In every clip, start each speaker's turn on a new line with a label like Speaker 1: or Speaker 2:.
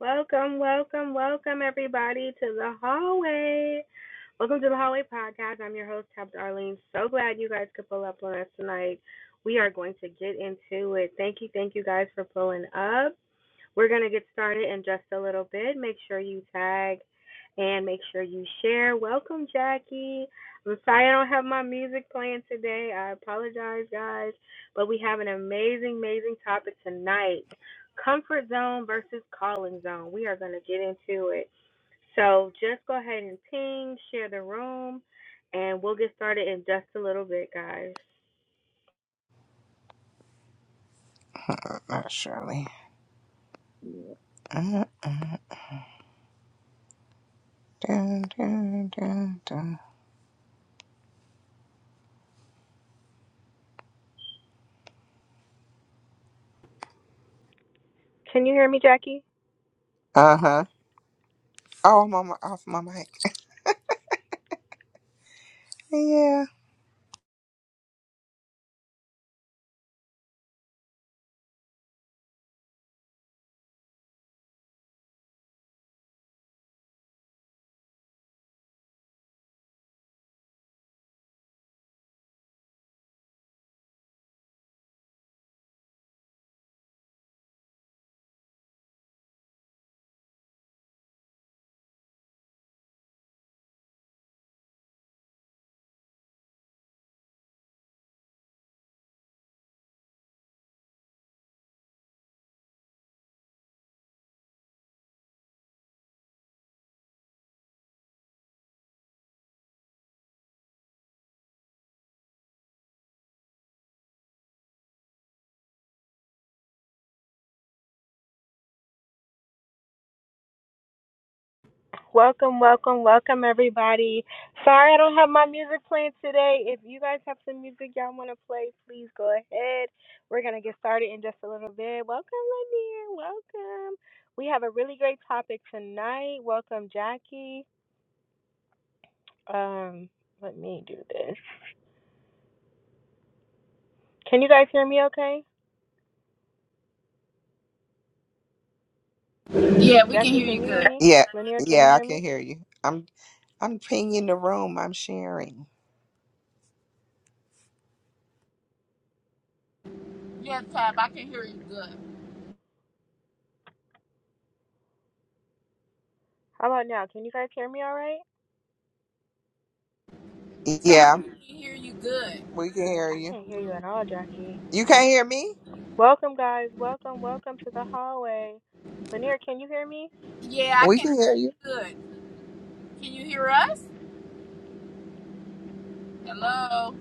Speaker 1: Welcome, welcome, welcome, everybody, to the hallway. Welcome to the hallway podcast. I'm your host, Tab Darlene. So glad you guys could pull up on us tonight. We are going to get into it. Thank you, thank you guys for pulling up. We're going to get started in just a little bit. Make sure you tag and make sure you share. Welcome, Jackie. I'm sorry I don't have my music playing today. I apologize, guys. But we have an amazing, amazing topic tonight comfort zone versus calling zone. We are going to get into it. So just go ahead and ping, share the room, and we'll get started in just a little bit, guys.
Speaker 2: Not Shirley. Dun, dun, dun, dun.
Speaker 1: Kinky?
Speaker 2: Uh-huh. Oh, I'm on my, off my mic. Yeah.
Speaker 1: Welcome, welcome, welcome, everybody. Sorry I don't have my music playing today. If you guys have some music y'all want to play, please go ahead. We're going to get started in just a little bit. Welcome, Lanier. Welcome. We have a really great topic tonight. Welcome, Jackie. Um, let me do this. Can you guys hear me okay?
Speaker 3: Yeah, we can
Speaker 1: Jackie,
Speaker 3: hear you
Speaker 1: can you hear
Speaker 3: good.
Speaker 1: me?
Speaker 2: Yeah.
Speaker 1: Lanier, can you
Speaker 2: Yeah,
Speaker 1: hear
Speaker 2: I can
Speaker 1: me?
Speaker 2: hear you. I'm I'm pinging the room. I'm sharing.
Speaker 3: Yeah, Tab, I can hear you good.
Speaker 1: How about now? Can you guys hear me all right?
Speaker 3: Tab,
Speaker 2: Yeah,
Speaker 3: we can hear you good.
Speaker 2: we can hear
Speaker 1: I
Speaker 2: you.
Speaker 1: can't hear you at all, Jackie.
Speaker 2: You can't hear me?
Speaker 1: Welcome, guys. Welcome, welcome to the hallway. Lanier, can you hear me?
Speaker 3: Yeah, I
Speaker 2: We
Speaker 3: can
Speaker 2: can
Speaker 3: hear
Speaker 2: hear
Speaker 3: you
Speaker 2: you.
Speaker 3: good. Can you hear us? Hello?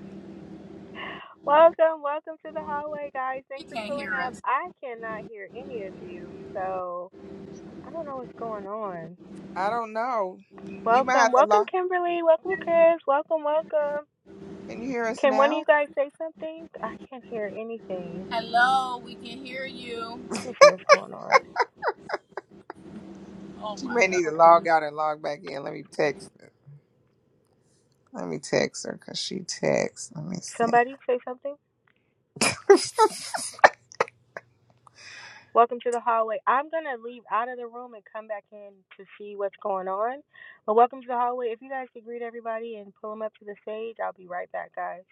Speaker 1: welcome, welcome to the hallway, guys.
Speaker 3: You
Speaker 1: Thanks for
Speaker 3: can't
Speaker 1: pulling
Speaker 3: hear
Speaker 1: up.
Speaker 3: us.
Speaker 1: I cannot hear any of you, so I don't know what's going on.
Speaker 2: I don't know. You might
Speaker 1: Welcome,
Speaker 2: have to
Speaker 1: welcome,
Speaker 2: log.
Speaker 1: Kimberly. Welcome, Chris. Welcome, welcome.
Speaker 2: Can you hear us
Speaker 1: Can one of
Speaker 2: now?
Speaker 1: you guys say something? I can't hear anything.
Speaker 3: Hello, we can hear you.
Speaker 1: Let me see what's going on.
Speaker 3: Oh
Speaker 2: She
Speaker 3: my
Speaker 2: may
Speaker 3: God.
Speaker 2: need to
Speaker 1: Hold on.
Speaker 2: log out and log back in. Let me text her. Let me text her because she texts. Let me see.
Speaker 1: Somebody say something? Welcome to the hallway. I'm gonna leave out of the room and come back in to see what's going on. But welcome to the hallway. If you guys could greet everybody and pull them up to the stage, I'll be right back, guys.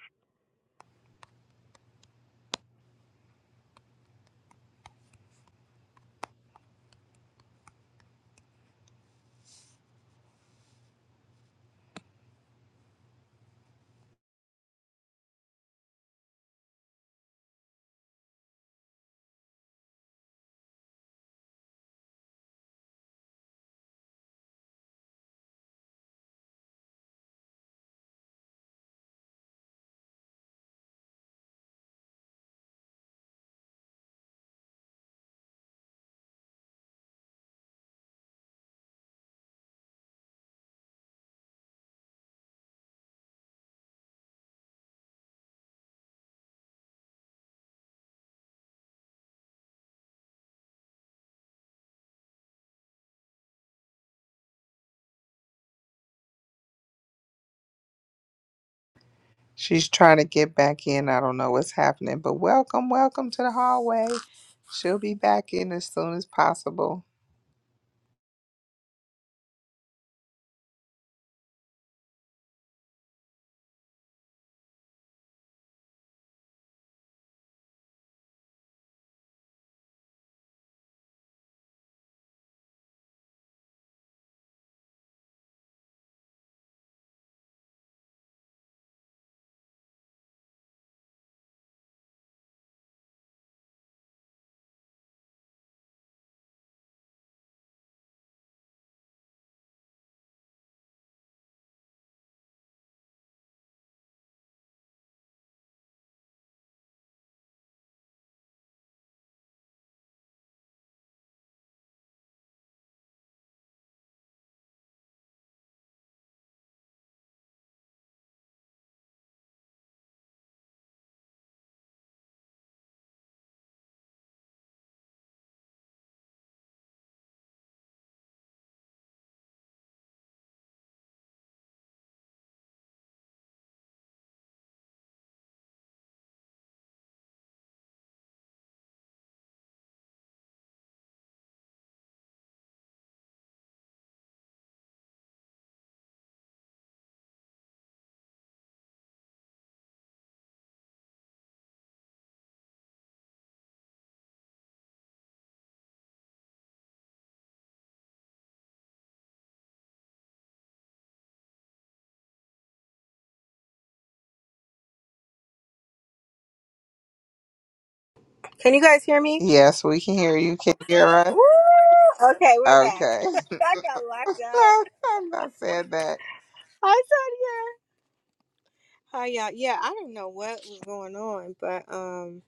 Speaker 2: She's trying to get back in. I don't know what's happening, but welcome, welcome to the hallway. She'll be back in as soon as possible.
Speaker 1: Can you guys hear me?
Speaker 2: Yes, we can hear you. Can you hear us?
Speaker 1: Woo! Okay, we're back.
Speaker 2: Okay.
Speaker 1: I got locked out.
Speaker 2: I'm not saying that.
Speaker 1: Hi, Sonia. Hi y'all. Yeah, I don't know what was going on, but um.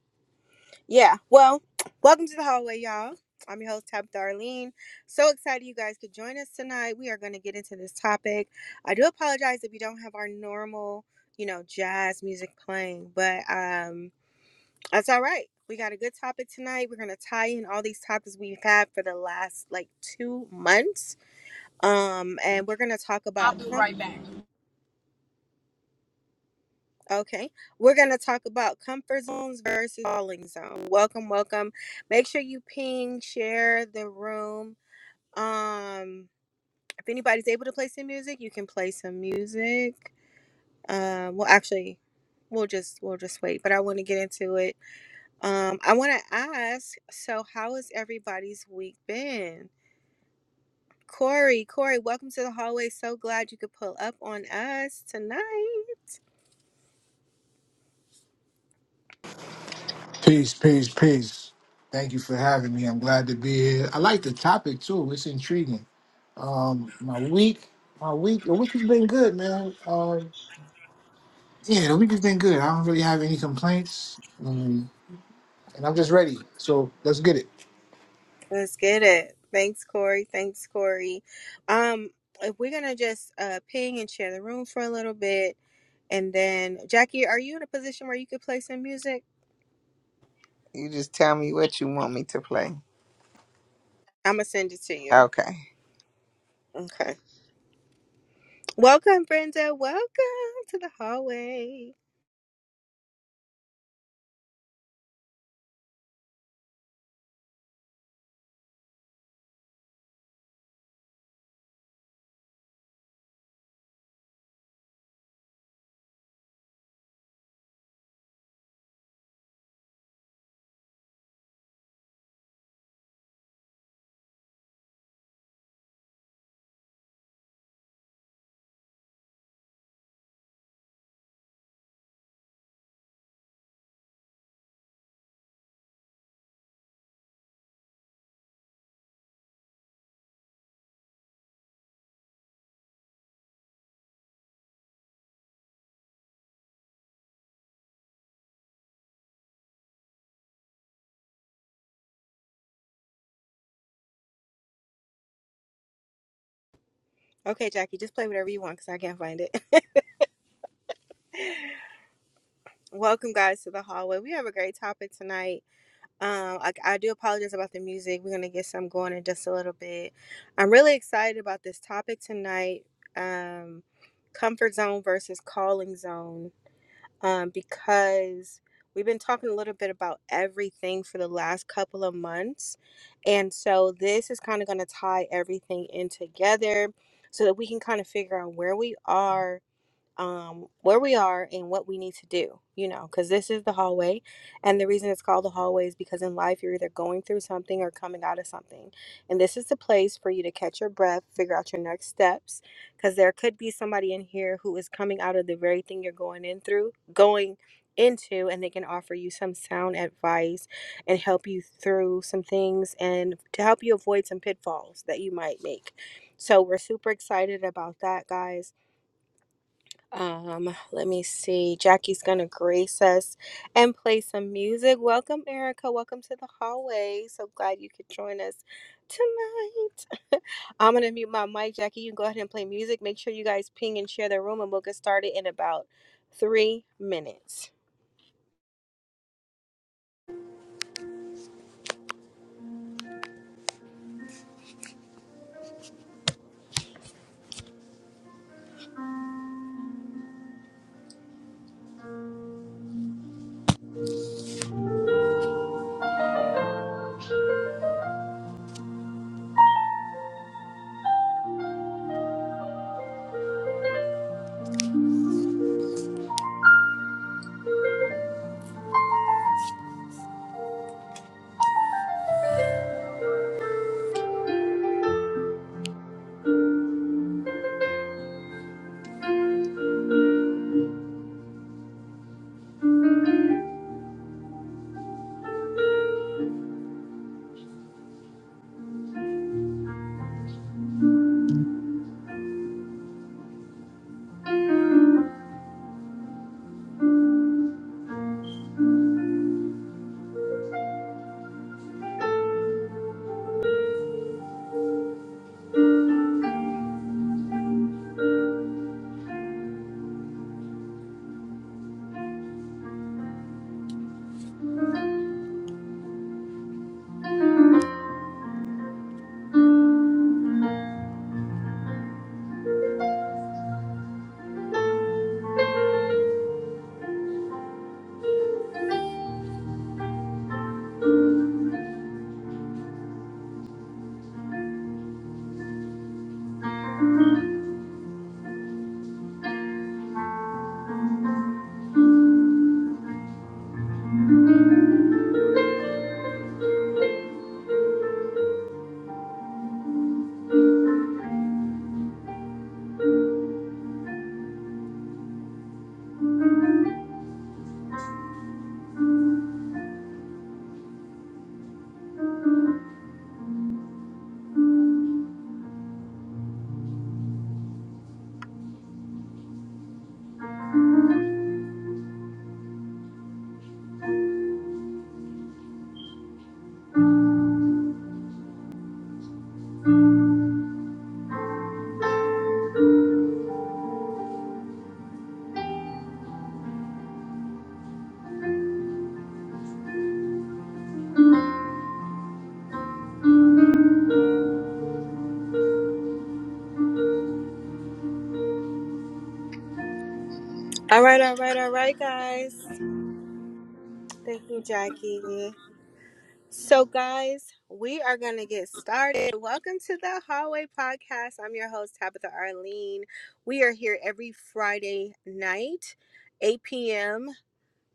Speaker 1: Yeah. Well, welcome to the hallway, y'all. I'm your host, Tab Darlene. So excited you guys could join us tonight. We are going to get into this topic. I do apologize if you don't have our normal, you know, jazz music playing, but um that's all right. We got a good topic tonight. We're going to tie in all these topics we've had for the last like 2 months. Um and we're going to talk
Speaker 3: I'll
Speaker 1: about
Speaker 3: be right back.
Speaker 1: Okay, we're going to talk about comfort zones versus falling zone. Welcome, welcome. Make sure you ping, share the room. Um, if anybody's able to play some music, you can play some music. Um, well, actually, we'll just we'll just wait. But I want to get into it. Um, I want to ask. So, how has everybody's week been? Corey, Corey, welcome to the hallway. So glad you could pull up on us tonight.
Speaker 4: Peace, peace, peace. Thank you for having me. I'm glad to be here. I like the topic too. It's intriguing. Um, my week, my week, the week has been good, man. Um, yeah, the week has been good. I don't really have any complaints, um, and I'm just ready. So let's get it.
Speaker 1: Let's get it. Thanks, Corey. Thanks, Corey. Um, if we're gonna just uh ping and share the room for a little bit, and then Jackie, are you in a position where you could play some music?
Speaker 2: You just tell me what you want me to play.
Speaker 1: I'm gonna send it to you.
Speaker 2: Okay.
Speaker 1: Okay. Welcome, Brenda. Welcome to the hallway. Okay, Jackie, just play whatever you want because I can't find it. Welcome, guys, to the hallway. We have a great topic tonight Um, I, I do apologize about the music. We're gonna get some going in just a little bit. I'm really excited about this topic tonight. Um, comfort zone versus calling zone. Um, because we've been talking a little bit about everything for the last couple of months, and so this is kind of gonna tie everything in together so that we can kind of figure out where we are um, where we are and what we need to do, you know, because this is the hallway. And the reason it's called the hallway is because in life, you're either going through something or coming out of something. And this is the place for you to catch your breath, figure out your next steps, because there could be somebody in here who is coming out of the very thing you're going in through, going into, and they can offer you some sound advice and help you through some things and to help you avoid some pitfalls that you might make. So, we're super excited about that, guys um, let me see. Jackie's gonna grace us and play some music. Welcome, Erica. Welcome to the hallway. So glad you could join us tonight. I'm gonna mute my mic, Jackie. You can go ahead and play music. Make sure you guys ping and share the room, and we'll get started in about three minutes. All right, all right, all right, guys. Thank you, Jackie. So, guys, we are going to get started. Welcome to the Hallway Podcast. I'm your host, Tabitha Arlene. We are here every Friday night, 8 p.m.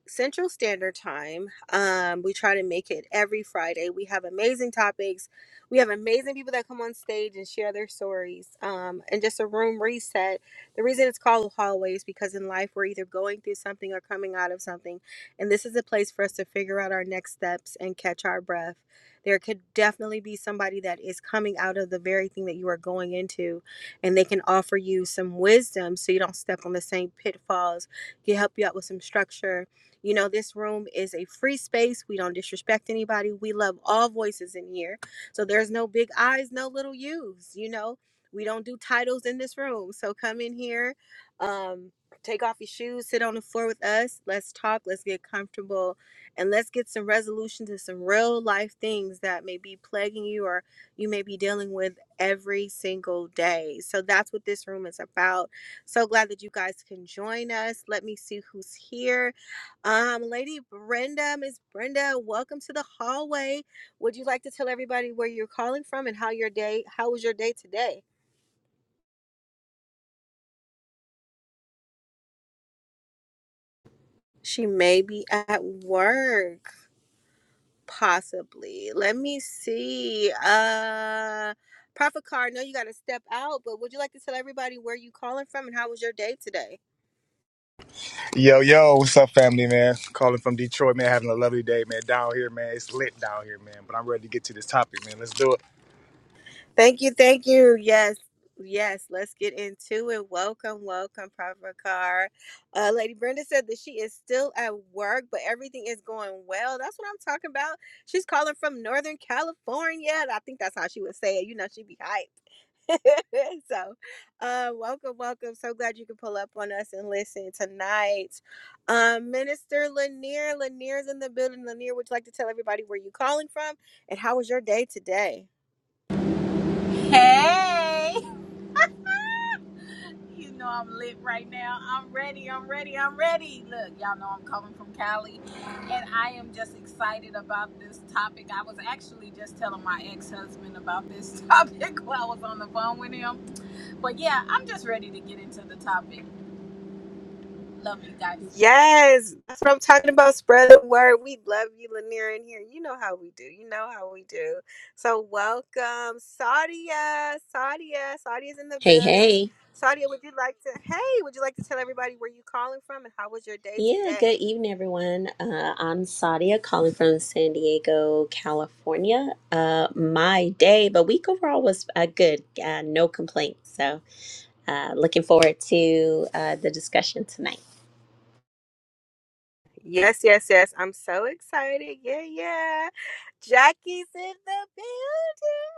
Speaker 1: Central Standard Time. Um, we try to make it every Friday. We have amazing topics. We have amazing people that come on stage and share their stories. Um, and just a room reset. The reason it's called hallways because in life we're either going through something or coming out of something, and this is a place for us to figure out our next steps and catch our breath. There could definitely be somebody that is coming out of the very thing that you are going into, and they can offer you some wisdom so you don't step on the same pitfalls. Can help you out with some structure you know, this room is a free space. We don't disrespect anybody. We love all voices in here. So there's no big I's, no little U's, you know. We don't do titles in this room. So come in here, um, take off your shoes, sit on the floor with us. Let's talk, let's get comfortable, and let's get some resolution to some real life things that may be plaguing you or you may be dealing with every single day. So that's what this room is about. So glad that you guys can join us. Let me see who's here. Um, Lady Brenda, Miss Brenda, welcome to the hallway. Would you like to tell everybody where you're calling from and how your day, how was your day today? She may be at work, possibly. Let me see. Uh, Prophet Car, I know you got to step out, but would you like to tell everybody where you calling from and how was your day today?
Speaker 5: Yo, yo, what's up, family, man? Calling from Detroit, man. Having a lovely day, man. Down here, man. It's lit down here, man. But I'm ready to get to this topic, man. Let's do it.
Speaker 1: Thank you, thank you. Yes, yes. Let's get into it. Welcome, welcome, Prophet Car. Uh, Lady Brenda said that she is still at work, but everything is going well. That's what I'm talking about. She's calling from Northern California. I think that's how she would say it. You know, she'd be hyped. so, uh, welcome, welcome. So glad you could pull up on us and listen tonight. Um, Minister Lanier, Lanier's in the building. Lanier, would you like to tell everybody where you calling from and how was your day today?
Speaker 3: Hey! You know I'm lit right now. I'm ready. I'm ready. I'm ready. Look, y'all know I'm coming from Cali, and I am just excited about this topic. I was actually just telling my ex-husband about this topic while I was on the phone with him. But yeah, I'm just ready to get into the topic. Love you guys.
Speaker 1: Yes, that's what I'm talking about. Spread the word. We love you, Lanier, in here. You know how we do. You know how we do. So welcome, Sadia. Sadia. Sadia's in the
Speaker 6: Hey,
Speaker 1: building.
Speaker 6: hey.
Speaker 1: Sadia, would you like to? Hey, would you like to tell everybody where you calling from and how was your day
Speaker 6: Yeah,
Speaker 1: today?
Speaker 6: good evening, everyone. Uh, I'm Sadia calling from San Diego, California. Uh, my day, but week overall was uh, good. Uh, no complaints. So, uh, looking forward to uh, the discussion tonight.
Speaker 1: Yes, yes, yes. I'm so excited. Yeah, yeah. Jackie's in the building.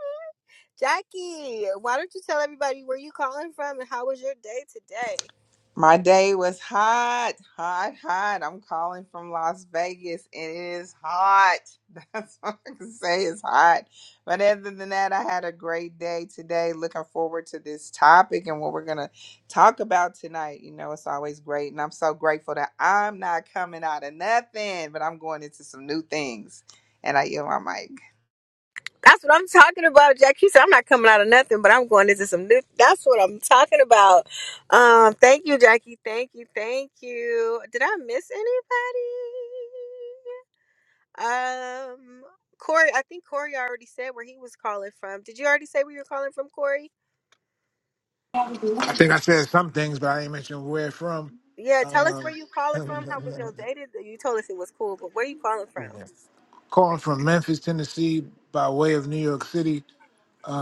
Speaker 1: Jackie, why don't you tell everybody where you calling from and how was your day today?
Speaker 2: My day was hot, hot, hot. I'm calling from Las Vegas. It is hot. That's all I can say. It's hot. But other than that, I had a great day today. Looking forward to this topic and what we're going to talk about tonight. You know, it's always great. And I'm so grateful that I'm not coming out of nothing, but I'm going into some new things. And I yield my mic.
Speaker 1: That's what I'm talking about, Jackie. said I'm not coming out of nothing, but I'm going into some new. That's what I'm talking about. Um, thank you, Jackie. Thank you, thank you. Did I miss anybody? Um, Corey. I think Corey already said where he was calling from. Did you already say where you were calling from, Corey?
Speaker 4: I think I said some things, but I didn't mention where from.
Speaker 1: Yeah, tell us where
Speaker 4: Um,
Speaker 1: you calling from. How was your day today? You told us it was cool, but where you calling from?
Speaker 4: calling from Memphis, Tennessee, by way of New York City.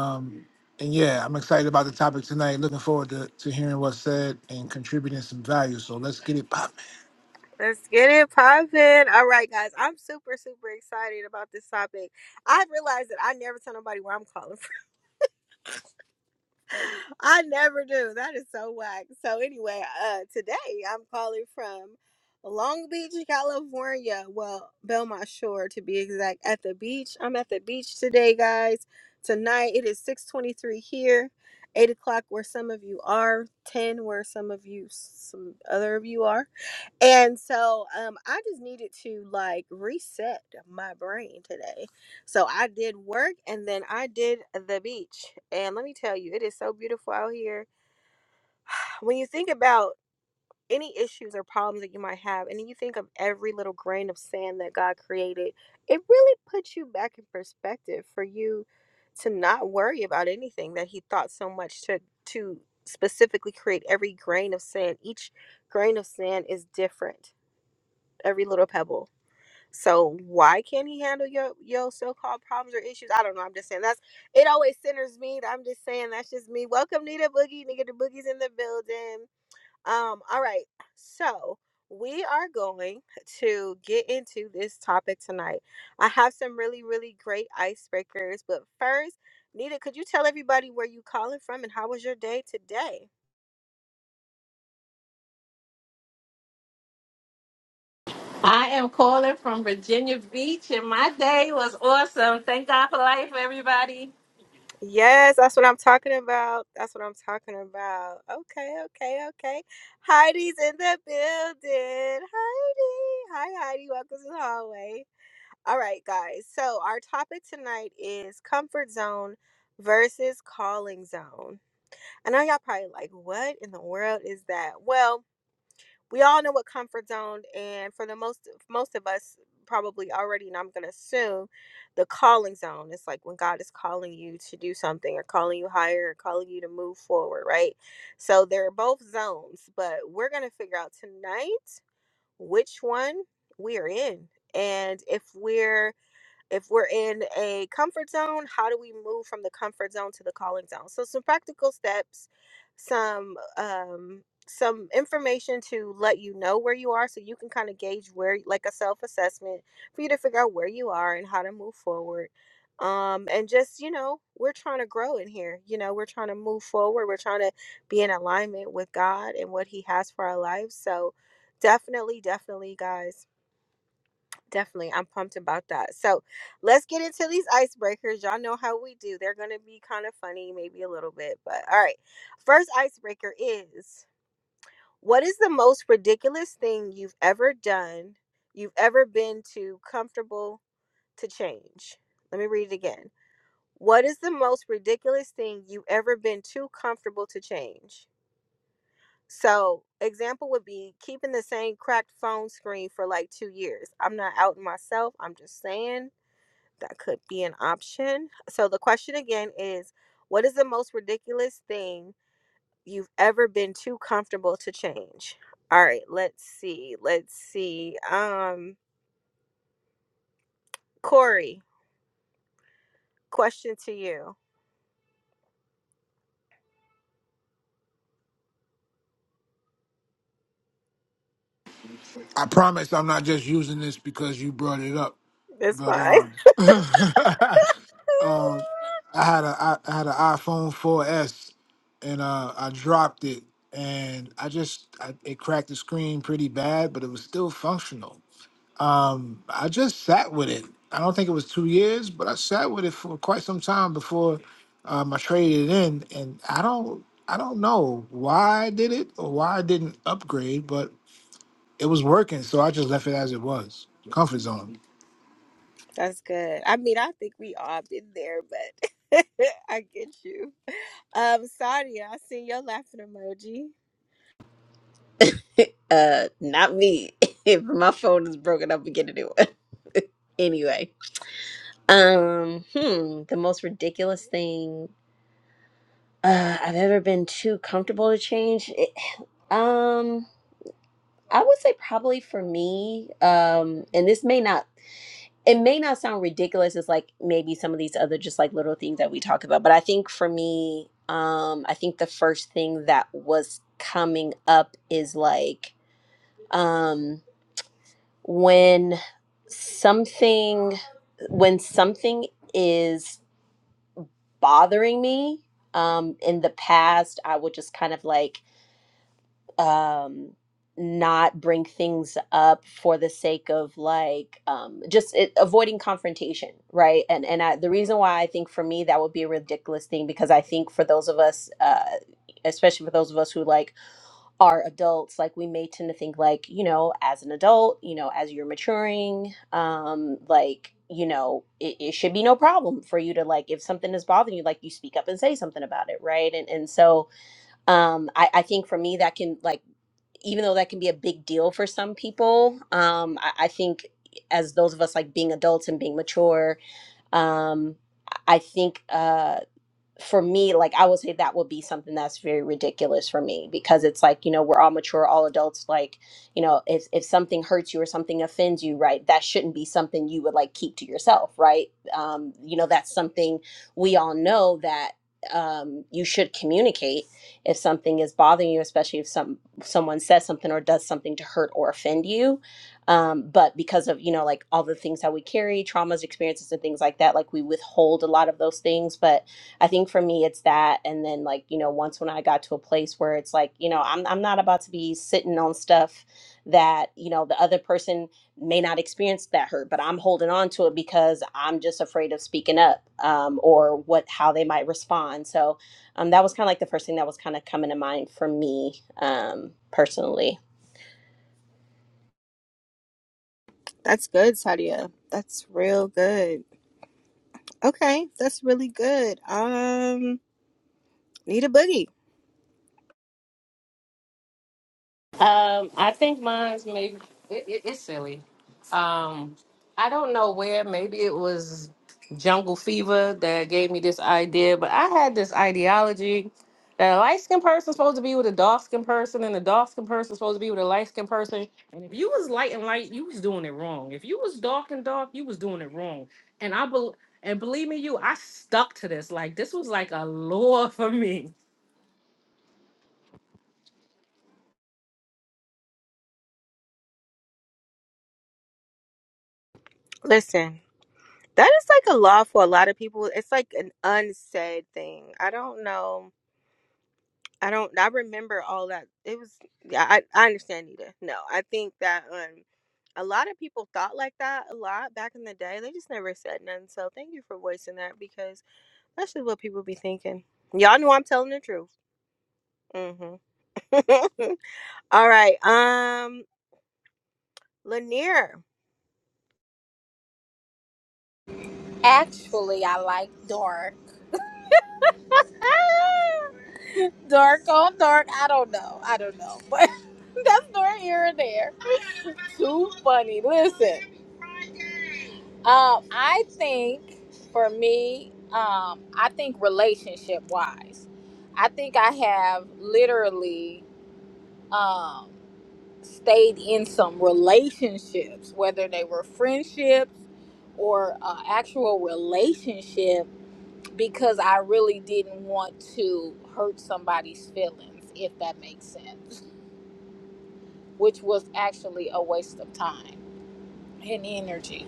Speaker 4: Um, and yeah, I'm excited about the topic tonight. Looking forward to, to hearing what's said and contributing some value. So let's get it popping.
Speaker 1: Let's get it poppin'. All right, guys, I'm super, super excited about this topic. I realized that I never tell nobody where I'm calling from. I never do. That is so whack. So anyway, uh today I'm calling from Long Beach, California. Well, Belmont Shore to be exact. At the beach. I'm at the beach today, guys. Tonight it is 623 here, 8 o'clock where some of you are, 10 where some of you some other of you are. And so um, I just needed to like reset my brain today. So I did work and then I did the beach. And let me tell you, it is so beautiful out here. When you think about any issues or problems that you might have, and you think of every little grain of sand that God created, it really puts you back in perspective for you to not worry about anything that He thought so much to to specifically create every grain of sand. Each grain of sand is different, every little pebble so why can't he handle your your so-called problems or issues? I don't know. I'm just saying that's it always centers me. I'm just saying that's just me. Welcome Nita Boogie, nigga the boogie's in the building. Um, all right. So we are going to get into this topic tonight. I have some really, really great icebreakers, but first, Nita, could you tell everybody where you calling from and how was your day today?
Speaker 7: I am calling from Virginia Beach, and my day was awesome. Thank God for life, everybody.
Speaker 1: Yes, that's what I'm talking about. That's what I'm talking about. Okay, okay, okay. Heidi's in the building. Heidi. Hi, Heidi. Welcome to the hallway. All right, guys. So, our topic tonight is comfort zone versus calling zone. I know y'all probably like, what in the world is that? Well, we all know what comfort zone and for the most most of us probably already and i'm going to assume the calling zone It's like when god is calling you to do something or calling you higher or calling you to move forward right so they're both zones but we're going to figure out tonight which one we are in and if we're if we're in a comfort zone, how do we move from the comfort zone to the calling zone? So some practical steps, some um some information to let you know where you are so you can kind of gauge where like a self-assessment for you to figure out where you are and how to move forward. Um and just, you know, we're trying to grow in here. You know, we're trying to move forward. We're trying to be in alignment with God and what he has for our lives. So definitely, definitely, guys Definitely. I'm pumped about that. So let's get into these icebreakers. Y'all know how we do. They're going to be kind of funny, maybe a little bit, but all right. First icebreaker is what is the most ridiculous thing you've ever done, you've ever been too comfortable to change? Let me read it again. What is the most ridiculous thing you've ever been too comfortable to change? So, example would be keeping the same cracked phone screen for like two years. I'm not outing myself. I'm just saying that could be an option. So the question again is what is the most ridiculous thing you've ever been too comfortable to change? All right, let's see. Let's see. Um Corey, question to you.
Speaker 4: I promise I'm not just using this because you brought it up,
Speaker 1: That's
Speaker 4: but
Speaker 1: fine.
Speaker 4: um, um I had a I, I had an iPhone 4S and uh, I dropped it and I just I, it cracked the screen pretty bad, but it was still functional. Um, I just sat with it. I don't think it was two years, but I sat with it for quite some time before um, I traded it in. And I don't, I don't know why I did it or why I didn't upgrade, but it was working, so I just left it as it was, comfort zone.
Speaker 1: That's good. I mean, I think we all been there, but I get you. Um, Sadia, I see your laughing emoji.
Speaker 6: uh, not me. if my phone is broken, I'll be getting a new one. anyway, um, hmm, the most ridiculous thing uh, I've ever been too comfortable to change. It, um, I would say probably for me, um, and this may not it may not sound ridiculous as like maybe some of these other just like little things that we talk about, but I think for me, um, I think the first thing that was coming up is like um when something when something is bothering me, um, in the past, I would just kind of like um not bring things up for the sake of like um just it, avoiding confrontation right and and I, the reason why i think for me that would be a ridiculous thing because i think for those of us uh especially for those of us who like are adults like we may tend to think like you know as an adult you know as you're maturing um like you know it, it should be no problem for you to like if something is bothering you like you speak up and say something about it right and and so um I, I think for me that can like even though that can be a big deal for some people, um, I, I think as those of us like being adults and being mature, um, I think. Uh, for me, like I would say that would be something that's very ridiculous for me because it's like, you know, we're all mature, all adults, like, you know, if if something hurts you or something offends you, right, that shouldn't be something you would like keep to yourself, right? Um, you know, that's something we all know that um you should communicate if something is bothering you, especially if some someone says something or does something to hurt or offend you. Um, but because of, you know, like all the things that we carry, traumas, experiences and things like that, like we withhold a lot of those things. But I think for me it's that and then like, you know, once when I got to a place where it's like, you know, I'm I'm not about to be sitting on stuff that, you know, the other person may not experience that hurt, but I'm holding on to it because I'm just afraid of speaking up um or what how they might respond. So, um that was kind of like the first thing that was kind of coming to mind for me um personally.
Speaker 1: That's good, Sadia. That's real good. Okay, that's really good. Um, need a boogie.
Speaker 7: Um, I think mine's maybe it, it, it's silly. Um, I don't know where. Maybe it was Jungle Fever that gave me this idea, but I had this ideology that a light skinned person's supposed to be with a dark skinned person, and a dark skinned person's supposed to be with a light skinned person. And if you was light and light, you was doing it wrong. If you was dark and dark, you was doing it wrong. And I bel and believe me, you, I stuck to this. Like this was like a law for me.
Speaker 1: Listen, that is like a law for a lot of people. It's like an unsaid thing. I don't know. I don't. I remember all that. It was. Yeah, I, I understand, Nita. No, I think that um, a lot of people thought like that a lot back in the day. They just never said nothing. So thank you for voicing that because that's just what people be thinking. Y'all know I'm telling the truth. Mm-hmm. all right. Um, Lanier.
Speaker 3: Actually, I like dark. dark on dark. I don't know. I don't know, but that's nor here or there. Too funny. Listen. Um, I think for me, um, I think relationship wise, I think I have literally um, stayed in some relationships, whether they were friendships or uh, actual relationship, because I really didn't want to hurt somebody's feelings, if that makes sense, which was actually a waste of time and energy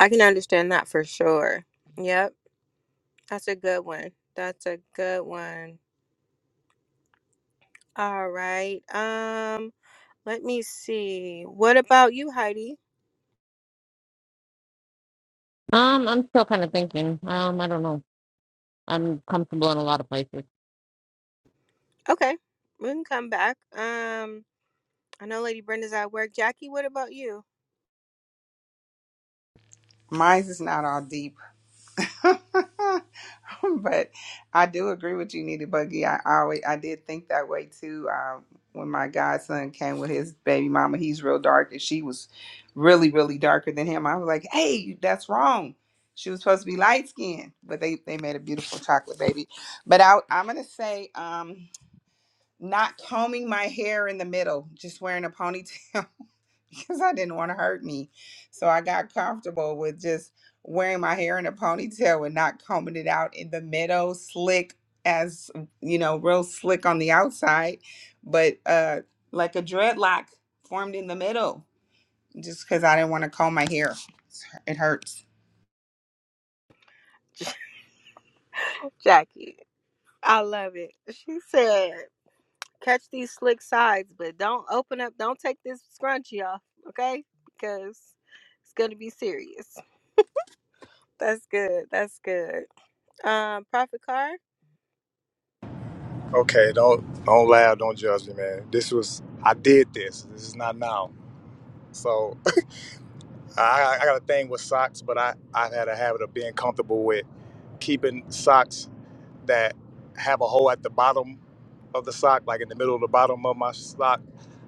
Speaker 1: I can understand that for sure. Yep. That's a good one. That's a good one. All right. Um, let me see. What about you, Heidi?
Speaker 8: Um, I'm still kind of thinking. Um, I don't know. I'm comfortable in a lot of places.
Speaker 1: Okay, we can come back. Um, I know Lady Brenda's at work. Jackie, what about you?
Speaker 2: Mine's is not all deep. but I do agree with you, Nita Buggy. I, I always I did think that way too. Um, when my godson came with his baby mama, he's real dark, and she was really, really darker than him. I was like, "Hey, that's wrong." She was supposed to be light skinned, but they they made a beautiful chocolate baby. But I, I'm gonna say, um, not combing my hair in the middle, just wearing a ponytail because I didn't want to hurt me. So I got comfortable with just wearing my hair in a ponytail and not combing it out in the middle, slick as you know, real slick on the outside, but uh like a dreadlock formed in the middle just because I didn't want to comb my hair. It hurts.
Speaker 1: Jackie, I love it. She said, "Catch these slick sides, but don't open up. Don't take this scrunchie off, okay? Because it's gonna be serious." That's good. That's good. Um, Prophet Car.
Speaker 5: Okay, don't don't laugh, don't judge me, man. This was I did this. This is not now. So I, I got a thing with socks, but I I've had a habit of being comfortable with keeping socks that have a hole at the bottom of the sock, like in the middle of the bottom of my sock,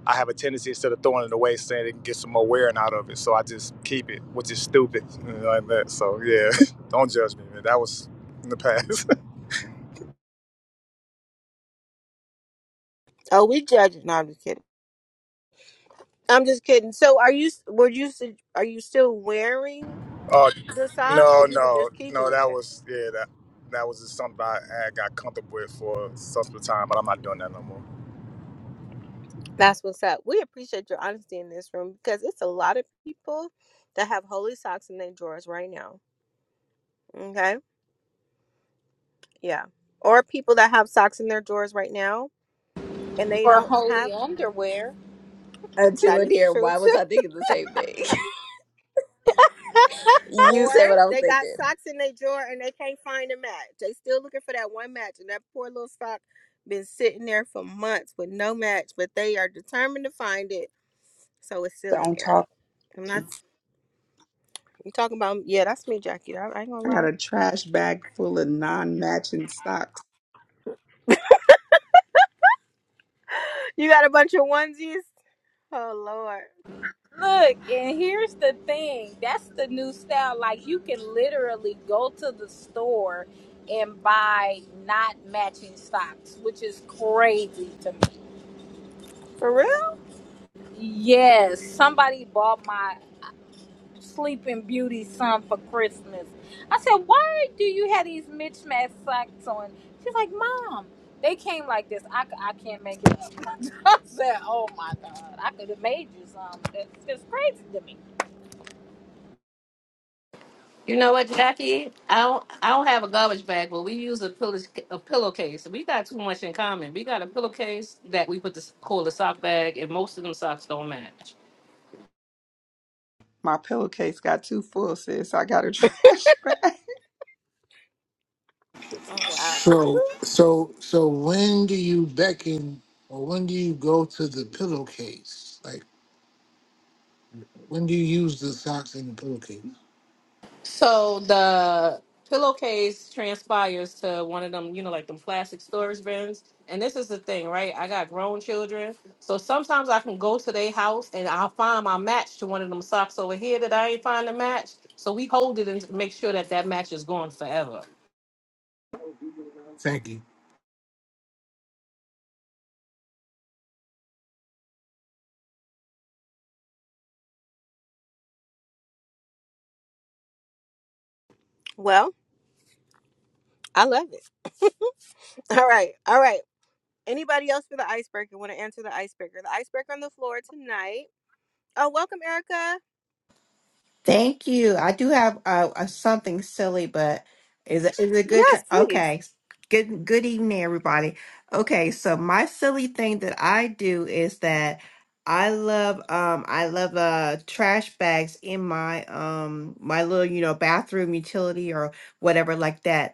Speaker 5: I have a tendency instead of throwing it away, saying it can get some more wearing out of it. So I just keep it, which is stupid, you know, like that. So yeah, don't judge me, man. That was in the past.
Speaker 1: Oh, we judging. No, i I'm just kidding. So are you? Were you? Are you still wearing
Speaker 5: oh
Speaker 1: the sock, or
Speaker 5: no,
Speaker 1: you were
Speaker 5: no,
Speaker 1: just keeping
Speaker 5: no. That
Speaker 1: it?
Speaker 5: was yeah. That that was just something I, I got comfortable with for some time, but I'm not doing that no more.
Speaker 1: That's what's up. We appreciate your honesty in this room because it's a lot of people that have holy socks in their drawers right now. Okay, yeah, or people that have socks in their drawers right now and they
Speaker 3: for
Speaker 1: don't have.
Speaker 3: holy underwear.
Speaker 1: That
Speaker 6: Angela
Speaker 1: is
Speaker 6: dear,
Speaker 1: true
Speaker 6: why was
Speaker 1: too.
Speaker 6: I thinking the same thing? you
Speaker 1: Or
Speaker 6: said what I was
Speaker 1: they got
Speaker 6: thinking.
Speaker 1: socks in their drawer and they can't find a match. They still looking for that one match, and that poor little sock been sitting there for months with no match, but they are determined to find it So it's still in
Speaker 2: Don't
Speaker 1: there.
Speaker 2: talk.
Speaker 1: I'm not. You talking about? Yeah, that's me, Jackie. I, I ain't gonna
Speaker 2: I got
Speaker 1: lie.
Speaker 2: a trash bag full of non matching socks.
Speaker 1: You got a bunch of onesies. Oh Lord,
Speaker 3: Look, and here's the thing. That's the new style. Like you can literally go to the store and buy not matching socks, which is crazy to me.
Speaker 1: for real?
Speaker 3: Yes, somebody bought my Sleeping Beauty son for Christmas. I said, "Why do you have these mismatched socks on?" She's like, "Mom, they came like this. I, c- I can't make it up." I said, "Oh my god, I could have made you some. It's, it's crazy to me."
Speaker 7: You know what, Jackie? I don't I don't have a garbage bag, but we use a pillow a pillowcase. We got too much in common. We got a pillowcase that we put the call the sock bag, and most of them socks don't match.
Speaker 2: My pillowcase got too full, sis. I got a trash bag.
Speaker 1: Oh wow.
Speaker 4: So, so, so when do you beckon or when do you go to the pillowcase? Like, when do you use the socks in the pillowcase?
Speaker 7: So the pillowcase transpires to one of them, you know, like them plastic storage bins. And this is the thing, right? I got grown children, so sometimes I can go to their house and I'll find my match to one of them socks over here that I ain't find the match. So we hold it and make sure that that match is gone forever.
Speaker 4: Thank you.
Speaker 1: Well, I love it. All right, all right. Anybody else for the icebreaker? Want to answer the icebreaker? The icebreaker on the floor tonight. Oh, welcome, Erica.
Speaker 9: Thank you. I do have uh, a something silly, but is it, is it good? To,
Speaker 1: Yes, please.
Speaker 9: okay. Good good evening, everybody. Okay, so my silly thing that I do is that I love um I love uh trash bags in my um my little you know bathroom utility or whatever like that.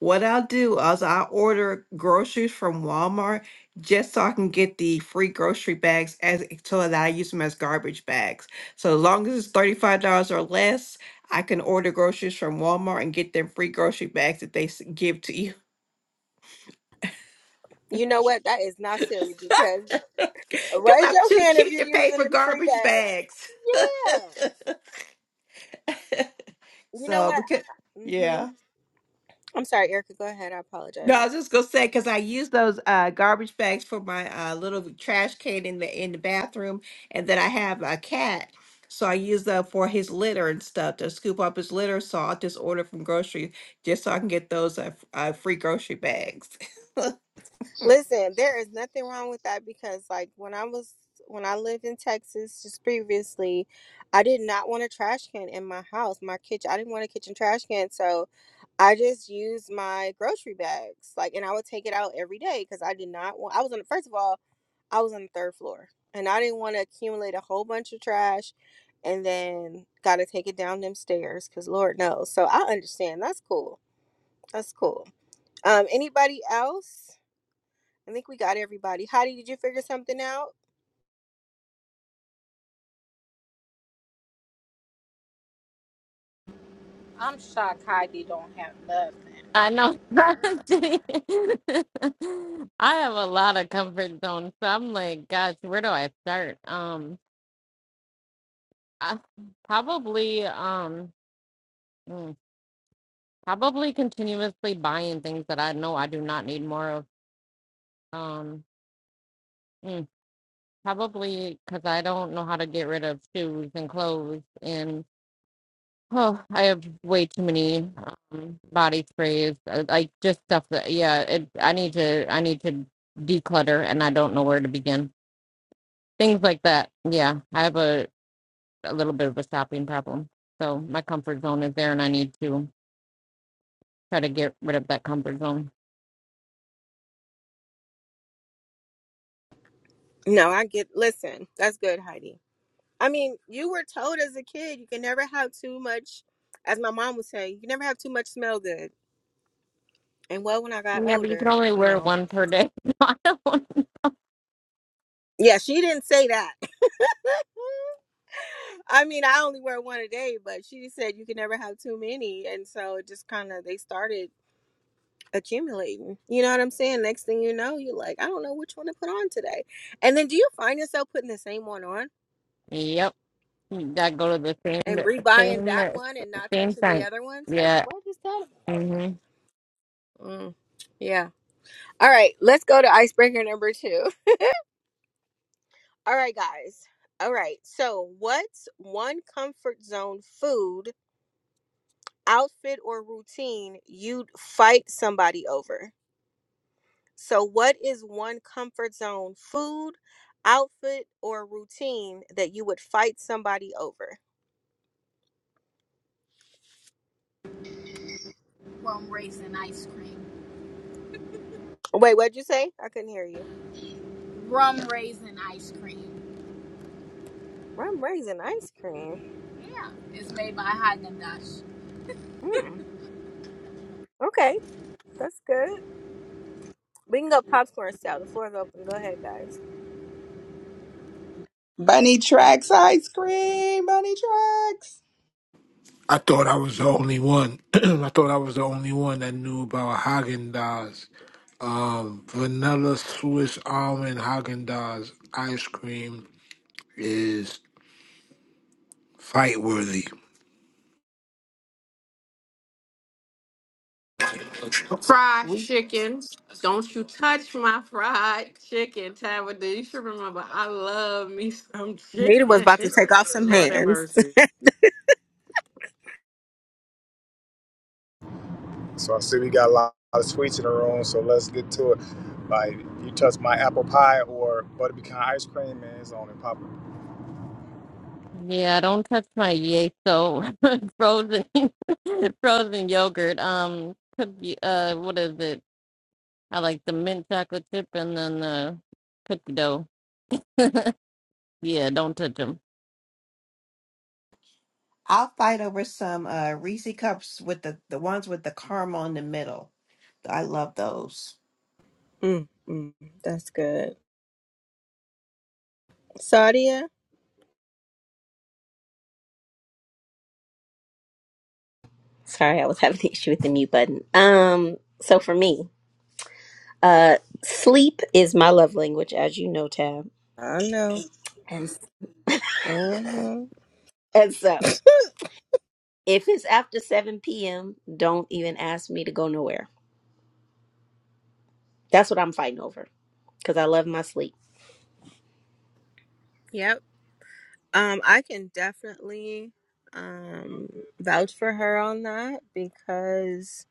Speaker 9: What I'll do is I'll order groceries from Walmart just so I can get the free grocery bags as so that I use them as garbage bags. So as long as it's thirty-five dollars or less, I can order groceries from Walmart and get them free grocery bags that they s- give to you
Speaker 1: You know what? That is not silly because
Speaker 9: because
Speaker 1: raise
Speaker 9: I'm
Speaker 1: your
Speaker 9: too
Speaker 1: hand if
Speaker 9: cheap
Speaker 1: you're
Speaker 9: to pay
Speaker 1: using
Speaker 9: for
Speaker 1: them free
Speaker 9: garbage
Speaker 1: bags.
Speaker 9: bags.
Speaker 1: Yeah. You know
Speaker 9: So
Speaker 1: what?
Speaker 9: because
Speaker 1: hmm
Speaker 9: yeah.
Speaker 1: I'm sorry, Erica. Go ahead. I
Speaker 9: No,
Speaker 1: apologize.
Speaker 9: I was just gonna say because I use those uh, garbage bags for my uh, little trash can in the in the bathroom, and then I have a cat, so I use them for his litter and stuff to scoop up his litter. So I'll just order from grocery just so I can get those uh, f- uh, free grocery bags.
Speaker 1: Listen, there is nothing wrong with that because like when I was when I lived in Texas just previously, I did not want a trash can in my house, my kitchen. I didn't want a kitchen trash can, so I just used my grocery bags. Like and I would take it out every day cuz I did not want I was on the first of all, I was on the third floor and I didn't want to accumulate a whole bunch of trash and then got to take it down them stairs cuz lord knows. So I understand. That's cool. That's cool. Um anybody else? I think we got everybody. Heidi, did you figure something out?
Speaker 3: I'm shocked Heidi don't have nothing.
Speaker 8: I know. I have a lot of comfort zones, so I'm like, gosh, where do I start? Um, I probably, um, mm, probably continuously buying things that I know I do not need more of. Um, mm, probably because I don't know how to get rid of shoes and clothes and. Oh, I have way too many um, body sprays, uh, like just stuff that, yeah, it, I need to, I need to declutter and I don't know where to begin. Things like that. Yeah, I have a, a little bit of a stopping problem. So my comfort zone is there and I need to try to get rid of that comfort zone.
Speaker 1: No, I get. Listen, that's good, Heidi. I mean, you were told as a kid you can never have too much, as my mom would say, you can never have too much smell good. And well, when I got
Speaker 8: Yeah, but you can
Speaker 1: older,
Speaker 8: only
Speaker 1: you
Speaker 8: wear
Speaker 1: know,
Speaker 8: one per day. So I don't want-
Speaker 1: yeah, she didn't say that. I mean, I only wear one a day, but she said you can never have too many, and so it just kind of they started accumulating. You know what I'm saying? Next thing you know, you're like, I don't know which one to put on today. And then, do you find yourself putting the same one on?
Speaker 8: Yep. You gotta go to the
Speaker 1: and
Speaker 8: same,
Speaker 1: rebuying that
Speaker 8: same,
Speaker 1: one and not
Speaker 8: same
Speaker 1: touching the
Speaker 8: site.
Speaker 1: other ones. Like,
Speaker 8: Yeah.
Speaker 1: what is that about?
Speaker 8: hmm
Speaker 1: Mm, yeah. All right, let's go to icebreaker number two. All right, guys. All right. So, what's one comfort zone food, outfit, or routine you'd fight somebody over? So, what is one comfort zone food, outfit, or routine that you would fight somebody over?
Speaker 3: Rum raisin ice cream.
Speaker 1: Wait, what'd you say? I couldn't hear you.
Speaker 3: Rum raisin ice cream.
Speaker 1: Rum raisin ice cream.
Speaker 3: Yeah, it's made by Haagen Dazs.
Speaker 1: Mm, okay, that's good. We can go popcorn style. The floor is open. Go ahead, guys.
Speaker 2: Bunny tracks ice cream. Bunny tracks.
Speaker 4: I thought I was the only one. I thought I was the only one that knew about Haagen Dazs, um, vanilla Swiss almond Haagen Dazs ice cream is fight worthy.
Speaker 7: fried
Speaker 9: we
Speaker 7: chicken. Don't you touch my fried chicken, Tabitha. You should remember I love me some
Speaker 1: Nita was
Speaker 7: chicken.
Speaker 1: about to take off some
Speaker 7: Lord have
Speaker 1: hands.
Speaker 7: mercy.
Speaker 5: So I see we got a lot of sweets in the room, so let's get to it. Like you touch my apple pie or butter pecan ice cream, man, it's on and popping.
Speaker 8: Yeah, don't touch my Yeso frozen frozen yogurt. Um, cookie. Uh, what is it? I like the mint chocolate chip and then the cookie dough. Yeah, don't touch 'em.
Speaker 9: I'll fight over some uh, Reese cups with the the ones with the caramel in the middle. I love those.
Speaker 1: Mm, mm, that's good. Sadia,
Speaker 6: Sorry, I was having an issue with the mute button. Um so for me, Uh, sleep is my love language, as you know, Tab.
Speaker 1: I know.
Speaker 6: And
Speaker 1: hmm
Speaker 6: and so, if it's after seven p.m., don't even ask me to go nowhere. That's what I'm fighting over because I love my sleep.
Speaker 1: Yep. Um, I can definitely um vouch for her on that because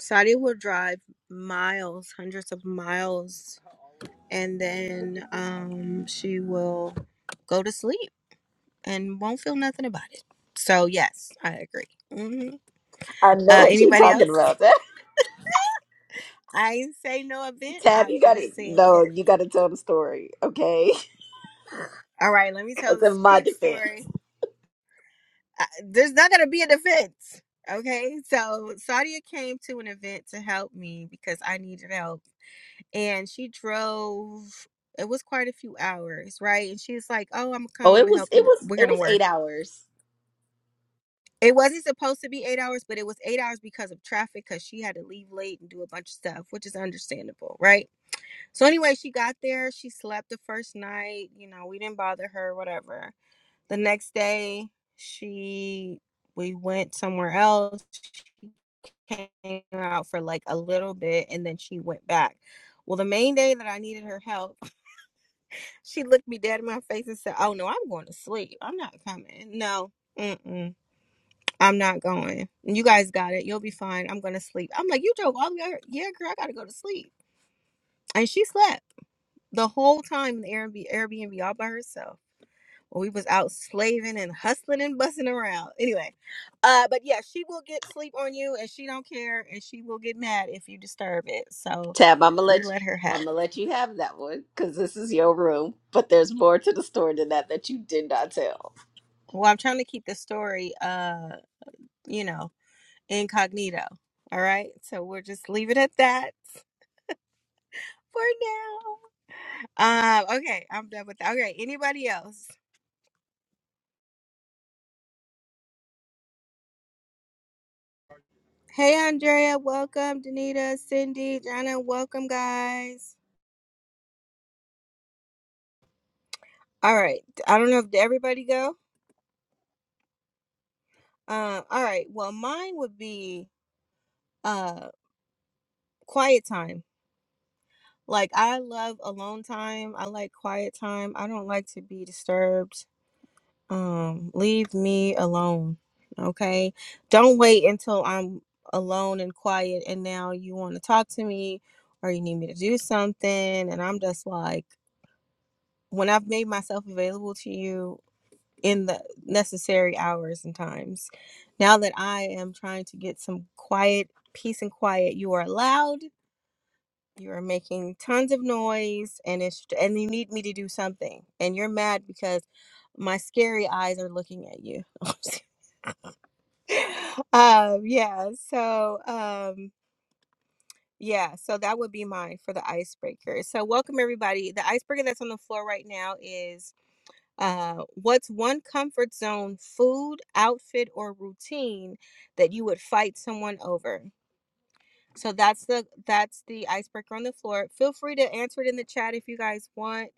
Speaker 1: Sadia will drive miles, hundreds of miles, and then um she will go to sleep and won't feel nothing about it. So yes, I agree. hmm
Speaker 6: I know
Speaker 1: Uh,
Speaker 6: what you're
Speaker 1: anybody else?
Speaker 6: talking about.
Speaker 1: I didn't say no event.
Speaker 6: Tab,
Speaker 1: I
Speaker 6: you got to
Speaker 1: just said,
Speaker 6: no, you got to tell the story, okay?
Speaker 1: all right, let me tell
Speaker 6: Because in
Speaker 1: this
Speaker 6: my
Speaker 1: quick
Speaker 6: defense,
Speaker 1: story. Uh, there's not going to be an event. Okay. So Sadia came to an event to help me because I needed help. And she drove, it was quite a few hours, right? And she's like, oh, I'm going to come. I'm
Speaker 6: oh, it
Speaker 1: going to
Speaker 6: was
Speaker 1: help
Speaker 6: it
Speaker 1: you.
Speaker 6: was
Speaker 1: We're
Speaker 6: it
Speaker 1: going to
Speaker 6: was
Speaker 1: work.
Speaker 6: eight hours.
Speaker 1: It wasn't supposed to be eight hours, but it was eight hours because of traffic because she had to leave late and do a bunch of stuff, which is understandable, right? So anyway, she got there. She slept the first night. You know, we didn't bother her, whatever. the next day she we went somewhere else she came out for like a little bit and then she went back well the main day that i needed her help she looked me dead in my face and said oh no i'm going to sleep i'm not coming no Mm-mm, I'm not going. You guys got it. You'll be fine. I'm gonna sleep. I'm like, you joke all the way. out- Yeah, girl, I gotta go to sleep. And she slept the whole time in the Airbnb, Airbnb all by herself. when we was out slaving and hustling and bussing around. Anyway, uh, but yeah, she will get sleep on you, and she don't care, and she will get mad if you disturb it. So
Speaker 6: Tab, I'm gonna let
Speaker 1: we
Speaker 6: you.
Speaker 1: let her have
Speaker 6: I'm gonna
Speaker 1: it.
Speaker 6: let you have that one because this is your room. But there's more to the story than that that you did not tell.
Speaker 1: Well, I'm trying to keep the story, uh, you know, incognito. All right, so we'll just leave it at that for now. Um, okay, I'm done with that. Okay, anybody else? Hey, Andrea, welcome. Danita, Cindy, Jana, welcome, guys. All right, I don't know if did everybody go. Um, all right. Well, mine would be uh quiet time. Like I love alone time. I like quiet time. I don't like to be disturbed. Um, leave me alone. Okay. Don't wait until I'm alone and quiet and now you want to talk to me or you need me to do something and I'm just like when I've made myself available to you, in the necessary hours and times. Now that I am trying to get some quiet, peace and quiet, you are loud. You are making tons of noise, and it's and you need me to do something, and you're mad because my scary eyes are looking at you. um, yeah. So, um, yeah. So that would be mine for the icebreaker. So, welcome everybody. The icebreaker that's on the floor right now is Uh, what's one comfort zone food, outfit, or routine that you would fight someone over? So that's the that's the icebreaker on the floor. Feel free to answer it in the chat if you guys want.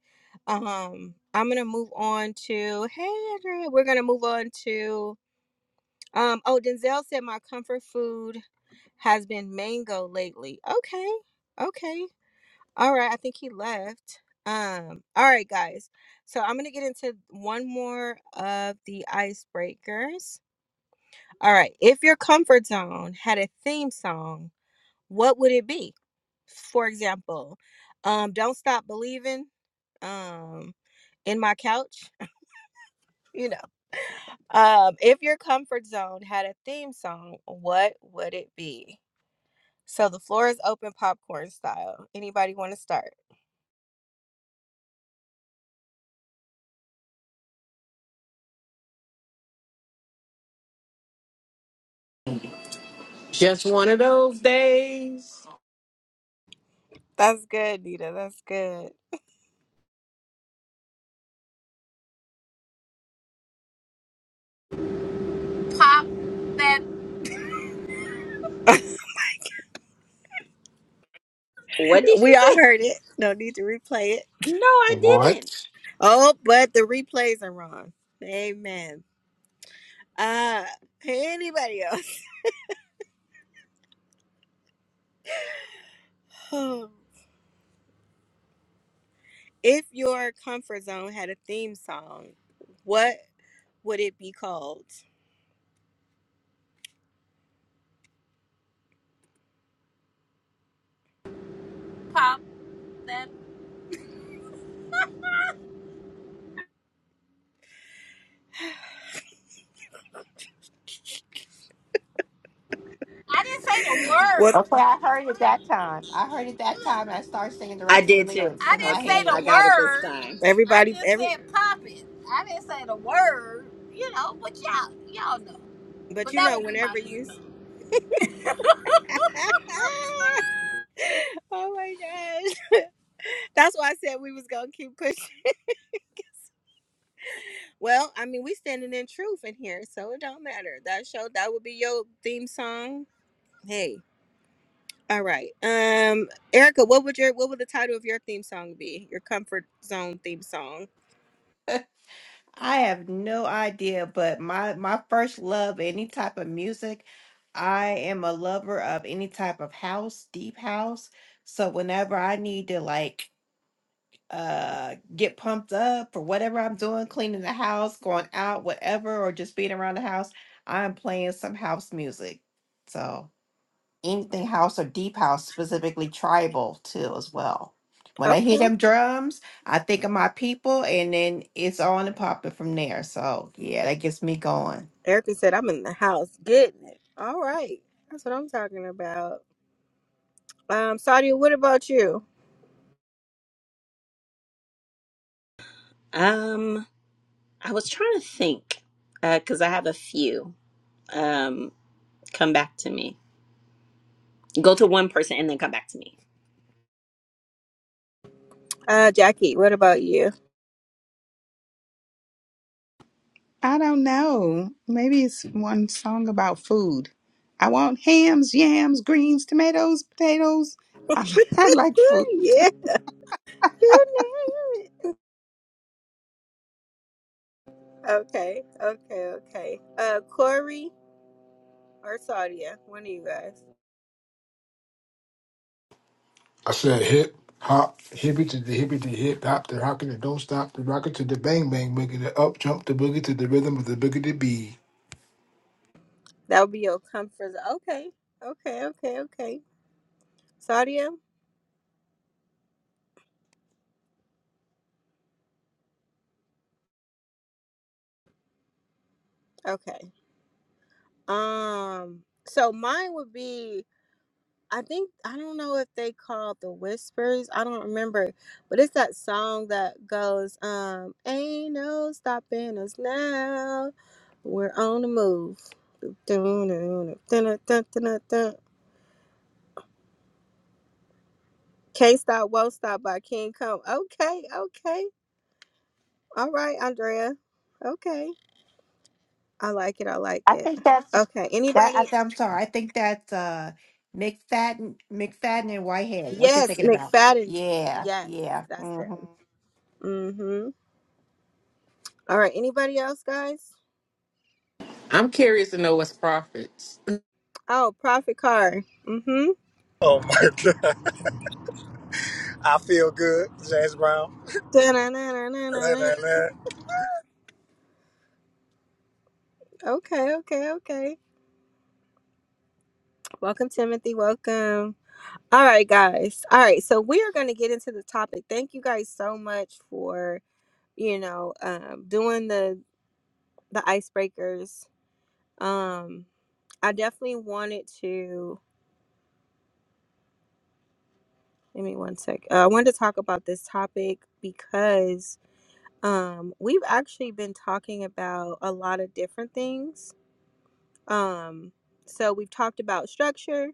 Speaker 1: Um, I'm gonna move on to hey Andrea, we're gonna move on to um oh Denzel said my comfort food has been mango lately. Okay, okay. All right, I think he left. Um, all right, guys. So I'm gonna get into one more of the icebreakers. All right, if your comfort zone had a theme song, what would it be? For example, um, "Don't Stop Believing," um, "In My Couch," you know. Um, if your comfort zone had a theme song, what would it be? So the floor is open, popcorn style. Anybody want to start?
Speaker 7: Just one of those days.
Speaker 1: That's good, Nita. That's good.
Speaker 3: Pop that,
Speaker 6: What did she
Speaker 1: We all
Speaker 6: say?
Speaker 1: heard it. No need to replay it.
Speaker 6: No, I didn't.
Speaker 4: What?
Speaker 1: Oh, but the replays are wrong. Amen. Uh, hey, anybody else? if your comfort zone had a theme song, what would it be called?
Speaker 3: pop that. I didn't say the
Speaker 1: Well,
Speaker 3: word.
Speaker 9: Okay, I heard it that time. I heard it that
Speaker 3: Look,
Speaker 9: time. and I started singing the
Speaker 6: I
Speaker 9: rest of the
Speaker 6: did too.
Speaker 9: lyrics
Speaker 3: I
Speaker 9: in my
Speaker 3: didn't say
Speaker 6: Okay,
Speaker 3: the
Speaker 6: I
Speaker 9: head.
Speaker 6: got it this
Speaker 3: word.
Speaker 6: time.
Speaker 3: I
Speaker 1: everybody,
Speaker 3: just
Speaker 1: every
Speaker 3: said pop it. I didn't say the word. You know, but y'all, y'all know.
Speaker 1: but
Speaker 3: But
Speaker 1: you
Speaker 3: that
Speaker 1: know,
Speaker 3: would be my
Speaker 1: whenever
Speaker 3: thing
Speaker 1: you.
Speaker 3: though.
Speaker 1: oh my gosh, that's why I said we was gonna keep pushing. Well, I mean, we standing in truth in here, so it don't matter. That show that would be your theme song. Hey. All right. Um, Erica, what would your what would the title of your theme song be? Your comfort zone theme song.
Speaker 9: I have no idea, but my my first love, any type of music. I am a lover of any type of house, deep house. So whenever I need to like uh get pumped up for whatever I'm doing, cleaning the house, going out, whatever, or just being around the house, I'm playing some house music. So anything house or deep house, specifically tribal too as well. When I hear
Speaker 1: Okay.
Speaker 9: them drums, I think of my people, and then it's on and popping from there. So yeah, that gets me going.
Speaker 1: Erica said, "I'm in the house getting it." All right, that's what I'm talking about. Um, Sadia, what about you?
Speaker 6: Um, I was trying to think because I have a few. Um, come back to me. Go to one person and then come back to me.
Speaker 1: Uh, Jackie, what about you?
Speaker 2: I don't know. Maybe it's one song about food. I want hams, yams, greens, tomatoes, potatoes. I, I like food.
Speaker 1: Yeah, you name it. Okay, okay, okay. Uh, Corey or Sadia, one of you guys.
Speaker 4: I said hip hop, hippy to the hippie to hip hop, the rocket that don't stop, the rocket to the bang bang, boogie the up jump, the boogie to the rhythm of the boogie to be.
Speaker 1: That would be your comfort. zone. Okay, okay, okay, okay. Sadia. Okay. Um. So mine would be I think I don't know if they call the whispers. I don't remember, but it's that song that goes, um, "Ain't no stopping us now. We're on the move." Dun-dun-dun, dun-dun-dun-dun-dun. Can't stop, won't stop by King Come. Okay, okay, all right, Andrea. Okay, I like it. I like
Speaker 9: I
Speaker 1: it.
Speaker 9: think that's
Speaker 1: Okay,
Speaker 9: that. I
Speaker 1: anybody?
Speaker 9: th- I'm sorry. I think that's uh, McFadden, McFadden and Whitehead. What you're
Speaker 1: Yes,
Speaker 9: thinking about?
Speaker 1: McFadden.
Speaker 9: Yeah,
Speaker 1: Yes,
Speaker 9: yeah.
Speaker 1: that's
Speaker 9: mm-hmm.
Speaker 1: it. Mm-hmm. All right, anybody else, guys?
Speaker 7: I'm curious to know what's profits.
Speaker 1: Oh, Prophet Car. Mm-hmm.
Speaker 5: Oh my god, I feel good, James Brown. Nah, nah,
Speaker 1: Da-na-na-na-na-na-na.
Speaker 5: nah.
Speaker 1: Okay, okay, okay. Welcome, Timothy. Welcome. All right, guys. All right, so we are going to get into the topic. Thank you guys so much for you know um, doing the the icebreakers. Um, I definitely wanted to. Give me one sec. Uh, I wanted to talk about this topic because um, we've actually been talking about a lot of different things. Um, so we've talked about structure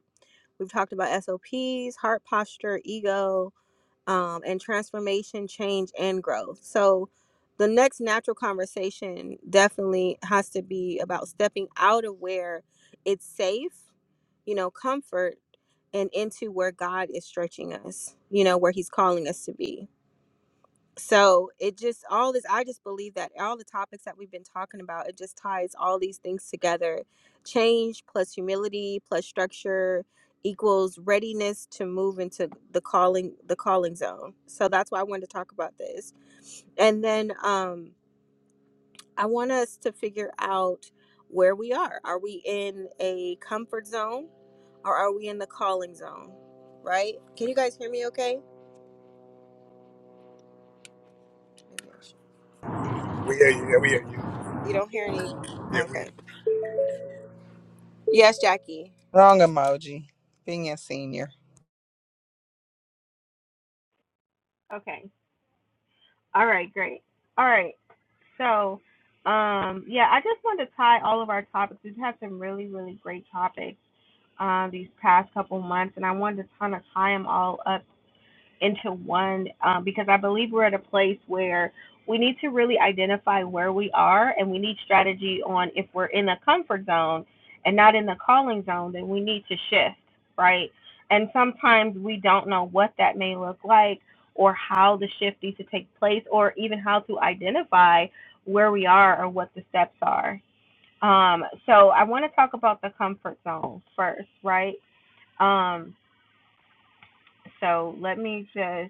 Speaker 1: We've talked about SOPs, heart posture, ego, um, and transformation, change, and growth. So the next natural conversation definitely has to be about stepping out of where it's safe, you know, comfort, and into where God is stretching us, you know, where He's calling us to be so it just all this i just believe that all the topics that we've been talking about it just ties all these things together change plus humility plus structure equals readiness to move into the calling the calling zone so that's why i wanted to talk about this and then um i want us to figure out where we are are we in a comfort zone or are we in the calling zone right can you guys hear me okay
Speaker 5: We hear you, yeah, we hear you,
Speaker 1: you don't hear any
Speaker 5: yeah, we hear
Speaker 1: okay
Speaker 5: you.
Speaker 1: yes jackie
Speaker 2: Wrong emoji. Being a senior.
Speaker 1: Okay. All right, great. All right. So, um, yeah, I just wanted to tie all of our topics. We've had some really, really great topics um, these past couple months, and I wanted to kind of tie them all up into one um, because I believe we're at a place where we need to really identify where we are and we need strategy on if we're in a comfort zone and not in the calling zone, then we need to shift, right? And sometimes we don't know what that may look like or how the shift needs to take place or even how to identify where we are or what the steps are. Um, so I want to talk about the comfort zone first, right? Um, so let me just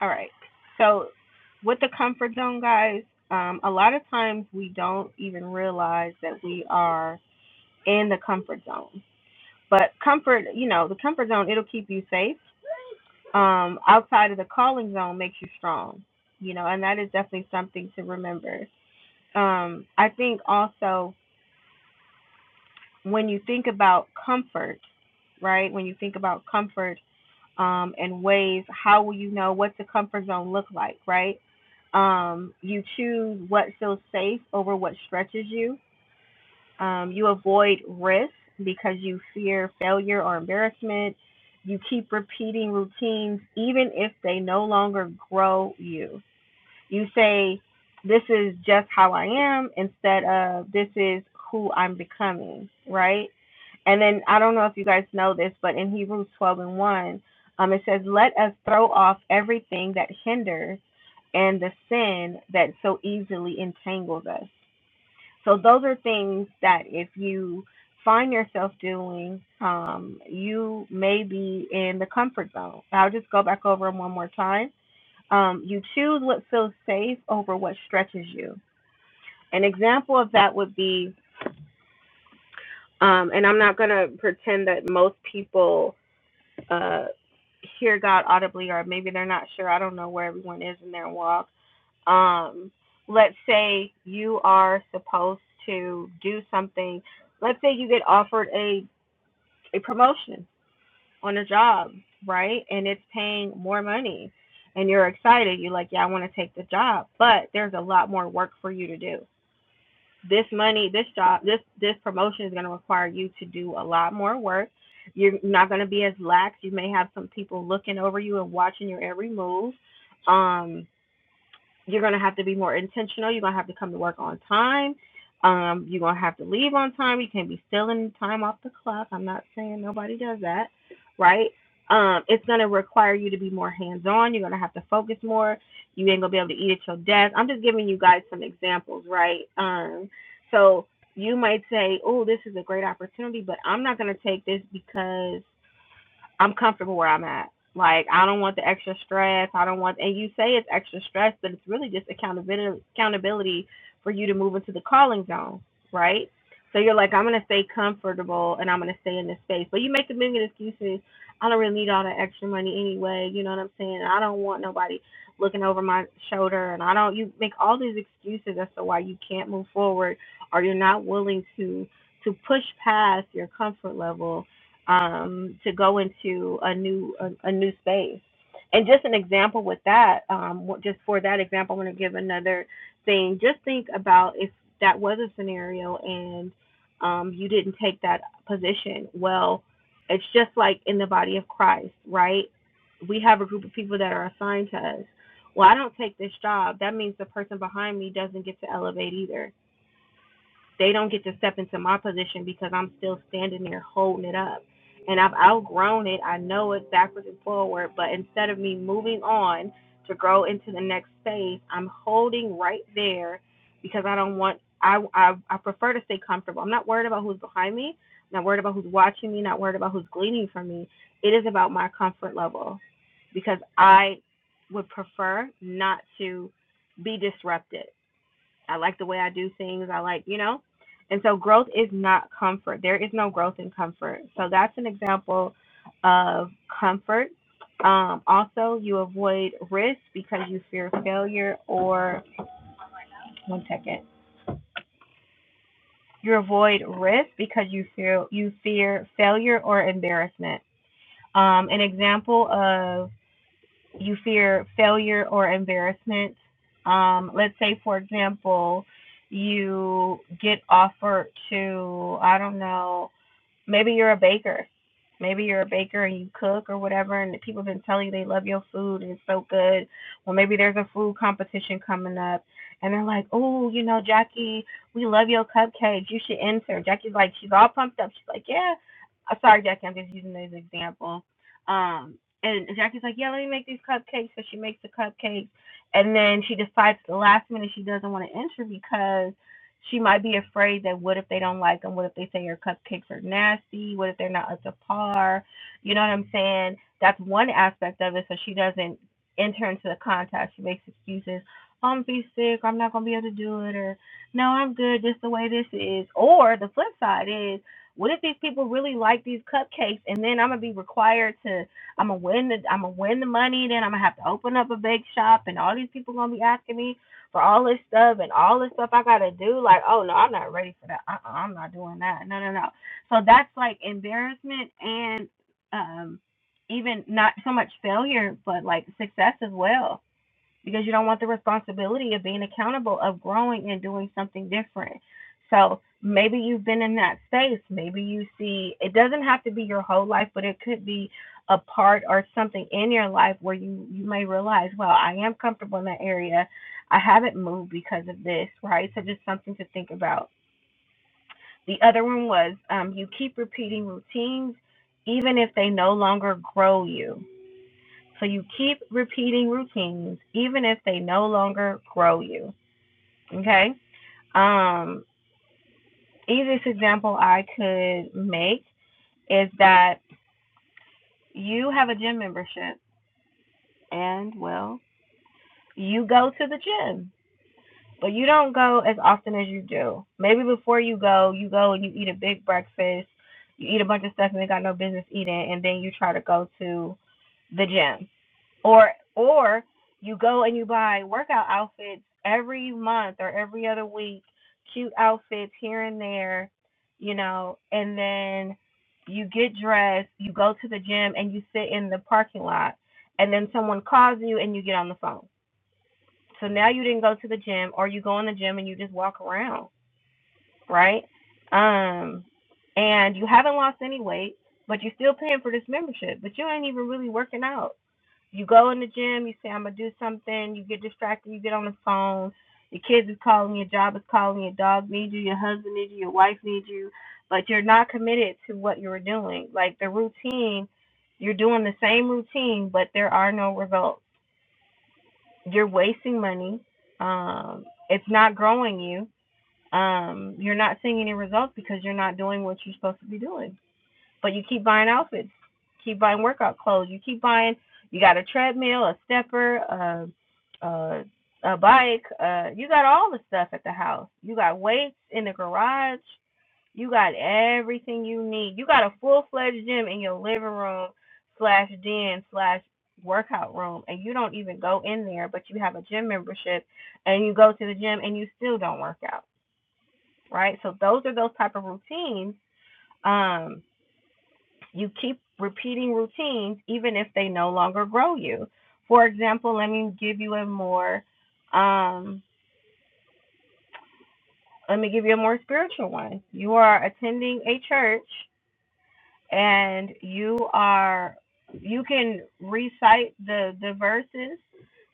Speaker 1: All right. So with the comfort zone, guys, um, a lot of times we don't even realize that we are in the comfort zone. But comfort, you know, the comfort zone, it'll keep you safe. Um, outside of the calling zone makes you strong, you know, and that is definitely something to remember. Um, I think also when you think about comfort, right? When you think about comfort, um, and ways how will you know what the comfort zone look like right um, you choose what feels safe over what stretches you um, you avoid risk because you fear failure or embarrassment you keep repeating routines even if they no longer grow you you say this is just how i am instead of this is who i'm becoming right and then I don't know if you guys know this, but in Hebrews 12 and 1, um, it says, Let us throw off everything that hinders and the sin that so easily entangles us. So those are things that if you find yourself doing, um, you may be in the comfort zone. I'll just go back over them one more time. Um, you choose what feels safe over what stretches you. An example of that would be, um, and I'm not going to pretend that most people uh, hear God audibly, or maybe they're not sure. I don't know where everyone is in their walk. Um, let's say you are supposed to do something. Let's say you get offered a, a promotion on a job, right? And it's paying more money, and you're excited. You're like, yeah, I want to take the job, but there's a lot more work for you to do this money, this job, this this promotion is going to require you to do a lot more work. You're not going to be as lax. You may have some people looking over you and watching your every move. Um, you're going to have to be more intentional. You're going to have to come to work on time. Um, you're going to have to leave on time. You can't be stealing time off the clock. I'm not saying nobody does that, right? Um, it's going to require you to be more hands on. You're going to have to focus more. You ain't going to be able to eat at your desk. I'm just giving you guys some examples, right? Um, so you might say, oh, this is a great opportunity, but I'm not going to take this because I'm comfortable where I'm at. Like I don't want the extra stress. I don't want and you say it's extra stress, but it's really just accountability accountability for you to move into the calling zone, right? So you're like, I'm gonna stay comfortable and I'm gonna stay in this space. But you make a million excuses. I don't really need all that extra money anyway, you know what I'm saying? I don't want nobody looking over my shoulder and I don't you make all these excuses as to why you can't move forward or you're not willing to to push past your comfort level um, to go into a new a, a new space. And just an example with that, um, just for that example, I'm going to give another thing. Just think about if that was a scenario and um, you didn't take that position. Well, it's just like in the body of Christ, right? We have a group of people that are assigned to us. Well, I don't take this job. That means the person behind me doesn't get to elevate either they don't get to step into my position because I'm still standing there holding it up. And I've outgrown it. I know it backwards and forward. But instead of me moving on to grow into the next phase, I'm holding right there because I don't want, I, I, I prefer to stay comfortable. I'm not worried about who's behind me, not worried about who's watching me, not worried about who's gleaning from me. It is about my comfort level because I would prefer not to be disrupted. I like the way I do things. I like, you know? And so growth is not comfort. There is no growth in comfort. So that's an example of comfort. Um, also, you avoid risk because you fear failure or one second. You avoid risk because you fear you fear failure or embarrassment. Um, an example of. you fear failure or embarrassment. Um, let's say, for example, you get offered to, I don't know, Maybe you're a baker. Maybe you're a baker and you cook or whatever, and people have been telling you they love your food and it's so good. Well, maybe there's a food competition coming up, and they're like, "Oh, you know, Jackie, we love your cupcakes. You should enter." Jackie's like, she's all pumped up. She's like, "Yeah." I'm sorry, Jackie. I'm just using this example. Um, and Jackie's like, "Yeah, let me make these cupcakes." So she makes the cupcakes, and then she decides at the last minute she doesn't want to enter because she might be afraid that what if they don't like them? What if they say your cupcakes are nasty? What if they're not up to par? You know what I'm saying? That's one aspect of it. So she doesn't enter into the contest. She makes excuses. I'm gonna be sick. I'm not gonna be able to do it. Or no, I'm good. Just the way this is. Or the flip side is, what if these people really like these cupcakes, and then I'm gonna be required to I'm gonna win the I'm gonna win the money. Then I'm gonna have to open up a bake shop, and all these people gonna be asking me for all this stuff and all this stuff I gotta do. Like, oh no, I'm not ready for that. Uh, uh I'm not doing that. No, no, no. So that's like embarrassment and um, even not so much failure, but like success as well because you don't want the responsibility of being accountable, of growing and doing something different. So maybe you've been in that space. Maybe you see it doesn't have to be your whole life, but it could be a part or something in your life where you you may realize, well, I am comfortable in that area. I haven't moved because of this, right? So just something to think about. The other one was um, you keep repeating routines even if they no longer grow you so you keep repeating routines, even if they no longer grow you. Okay. Um, easiest example I could make is that you have a gym membership and, well, you go to the gym, but you don't go as often as you do. Maybe before you go, you go and you eat a big breakfast, you eat a bunch of stuff and you got no business eating, and then you try to go to the gym or or you go and you buy workout outfits every month or every other week, cute outfits here and there, you know, and then you get dressed, you go to the gym and you sit in the parking lot and then someone calls you and you get on the phone. So now you didn't go to the gym or you go in the gym and you just walk around, right? Um and you haven't lost any weight, but you're still paying for this membership, but you ain't even really working out. You go in the gym, you say, I'm going to do something, you get distracted, you get on the phone, your kids is calling, your job is calling, your dog needs you, your husband needs you, your wife needs you, but you're not committed to what you're doing. Like the routine, you're doing the same routine, but there are no results. You're wasting money. Um, it's not growing you. Um, you're not seeing any results because you're not doing what you're supposed to be doing. But you keep buying outfits, keep buying workout clothes. You keep buying. You got a treadmill, a stepper, a a, a bike. Uh, you got all the stuff at the house. You got weights in the garage. You got everything you need. You got a full fledged gym in your living room slash den slash workout room, and you don't even go in there, but you have a gym membership, and you go to the gym and you still don't work out, right? So those are those type of routines. Um, you keep repeating routines even if they no longer grow you. For example, let me give you a more um let me give you a more spiritual one. You are attending a church and you are you can recite the the verses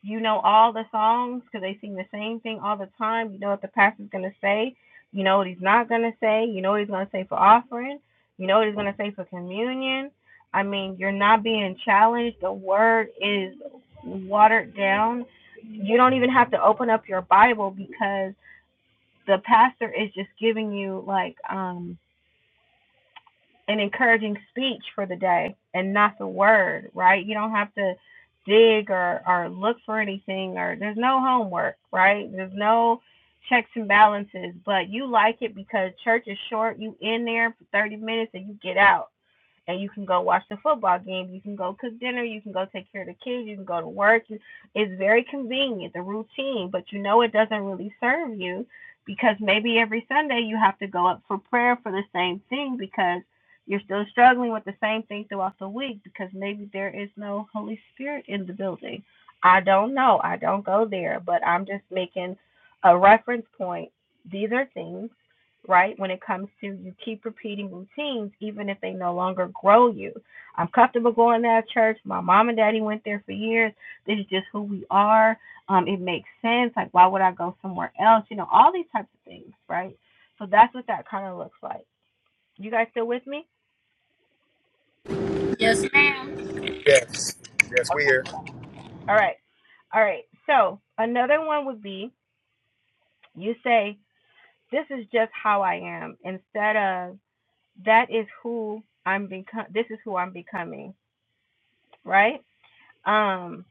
Speaker 1: you know all the songs because they sing the same thing all the time you know what the pastor's going to say you know what he's not going to say you know what he's going to say for offering you know what he's going to say for communion i mean you're not being challenged the word is watered down you don't even have to open up your bible because the pastor is just giving you like um an encouraging speech for the day and not the word, right? You don't have to dig or, or look for anything or there's no homework, right? There's no checks and balances, but you like it because church is short. You in there for 30 minutes and you get out and you can go watch the football game. You can go cook dinner. You can go take care of the kids. You can go to work. It's very convenient, the routine, but you know it doesn't really serve you because maybe every Sunday you have to go up for prayer for the same thing because you're still struggling with the same thing throughout the week because maybe there is no Holy Spirit in the building. I don't know. I don't go there, but I'm just making a reference point. These are things right? When it comes to you keep repeating routines, even if they no longer grow you. I'm comfortable going to that church. My mom and daddy went there for years. This is just who we are. Um, it makes sense. Like, why would I go somewhere else? You know, all these types of things, right? So that's what that kind of looks like. You guys still with me?
Speaker 3: Yes, ma'am.
Speaker 5: yes, yes, we hear,
Speaker 1: All right. All right. So another one would be you say, This is just how I am, instead of that is who I'm becoming. this is who I'm becoming, right? Um,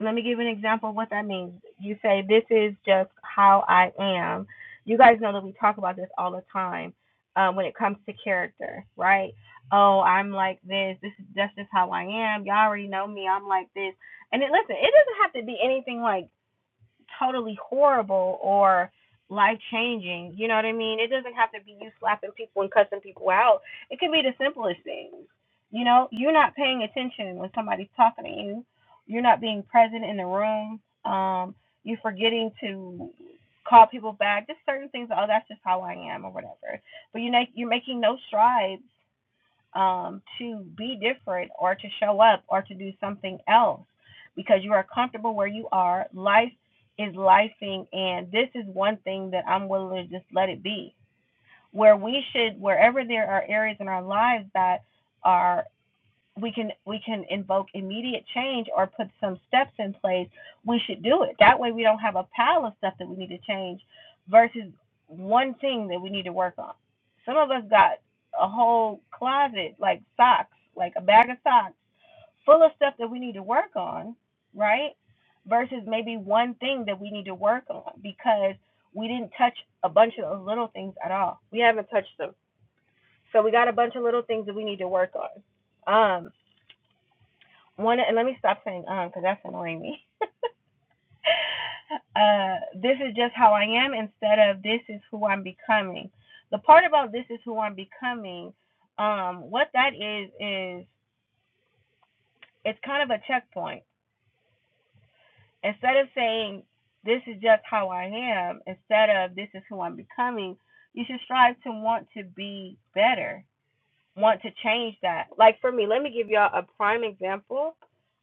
Speaker 1: let me give you an example of what that means. You say, This is just how I am. You guys know that we talk about this all the time um, when it comes to character, right? Oh, I'm like this. This is that's just how I am. Y'all already know me. I'm like this. And it, listen, it doesn't have to be anything like totally horrible or life changing. You know what I mean? It doesn't have to be you slapping people and cussing people out. It could be the simplest things. You know, you're not paying attention when somebody's talking to you. You're not being present in the room. Um, you're forgetting to call people back. Just certain things. Oh, that's just how I am, or whatever. But you make you're making no strides um, to be different or to show up or to do something else because you are comfortable where you are. Life is lifing, and this is one thing that I'm willing to just let it be. Where we should, wherever there are areas in our lives that are we can we can invoke immediate change or put some steps in place, we should do it. That way we don't have a pile of stuff that we need to change versus one thing that we need to work on. Some of us got a whole closet like socks, like a bag of socks full of stuff that we need to work on, right? Versus maybe one thing that we need to work on because we didn't touch a bunch of those little things at all. We haven't touched them. So we got a bunch of little things that we need to work on. Um one and let me stop saying um because that's annoying me uh this is just how i am instead of this is who i'm becoming the part about this is who i'm becoming um what that is is it's kind of a checkpoint instead of saying this is just how i am instead of this is who i'm becoming you should strive to want to be better want to change that. Like for me, let me give y'all a prime example.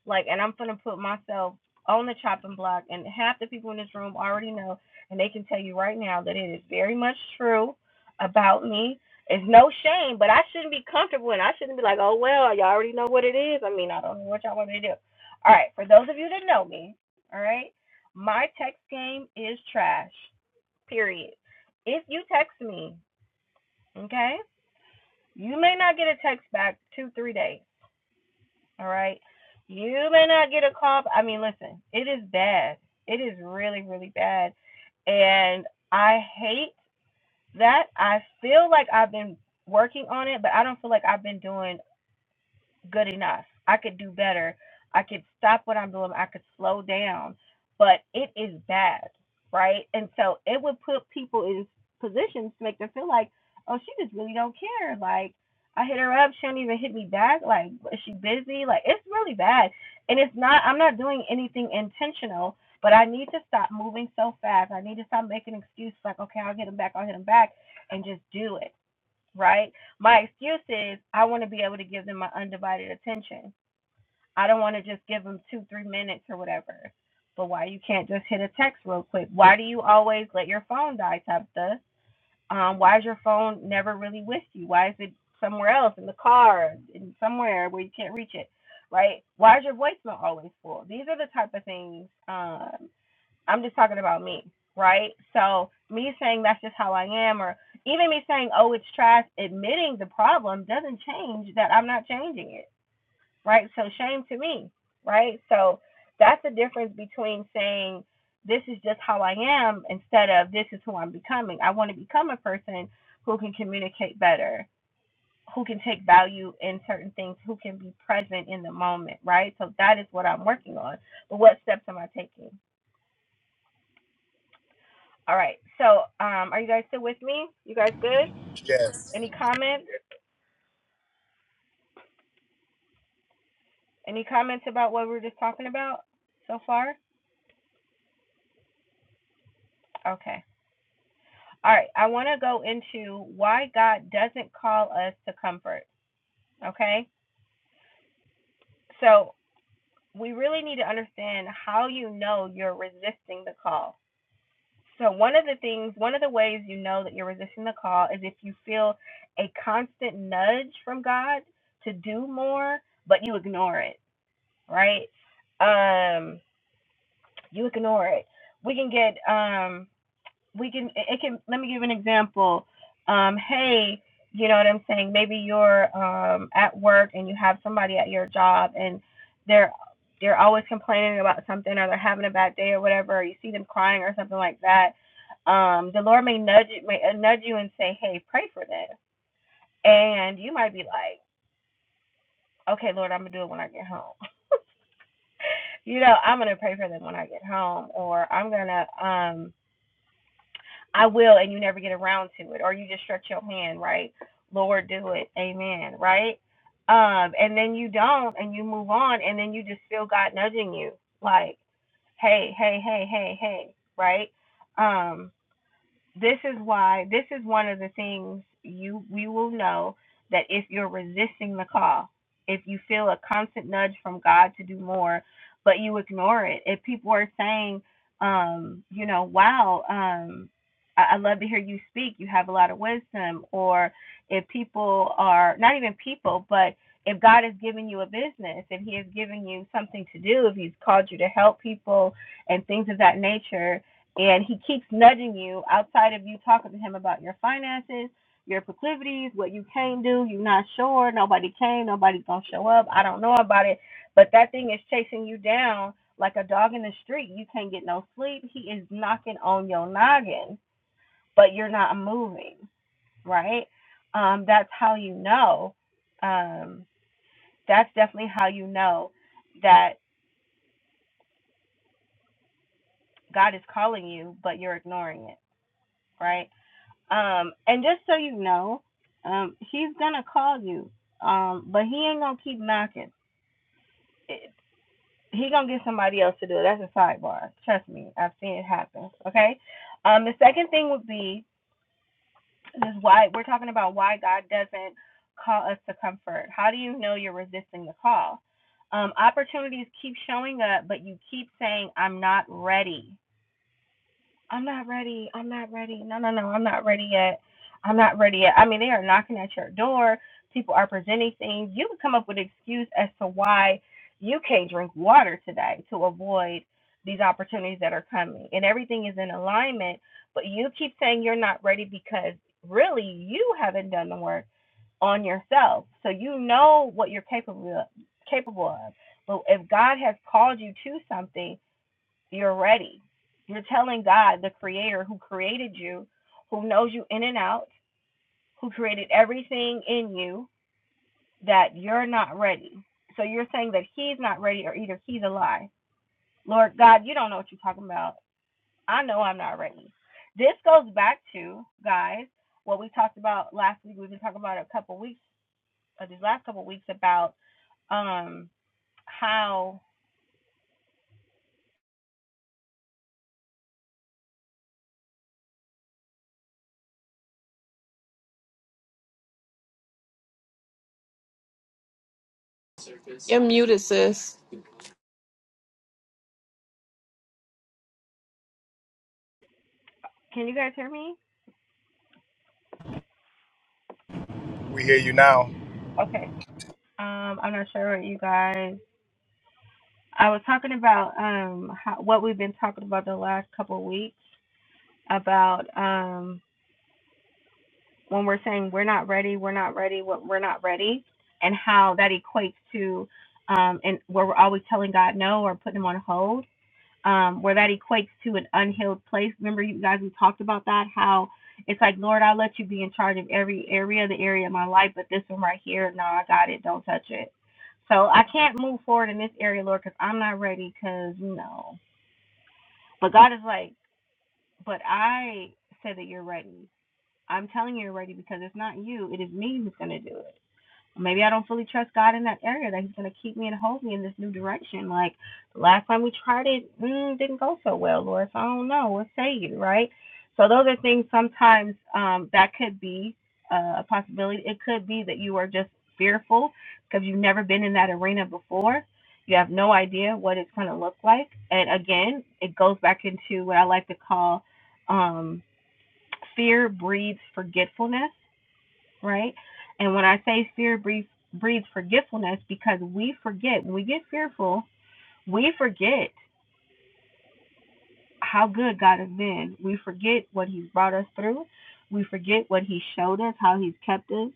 Speaker 1: Like, and I'm gonna put myself on the chopping block, and half the people in this room already know, and they can tell you right now that it is very much true about me. It's no shame, but I shouldn't be comfortable, and I shouldn't be like, oh well, y'all already know what it is. I mean, I don't know what y'all want me to do. All right, for those of you that know me, all right, my text game is trash. Period. If you text me, okay, you may not get a text back two, three days. All right. You may not get a call. I mean, listen, it is bad. It is really, really bad. And I hate that. I feel like I've been working on it, but I don't feel like I've been doing good enough. I could do better. I could stop what I'm doing. I could slow down. But it is bad, right? And so it would put people in positions to make them feel like, oh, she just really don't care. Like I hit her up, she don't even hit me back. Like is she busy? Like it's really bad. And it's not. I'm not doing anything intentional. But I need to stop moving so fast. I need to stop making excuses like, okay, I'll get him back. I'll hit him back, and just do it right? My excuse is I want to be able to give them my undivided attention. I don't want to just give them two, three minutes or whatever. But why you can't just hit a text real quick? Why do you always let your phone die, Tabitha? Um, why is your phone never really with you? Why is it somewhere else in the car, in somewhere where you can't reach it, right? Why is your voicemail always full? These are the type of things. Um, I'm just talking about me, right? So me saying that's just how I am, or even me saying, oh, it's trash, admitting the problem doesn't change that I'm not changing it, right? So shame to me, right? So that's the difference between saying this is just how I am instead of this is who I'm becoming. I want to become a person who can communicate better, who can take value in certain things, who can be present in the moment, right? So that is what I'm working on. But what steps am I taking? All right. So, um, are you guys still with me? You guys good?
Speaker 5: yes,
Speaker 1: Any comments? Any comments about what we were just talking about so far? Okay. All right. I want to go into why God doesn't call us to comfort. Okay. So, we really need to understand how you know you're resisting the call. So, one of the things, one of the ways you know that you're resisting the call is if you feel a constant nudge from God to do more, but you ignore it, right? Um, You ignore it. We can get um we can it can let me give an example. Um, hey, you know what I'm saying? Maybe you're um at work and you have somebody at your job and they're they're always complaining about something or they're having a bad day or whatever, or you see them crying or something like that. Um, the Lord may nudge may uh, nudge you and say, Hey, pray for them. And you might be like, Okay, Lord, I'm gonna do it when I get home. You know, I'm gonna pray for them when I get home or I'm gonna um I will, and you never get around to it, or you just stretch your hand, right? Lord, do it. Amen, right? Um, and then you don't, and you move on, and then you just feel God nudging you, like, hey, hey, hey, hey, hey, right? Um, this is why this is one of the things you we will know that if you're resisting the call if you feel a constant nudge from god to do more but you ignore it if people are saying um you know wow um I I love to hear you speak. You have a lot of wisdom. Or if people are not even people, but if God has given you a business, if He has given you something to do, if He's called you to help people and things of that nature, and he keeps nudging you outside of you talking to him about your finances, your proclivities, what you can do. You're not sure. Nobody came. Nobody's gonna show up. I don't know about it. But that thing is chasing you down like a dog in the street. You can't get no sleep. He is knocking on your noggin, but you're not moving. Right? Um, that's how you know. Um, that's definitely how you know that God is calling you, but you're ignoring it. Right? Um, and just so you know, um, he's gonna call you. Um, but he ain't gonna keep knocking. It, he gonna get somebody else to do it. That's a sidebar. Trust me, I've seen it happen. Okay. Um, the second thing would be is why we're talking about why God doesn't call us to comfort. How do you know you're resisting the call? Um, opportunities keep showing up, but you keep saying, "I'm not ready." I'm not ready. I'm not ready. No, no, no. I'm not ready yet. I'm not ready yet. I mean, they are knocking at your door. People are presenting things. You can come up with an excuse as to why you can't drink water today to avoid these opportunities that are coming. And everything is in alignment, but you keep saying you're not ready because really you haven't done the work on yourself. So you know what you're capable of, capable of. But if God has called you to something, you're ready. You're telling God, the creator who created you, who knows you in and out, who created everything in you, that you're not ready. So you're saying that he's not ready or either he's a lie. Lord God, you don't know what you're talking about. I know I'm not ready. This goes back to, guys, what we talked about last week. We've been talking about a couple weeks, uh, these last couple weeks about um how
Speaker 7: You're muted, sis.
Speaker 1: can you guys hear me?
Speaker 5: we hear you now,
Speaker 1: Okay. Um, I'm not sure what you guys I was talking about um how, what we've been talking about the last couple of weeks about um when we're saying we're not ready, we're not ready, we're not ready, and how that equates to um and where we're always telling God no or putting him on hold, um where that equates to an unhealed place. Remember you guys we talked about that how it's like Lord, I'll let you be in charge of every area, the area of my life, but this one right here, no, I got it. Don't touch it. So I can't move forward in this area, Lord, because I'm not ready. Because you know. But God is like, but I said that you're ready. I'm telling you you're ready because it's not you, it is me who's going to do it maybe I don't fully trust God in that area that He's going to keep me and hold me in this new direction. Like last time we tried it, mm, didn't go so well, Lord. So I don't know. What say you, right? So those are things sometimes um, that could be uh, a possibility. It could be that you are just fearful because you've never been in that arena before. You have no idea what it's going to look like. And again, it goes back into what I like to call um, fear breeds forgetfulness right? And when I say fear breeds, breeds forgetfulness, because we forget, when we get fearful, we forget how good God has been. We forget what He's brought us through. We forget what He showed us, how He's kept us,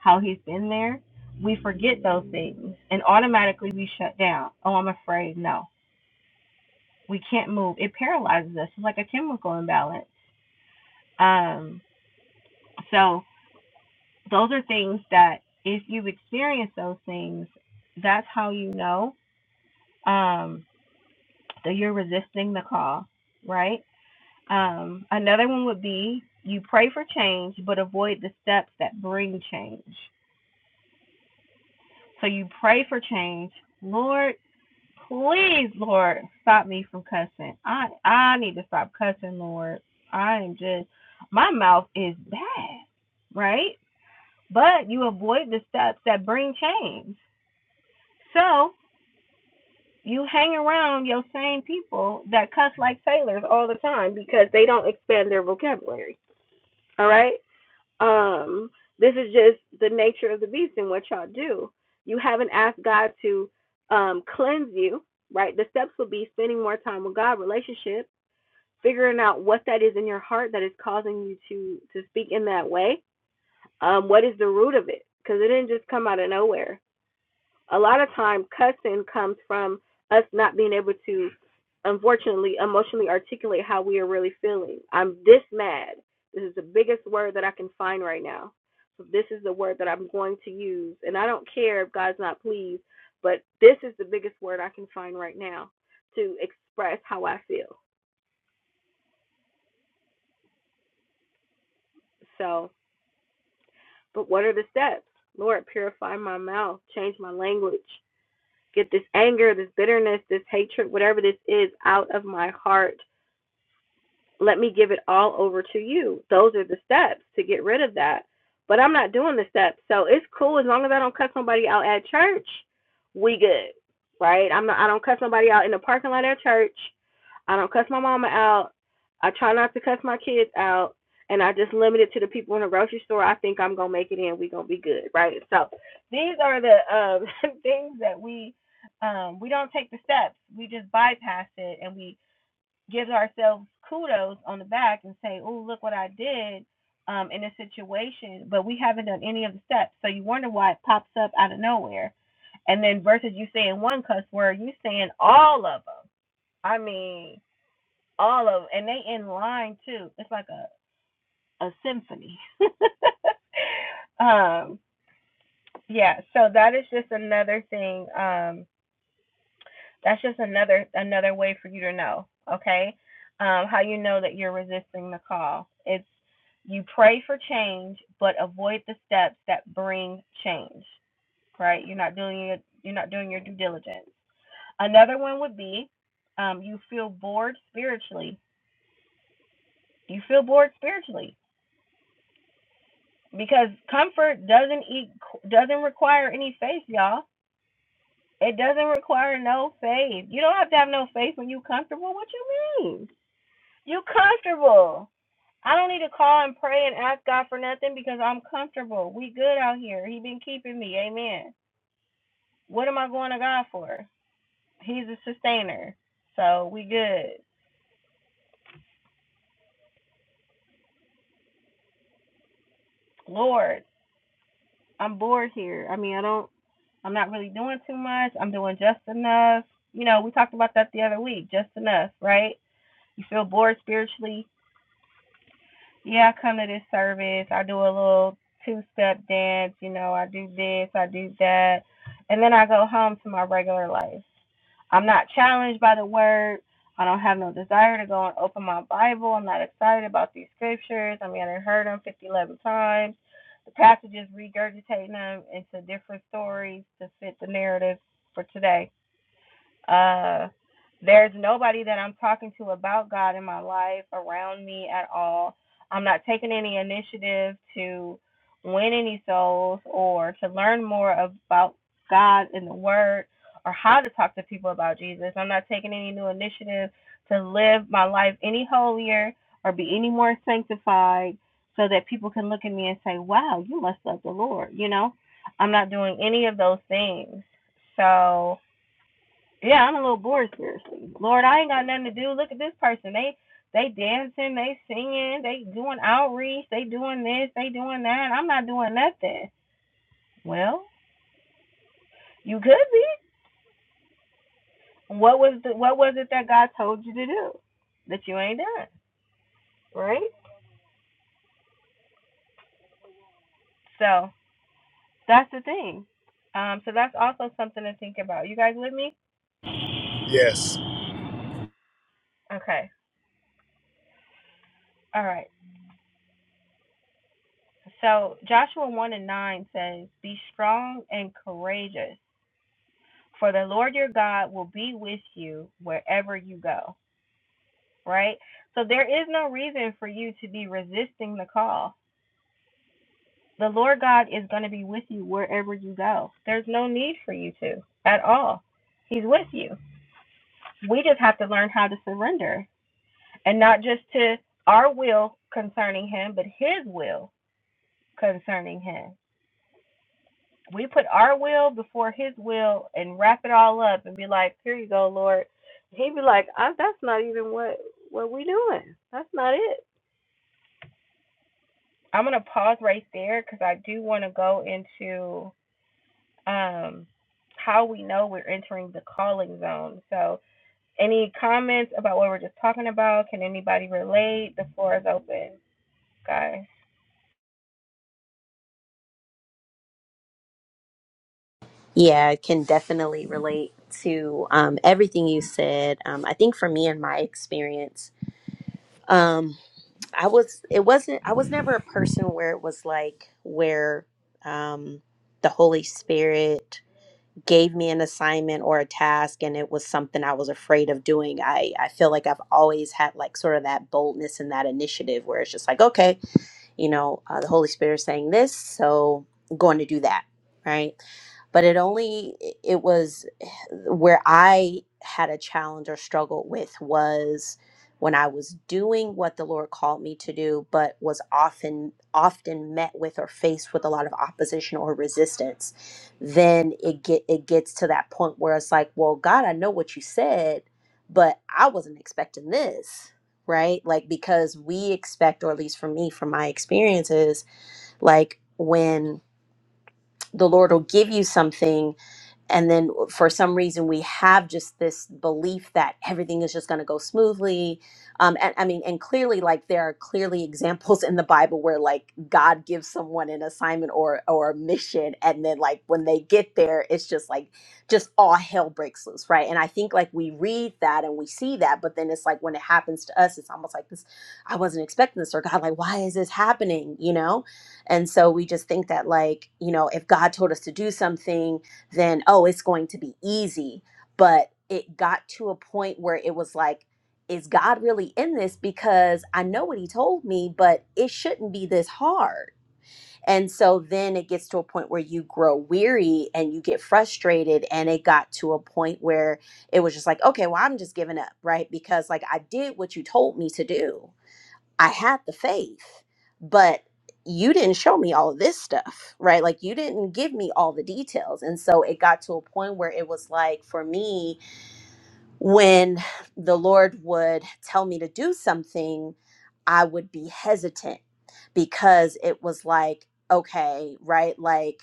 Speaker 1: how He's been there. We forget those things, and automatically we shut down. Oh, I'm afraid. No, we can't move. It paralyzes us. It's like a chemical imbalance. Um, so those are things that if you've experienced those things, that's how you know um, so you're resisting the call, right? Um, another one would be you pray for change, but avoid the steps that bring change. So you pray for change. Lord, please, Lord, stop me from cussing. I I need to stop cussing, Lord. I am just my mouth is bad, right? But you avoid the steps that bring change. So you hang around your same people that cuss like sailors all the time because they don't expand their vocabulary. All right? Um, this is just the nature of the beast and what y'all do. You haven't asked God to um, cleanse you, right? The steps will be spending more time with God, relationship, figuring out what that is in your heart that is causing you to to speak in that way. Um, what is the root of it? Because it didn't just come out of nowhere a lot of time cussing comes from us not being able to unfortunately emotionally articulate how we are really feeling i'm this mad this is the biggest word that i can find right now so this is the word that i'm going to use and i don't care if god's not pleased but this is the biggest word i can find right now to express how i feel so but what are the steps lord purify my mouth change my language get this anger this bitterness this hatred whatever this is out of my heart let me give it all over to you. Those are the steps to get rid of that. But I'm not doing the steps. So it's cool as long as I don't cuss somebody out at church, we good. Right? I'm not I don't cuss somebody out in the parking lot at church. I don't cuss my mama out. I try not to cuss my kids out. And I just limit it to the people in the grocery store. I think I'm gonna make it in. We gonna be good, right? So these are the um, things that we um, we don't take the steps. We just bypass it and we give ourselves kudos on the back and say, "Oh, look what I did." Um, in this situation, but we haven't done any of the steps. So you wonder why it pops up out of nowhere. And then versus you saying one cuss word, you saying all of them. I mean, all of them, and they in line too. It's like a a symphony. um, yeah. So that is just another thing. Um, That's just another another way for you to know, okay? Um, how you know that you're resisting the call. It's you pray for change, but avoid the steps that bring change, right? You're not doing it. You're not doing your due diligence. Another one would be um, you feel bored spiritually. You feel bored spiritually because comfort doesn't eat, doesn't require any faith, y'all. It doesn't require no faith. You don't have to have no faith when you're comfortable. What you mean? You comfortable. I don't need to call and pray and ask God for nothing because I'm comfortable. We good out here. He been keeping me. Amen. What am I going to God for? He's a sustainer. So we good. Lord, I'm bored here. I mean, I don't I'm not really doing too much. I'm doing just enough. You know, we talked about that the other week, just enough, right? You feel bored spiritually, yeah, I come to this service. I do a little two step dance. You know, I do this, I do that. And then I go home to my regular life. I'm not challenged by the word. I don't have no desire to go and open my Bible. I'm not excited about these scriptures. I mean, I done heard them 50, eleven times. The pastor just regurgitating them into different stories to fit the narrative for today uh, there's nobody that I'm talking to about God in my life around me at all. I'm not taking any initiative to win any souls or to learn more about God in the Word or how to talk to people about Jesus. I'm not taking any new initiative to live my life any holier or be any more sanctified so that people can look at me and say, wow, you must love the Lord. You know, I'm not doing any of those things. So, yeah, I'm a little bored, seriously. Lord, I ain't got nothing to do. Look at this person. They they dancing, they singing, they doing outreach, they doing this, they doing that. I'm not doing nothing. Well, you could be. What was the, what was it that God told you to do that you ain't done, right? So that's the thing. Um, so that's also something to think about. You guys with me?
Speaker 5: yes,
Speaker 1: Okay. All right. So Joshua one and nine says, "Be strong and courageous." For the Lord your God will be with you wherever you go, right? So there is no reason for you to be resisting the call. The Lord God is going to be with you wherever you go. There's no need for you to at all. He's with you. We just have to learn how to surrender and not just to our will concerning Him, but His will concerning Him. we put our will before his will and wrap it all up and be like, here you go, Lord. He'd be like, I, that's not even what what we doing. That's not it. I'm gonna pause right there because I do want to go into um how we know we're entering the calling zone. So, any comments about what we're just talking about? Can anybody relate? The floor is open, guys.
Speaker 6: Yeah, I can definitely relate to um, everything you said. Um, I think for me and my experience, um, I was it wasn't I was never a person where it was like where um, the Holy Spirit. gave me an assignment or a task and it was something I was afraid of doing, I, I feel like I've always had like sort of that boldness and that initiative where it's just like, okay, you know, uh, the Holy Spirit is saying this, so I'm going to do that, right? But it only, it was where I had a challenge or struggle with was when I was doing what the Lord called me to do, but was often, often met with or faced with a lot of opposition or resistance. Then it get, it gets to that point where it's like, well, God, I know what you said, but I wasn't expecting this right? Like because we expect, or at least for me, from my experiences, like when the Lord will give you something and then for some reason we have just this belief that everything is just going to go smoothly um and i mean and clearly like there are clearly examples in the bible where like god gives someone an assignment or or a mission and then like when they get there it's just like just all hell breaks loose right and i think like we read that and we see that but then it's like when it happens to us it's almost like this i wasn't expecting this or god like why is this happening you know and so we just think that like you know if god told us to do something then oh it's going to be easy but it got to a point where it was like is god really in this because i know what he told me but it shouldn't be this hard and so then it gets to a point where you grow weary and you get frustrated and it got to a point where it was just like okay well i'm just giving up right because like i did what you told me to do I had the faith, but you didn't show me all of this stuff, right? Like you didn't give me all the details. And so it got to a point where it was like for me, when the Lord would tell me to do something, I would be hesitant because it was like, okay, right? Like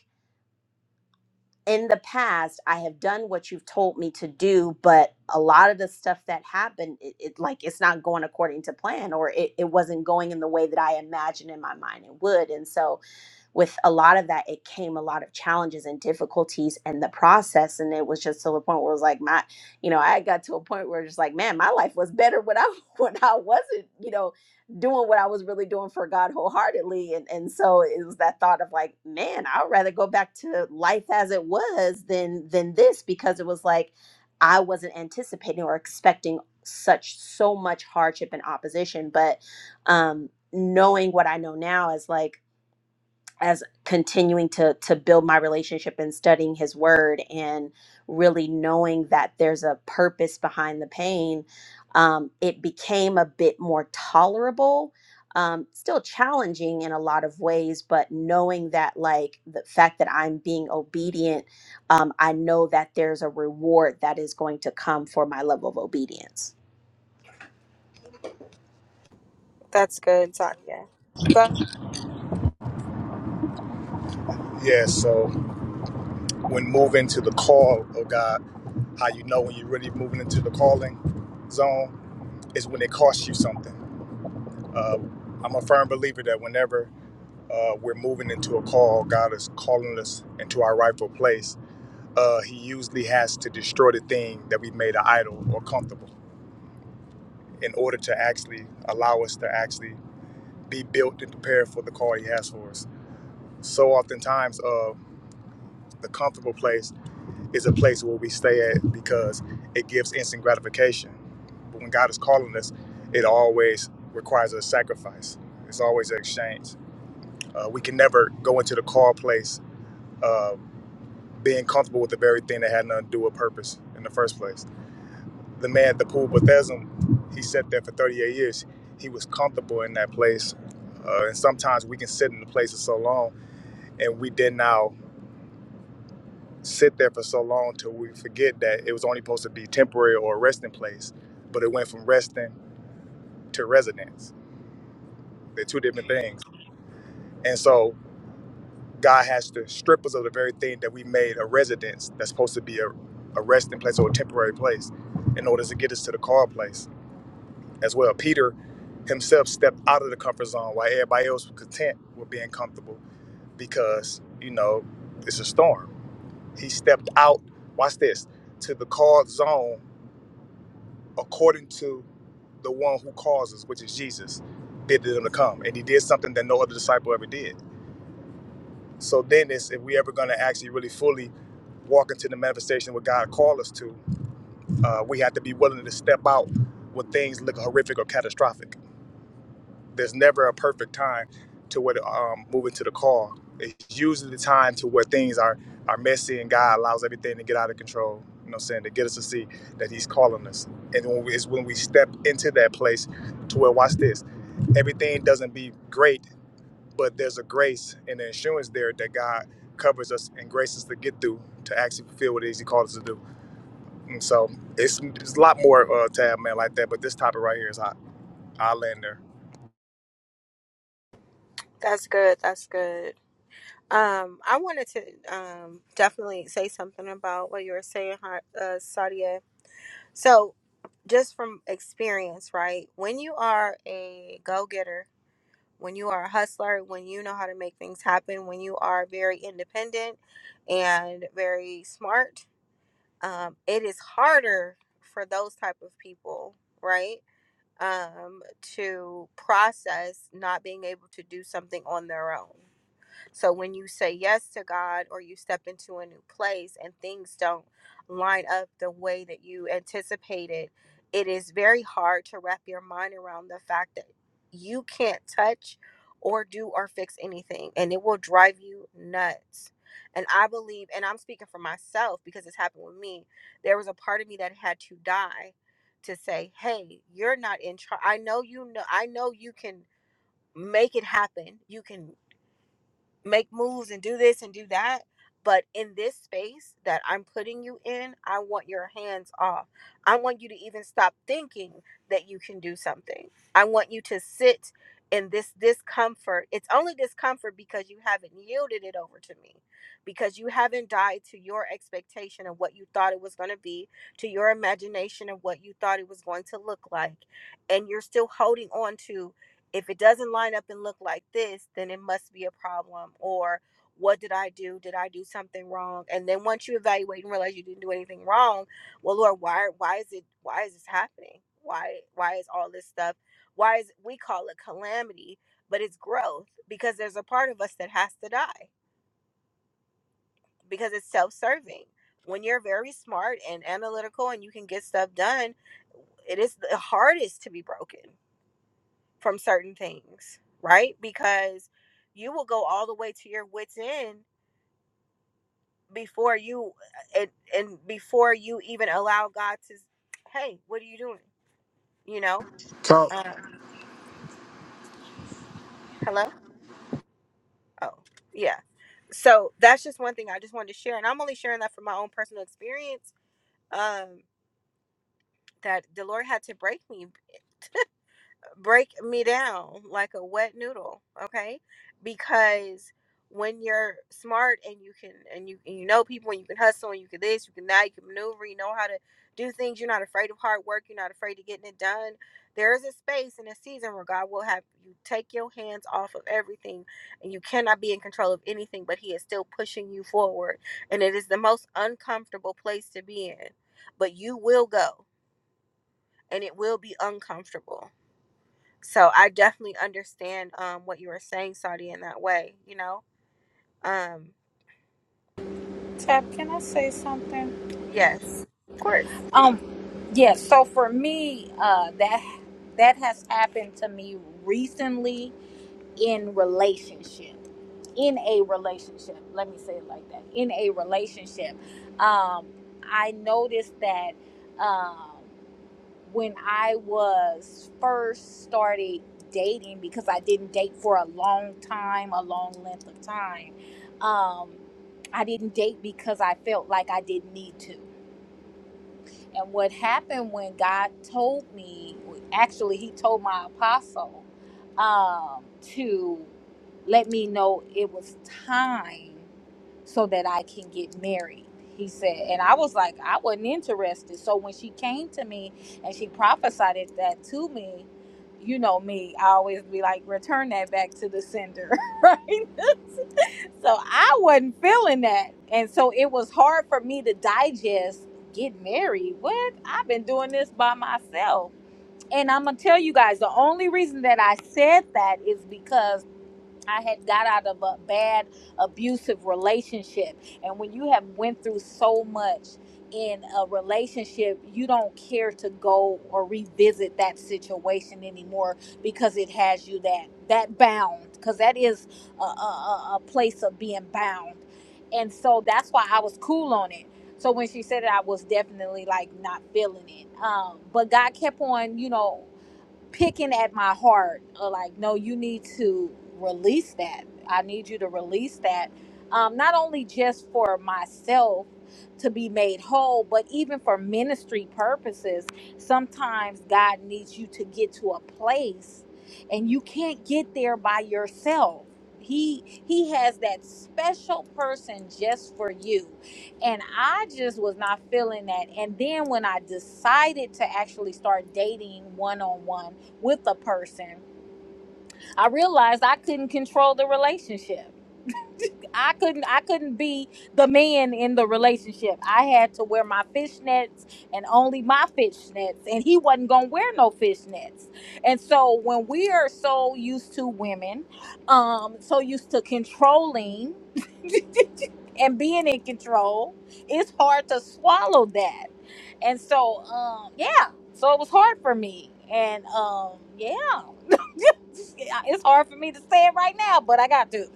Speaker 6: in the past i have done what you've told me to do but a lot of the stuff that happened it, it like it's not going according to plan or it, it wasn't going in the way that i imagined in my mind it would and so with a lot of that, it came a lot of challenges and difficulties in the process. And it was just to the point where it was like my, you know, I got to a point where it's like, man, my life was better when I when I wasn't, you know, doing what I was really doing for God wholeheartedly. And and so it was that thought of like, man, I'd rather go back to life as it was than than this because it was like I wasn't anticipating or expecting such so much hardship and opposition. But um knowing what I know now is like as continuing to to build my relationship and studying his word and really knowing that there's a purpose behind the pain um, it became a bit more tolerable um, still challenging in a lot of ways but knowing that like the fact that i'm being obedient um, i know that there's a reward that is going to come for my level of obedience
Speaker 1: That's good.
Speaker 5: yes. So when moving to the call of God, how you know when you're really moving into the calling zone is when it costs you something. Uh, I'm a firm believer that whenever Uh, we're moving into a call. God is calling us into our rightful place. Uh, he usually has to destroy the thing that we made an idol or comfortable in order to actually allow us to actually be built and prepared for the call He has for us. So oftentimes, uh, the comfortable place is a place where we stay at because it gives instant gratification. But when God is calling us, it always requires a sacrifice. It's always an exchange. Uh, we can never go into the call place uh, being comfortable with the very thing that had nothing to do with purpose in the first place. The man at the pool, Bethesda, he sat there for 38 years. He was comfortable in that place. Uh, and sometimes we can sit in the place for so long and we did now sit there for so long till we forget that it was only supposed to be temporary or a resting place, but it went from resting to residence. They're two different things. And so God has to strip us of the very thing that we made a residence that's supposed to be a, a resting place or a temporary place in order to get us to the car place as well. Peter himself stepped out of the comfort zone while everybody else was content with being comfortable because, you know, it's a storm. He stepped out, watch this, to the called zone according to the one who causes, which is Jesus, bid them to come. And he did something that no other disciple ever did. So then it's, if we ever going to actually really fully walk into the manifestation what God called us to, uh, we have to be willing to step out when things look horrific or catastrophic there's never a perfect time to what um, moving to the call. It's usually the time to where things are are messy and God allows everything to get out of control. You know, what I'm saying to get us to see that He's calling us, and when we, it's when we step into that place to where watch this, everything doesn't be great, but there's a grace and an insurance there that God covers us and graces to get through to actually fulfill what it is He called us to do. And so it's, it's a lot more uh, tab man like that, but this topic right here is hot. I land there.
Speaker 1: That's good. Um, I wanted to um, say something about what you were saying, Har- uh, Sadia. So just from experience, right? When you are a go getter, when you are a hustler, when you know how to make things happen, when you are very independent and very smart, um, it is harder for those type of people, right? Um, to process not being able to do something on their own. So when you say yes to God or you step into a new place and things don't line up the way that you anticipated, it is very hard to wrap your mind around the fact that you can't touch or do or fix anything and it will drive you nuts. And I believe, and I'm speaking for myself because it's happened with me, there was a part of me that had to die to say, hey, you're not in charge. I know you know, I know you can make it happen. You can make moves and do this and do that. But in this space that I'm putting you in, I want your hands off. I want you to even stop thinking that you can do something. I want you to sit in this discomfort. It's only discomfort because you haven't yielded it over to me, because you haven't died to your expectation of what you thought it was going to be, to your imagination of what you thought it was going to look like. And you're still holding on to if it doesn't line up and look like this, then it must be a problem. Or what did I do? Did I do something wrong? And then once you evaluate and realize you didn't do anything wrong, well, Lord, why why is it why is this happening? Why why is all this stuff? Why is we call it calamity, but it's growth because there's a part of us that has to die because it's self-serving. When you're very smart and analytical and you can get stuff done, it is the hardest to be broken from certain things, right? Because you will go all the way to your wits end before you uh, and, and before you even allow God to hey, what are you doing? You know?
Speaker 4: Talk.
Speaker 1: Uh hello? Oh, yeah. So that's just one thing I just wanted to share and I'm only sharing that from my own personal experience um that the Lord had to break me break me down like a wet noodle okay because when you're smart and you can and you and you know people and you can hustle and you can this you can that you can maneuver you know how to do things you're not afraid of hard work you're not afraid of getting it done there is a space and a season where god will have you take your hands off of everything and you cannot be in control of anything but he is still pushing you forward and it is the most uncomfortable place to be in but you will go and it will be uncomfortable so I definitely understand um what you were saying, Saudi, in that way, you know? Um,
Speaker 3: Tap, can I say something?
Speaker 1: yes, of course.
Speaker 3: Um, yeah. So for me, uh, that that has happened to me recently in relationship, in a relationship. Let me say it like that. In a relationship, um, I noticed that um, when I was first started dating, because I didn't date for a long time, a long length of time. Um, I didn't date because I felt like I didn't need to. And what happened when God told me, actually, He told my apostle um, to let me know it was time so that I can get married. He said, and I was like, I wasn't interested. So when she came to me and she prophesied it- that to me, you know me, I always be like, return that back to the sender, right? So I wasn't feeling that. And so it was hard for me to digest get married. What? I've been doing this by myself. And I'm going to tell you guys the only reason that I said that is because I had got out of a bad abusive relationship. And when you have went through so much in a relationship, you don't care to go or revisit that situation anymore because it has you that that bound because that is a, a, a a place of being bound. And so that's why I was cool on it. So when she said it, I was definitely like not feeling it. Um, but God kept on, you know picking at my heart uh, like no you need to release that i need you to release that um, not only just for myself to be made whole but even for ministry purposes sometimes god needs you to get to a place and you can't get there by yourself he he has that special person just for you and i just was not feeling that and then when i decided to actually start dating one-on-one with a person i realized i couldn't control the relationship i couldn't i couldn't be the man in the relationship i had to wear my fishnets and only my fishnets and he wasn't gonna wear no fishnets and so when we are so used to women um so used to controlling and being in control it's hard to swallow that and so um yeah so it was hard for me and um yeah it's hard for me to say it right now, but I got to.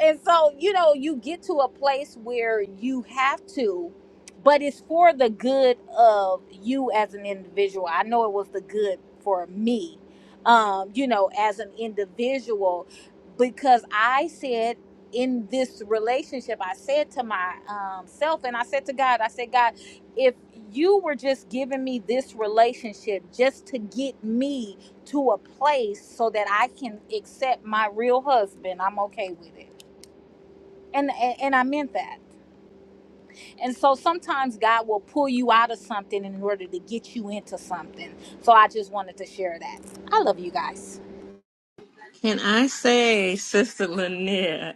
Speaker 3: And so, you know, you get to a place where you have to, but it's for the good of you as an individual. I know it was the good for me, um, you know, as an individual, because I said in this relationship, I said to my um, self, and I said to God, I said, God, if you were just giving me this relationship just to get me to a place so that I can accept my real husband. I'm okay with it. And, and and I meant that. And so sometimes God will pull you out of something in order to get you into something. So I just wanted to share that. I love you guys.
Speaker 7: Can I say, Sister Lanier?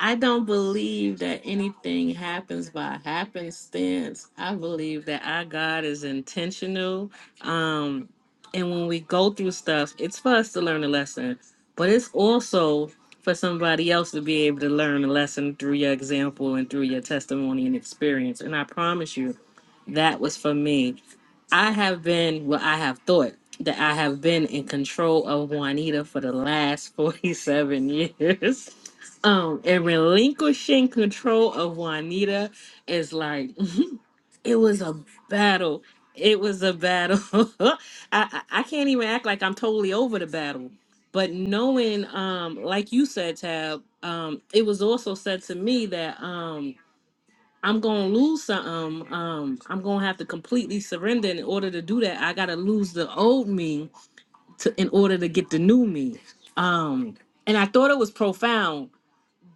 Speaker 7: I don't believe that anything happens by happenstance. I believe that our God is intentional. Um, and when we go through stuff, it's for us to learn a lesson, but it's also for somebody else to be able to learn a lesson through your example and through your testimony and experience. And I promise you, that was for me. I have been, well, I have thought that I have been in control of Juanita for the last 47 years. Um, and relinquishing control of Juanita is like, it was a battle. It was a battle. I, I I can't even act like I'm totally over the battle. But knowing, um, like you said, Tab, um, it was also said to me that, um. I'm gonna lose something. Um, I'm gonna have to completely surrender. And In order to do that, I gotta lose the old me to in order to get the new me. Um, and I thought it was profound,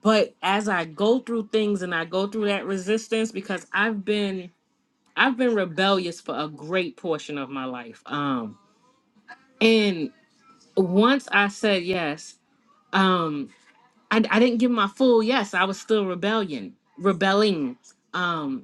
Speaker 7: but as I go through things and I go through that resistance, because I've been I've been rebellious for a great portion of my life. Um, and once I said yes, um, I, I didn't give my full yes. I was still rebellion, rebelling. Um,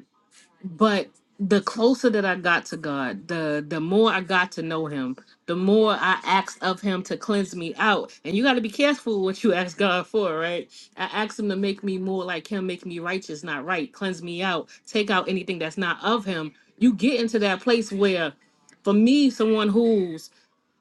Speaker 7: but the closer that I got to God, the the more I got to know Him, the more I asked of Him to cleanse me out. And you got to be careful what you ask God for, right? I asked Him to make me more like Him, make me righteous, not right, cleanse me out, take out anything that's not of Him. You get into that place where, for me, someone who's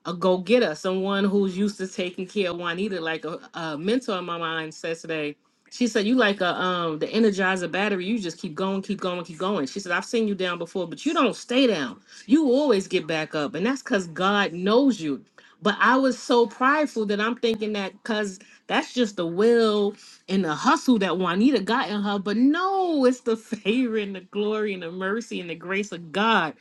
Speaker 7: a go getter, someone who's used to taking care of Juanita. Like a, a mentor of my mind said today, she said, "You like a um the Energizer battery. You just keep going, keep going, keep going." She said, "I've seen you down before, but you don't stay down. You always get back up, and that's because God knows you." But I was so prideful that I'm thinking that because that's just the will and the hustle that Juanita got in her. But no, it's the favor and the glory and the mercy and the grace of God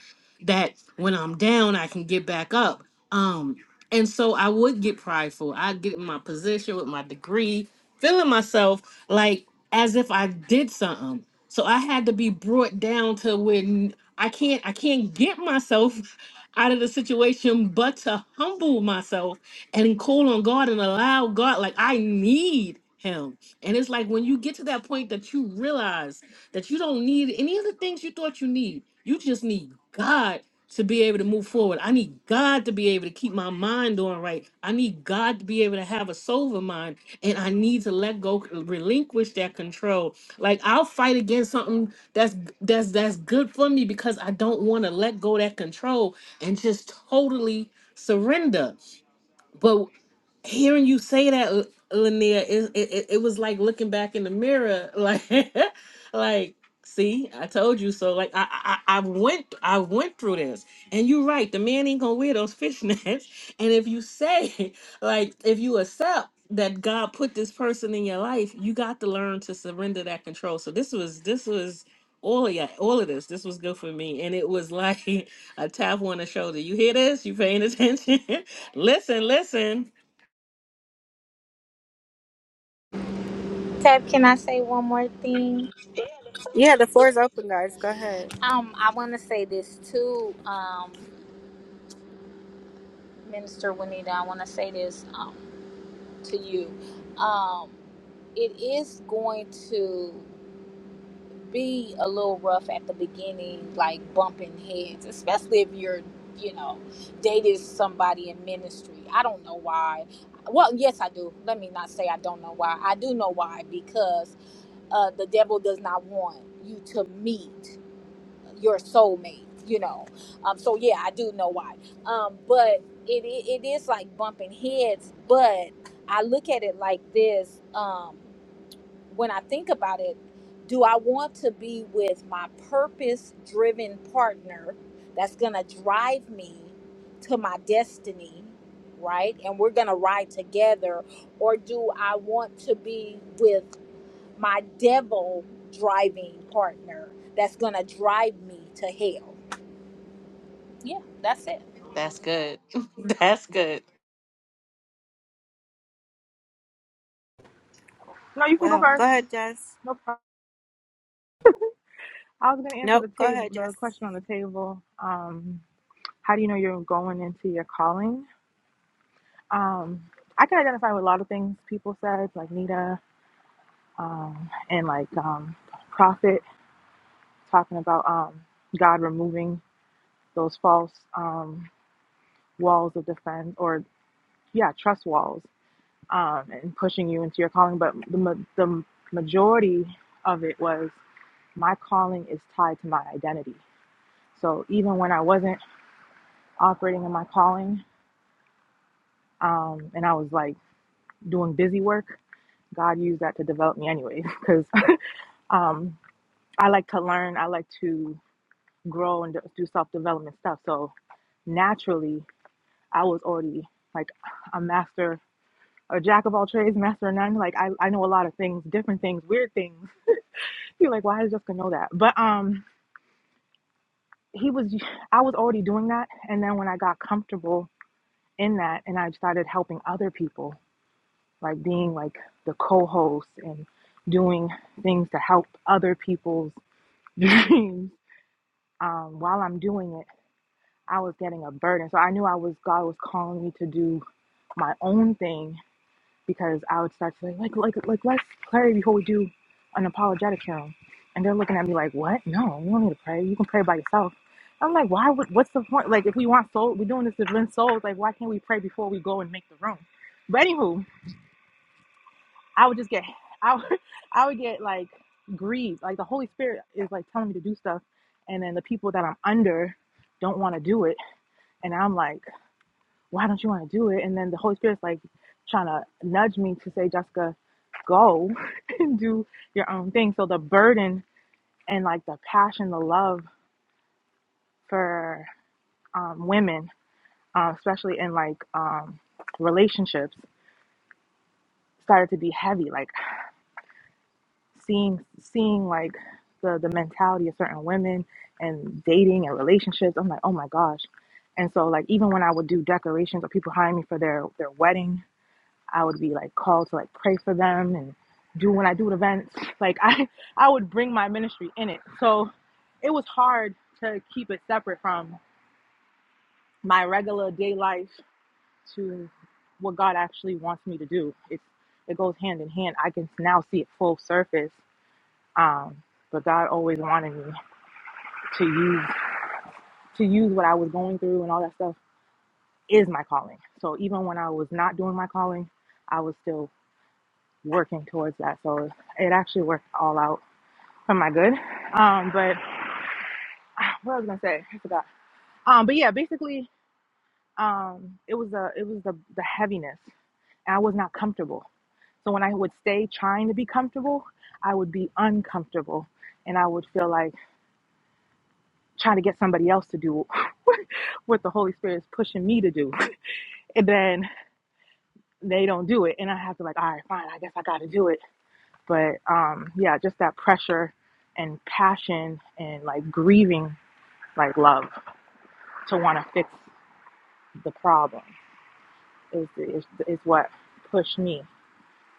Speaker 7: that when I'm down, I can get back up um, and so I would get prideful. I get in my position with my degree, feeling myself like as if I did something. So I had to be brought down to when I can't I can't get myself out of the situation but to humble myself and call on God and allow God like I need him. And it's like when you get to that point that you realize that you don't need any of the things you thought you need. You just need God to be able to move forward. I need God to be able to keep my mind on right. I need God to be able to have a sober mind. And I need to let go, relinquish that control. Like I'll fight against something that's that's that's good for me because I don't want to let go that control and just totally surrender. But hearing you say that, L- Lanier, it, it it it was like looking back in the mirror, like like see, I told you so. Like I I, I I went I went through this, and you're right. The man ain't gonna wear those fishnets, and if you say like if you accept that God put this person in your life, you got to learn to surrender that control. So this was this was. All of ya, all of this, this was good for me, and it was like a tap on the shoulder. You hear this? You paying attention? Listen, listen.
Speaker 3: Tab, can I say one more thing?
Speaker 1: Yeah, the floor is open, guys. Go ahead.
Speaker 3: Um, I want to say this too, um, Minister Winita. I want to say this um, to you. Um, it is going to. be a little rough at the beginning, like bumping heads, especially if you're, you know, dated somebody in ministry. I don't know why. Well, yes, I do. Let me not say I don't know why. I do know why because uh, the devil does not want you to meet your soulmate. You know, um, so yeah, I do know why. Um, but it, it it is like bumping heads. But I look at it like this. Um, when I think about it, do I want to be with my purpose driven partner that's going to drive me to my destiny, right? And we're going to ride together. Or do I want to be with my devil driving partner that's going to drive me to hell? Yeah, that's it.
Speaker 7: That's good. That's good.
Speaker 10: No, you can go
Speaker 1: Well, go
Speaker 10: first.
Speaker 1: ahead, Jess.
Speaker 10: No problem. I was gonna answer
Speaker 1: Nope,
Speaker 10: the
Speaker 1: go
Speaker 10: table,
Speaker 1: ahead,
Speaker 10: the
Speaker 1: Jess.
Speaker 10: question on the table. Um, how do you know you're going into your calling? Um, I can identify with a lot of things people said, like Nita, um, and like um, Prophet talking about um, God removing those false um, walls of defense, or yeah, trust walls, um, and pushing you into your calling. But the ma- the majority of it was my calling is tied to my identity. So even when I wasn't operating in my calling, um, and I was like doing busy work, God used that to develop me anyway, because um, I like to learn, I like to grow and do self development stuff. So naturally, I was already like a master, a jack of all trades, master of none. Like I, I know a lot of things, different things, weird things. You're like, why does Jessica know that? But um, he was, I was already doing that, and then when I got comfortable in that, and I started helping other people like being like the co-host and doing things to help other people's dreams um, while i'm doing it i was getting a burden so i knew i was god was calling me to do my own thing because i would start to say like like like let's pray before we do an apologetic hymn and they're looking at me like what no you don't need to pray you can pray by yourself i'm like why would what's the point like if we want soul we're doing this to win souls like why can't we pray before we go and make the room but anywho I would just get I would, I would get like grieved. Like the Holy Spirit is like telling me to do stuff and then the people that I'm under don't want to do it and I'm like, "Why don't you want to do it?" And then the Holy Spirit's like trying to nudge me to say, "Jessica, go and do your own thing." So the burden and like the passion, the love for um, women, uh, especially in like um, relationships started to be heavy. Like seeing seeing like the the mentality of certain women and dating and relationships i'm like oh my gosh and so like even when i would do decorations or people hire me for their their wedding i would be like called to like pray for them and do when i do events like i i would bring my ministry in it so it was hard to keep it separate from my regular day life to what god actually wants me to do it's it goes hand in hand i can now see it full surface um, but God always wanted me to use to use what I was going through and all that stuff is my calling. So even when I was not doing my calling, I was still working towards that. So it actually worked all out for my good. Um, but what I was gonna say, I forgot. Um, but yeah, basically, um, it was the it was the the heaviness, and I was not comfortable. So when I would stay trying to be comfortable, I would be uncomfortable and I would feel like trying to get somebody else to do what the Holy Spirit is pushing me to do. And then they don't do it. And I have to like, all right, fine, I guess I gotta do it. But um yeah, just that pressure and passion and like grieving like love to wanna fix the problem is is, is what pushed me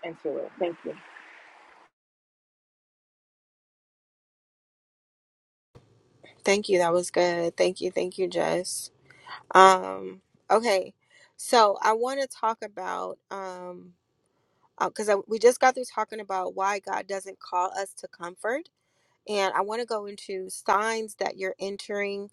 Speaker 10: into it. Thank you.
Speaker 1: Thank you. That was good. Thank you, thank you, Jess. Um, okay. So I want to talk about um because I we just got through talking about why God doesn't call us to comfort. And I want to go into signs that you're entering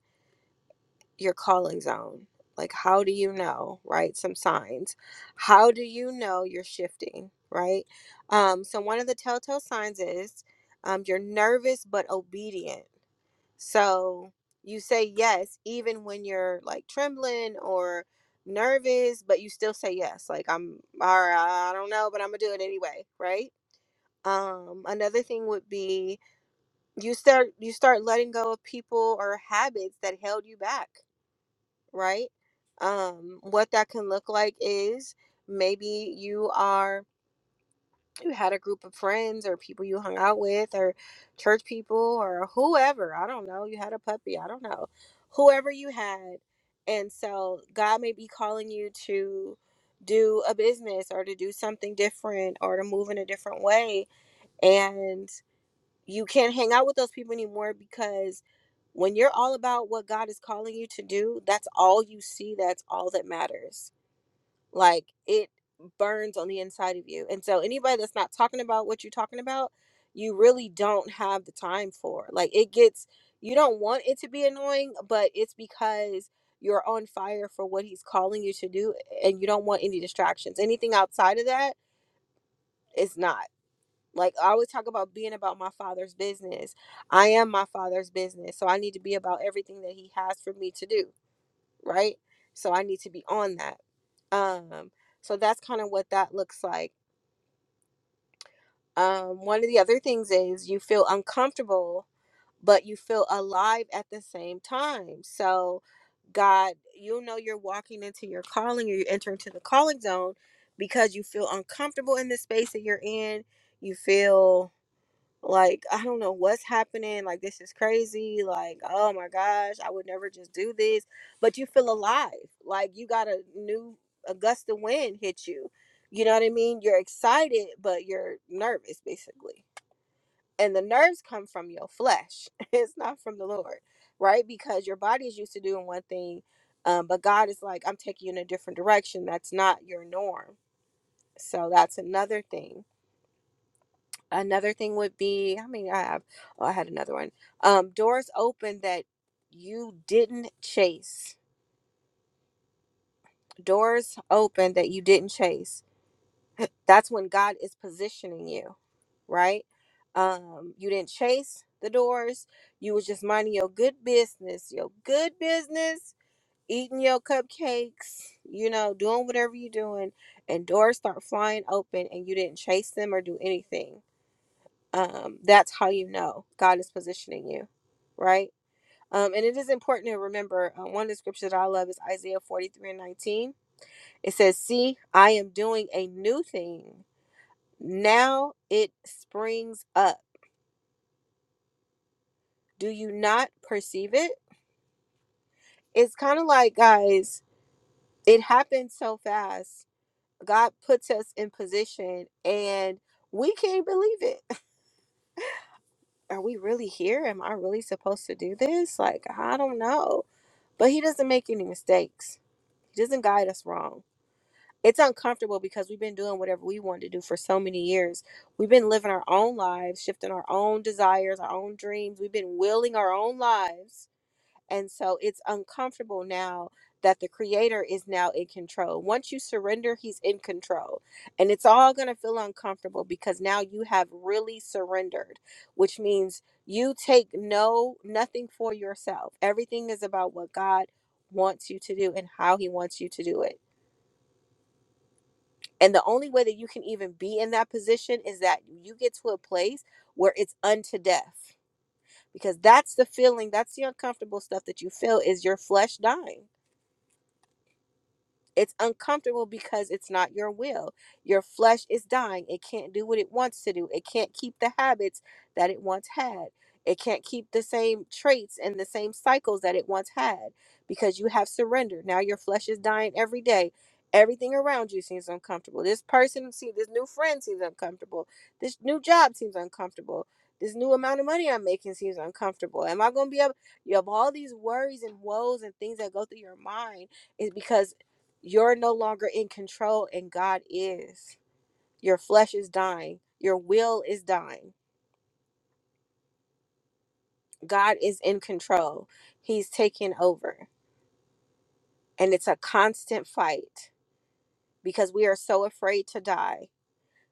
Speaker 1: your calling zone? Like, how do you know, right? Some signs. How do you know you're shifting, right? Um, so, one of the telltale signs is um, you're nervous but obedient. So, you say yes, even when you're like trembling or nervous, but you still say yes. Like, I'm, all right, I don't know, but I'm gonna do it anyway, right? Um, another thing would be you start you start letting go of people or habits that held you back right? Um, what that can look like is maybe you are you had a group of friends or people you hung out with or church people or whoever, I don't know, you had a puppy, I don't know. Whoever you had. And so God may be calling you to do a business or to do something different or to move in a different way. and you can't hang out with those people anymore because when you're all about what God is calling you to do, that's all you see, that's all that matters. Like it burns on the inside of you. And so anybody that's not talking about what you're talking about, you really don't have the time for. Like it gets you don't want it to be annoying, but it's because you're on fire for what he's calling you to do and you don't want any distractions. Anything outside of that is not. Like I always talk about being about my father's business. I am my father's business. So I need to be about everything that he has for me to do, right? So I need to be on that. Um, so that's kind of what that looks like. Um, one of the other things is you feel uncomfortable, but you feel alive at the same time. So God, you know you're walking into your calling or you enter into the calling zone because you feel uncomfortable in the space that you're in. You feel like i don't know what's happening like this is crazy like oh my gosh i would never just do this but you feel alive like you got a new a gust of wind hit you you know what i mean you're excited but you're nervous basically and the nerves come from your flesh it's not from the lord right because your body is used to doing one thing um, but god is like i'm taking you in a different direction that's not your norm so that's another thing another thing would be i mean i have oh, i had another one um doors open that you didn't chase doors open that you didn't chase that's when god is positioning you right um you didn't chase the doors you was just minding your good business your good business eating your cupcakes you know doing whatever you're doing and doors start flying open and you didn't chase them or do anything um, that's how you know God is positioning you, right? Um, and it is important to remember uh, one of the scriptures that I love is Isaiah 43 and 19. It says, See, I am doing a new thing. Now it springs up. Do you not perceive it? It's kind of like, guys, it happened so fast. God puts us in position and we can't believe it. Are we really here? Am I really supposed to do this? Like, I don't know But he doesn't make any mistakes. He doesn't guide us wrong. It's uncomfortable because we've been doing whatever we want to do for so many years. We've been living our own lives, shifting our own desires, our own dreams. We've been willing our own lives and so it's uncomfortable now that the creator is now in control. Once you surrender, he's in control. And it's all going to feel uncomfortable because now you have really surrendered, which means you take no nothing for yourself. Everything is about what God wants you to do and how he wants you to do it. And the only way that you can even be in that position is that you get to a place where it's unto death. Because that's the feeling, that's the uncomfortable stuff that you feel is your flesh dying It's uncomfortable because it's not your will. Your flesh is dying. It can't do what it wants to do. It can't keep the habits that it once had. It can't keep the same traits and the same cycles that it once had because you have surrendered. Now your flesh is dying every day. Everything around you seems uncomfortable. This person seems, this new friend seems uncomfortable. This new job seems uncomfortable. This new amount of money I'm making seems uncomfortable. Am I going to be able? You have all these worries and woes and things that go through your mind is because you're no longer in control, and God is. Your flesh is dying, your will is dying. God is in control, He's taking over. And it's a constant fight because we are so afraid to die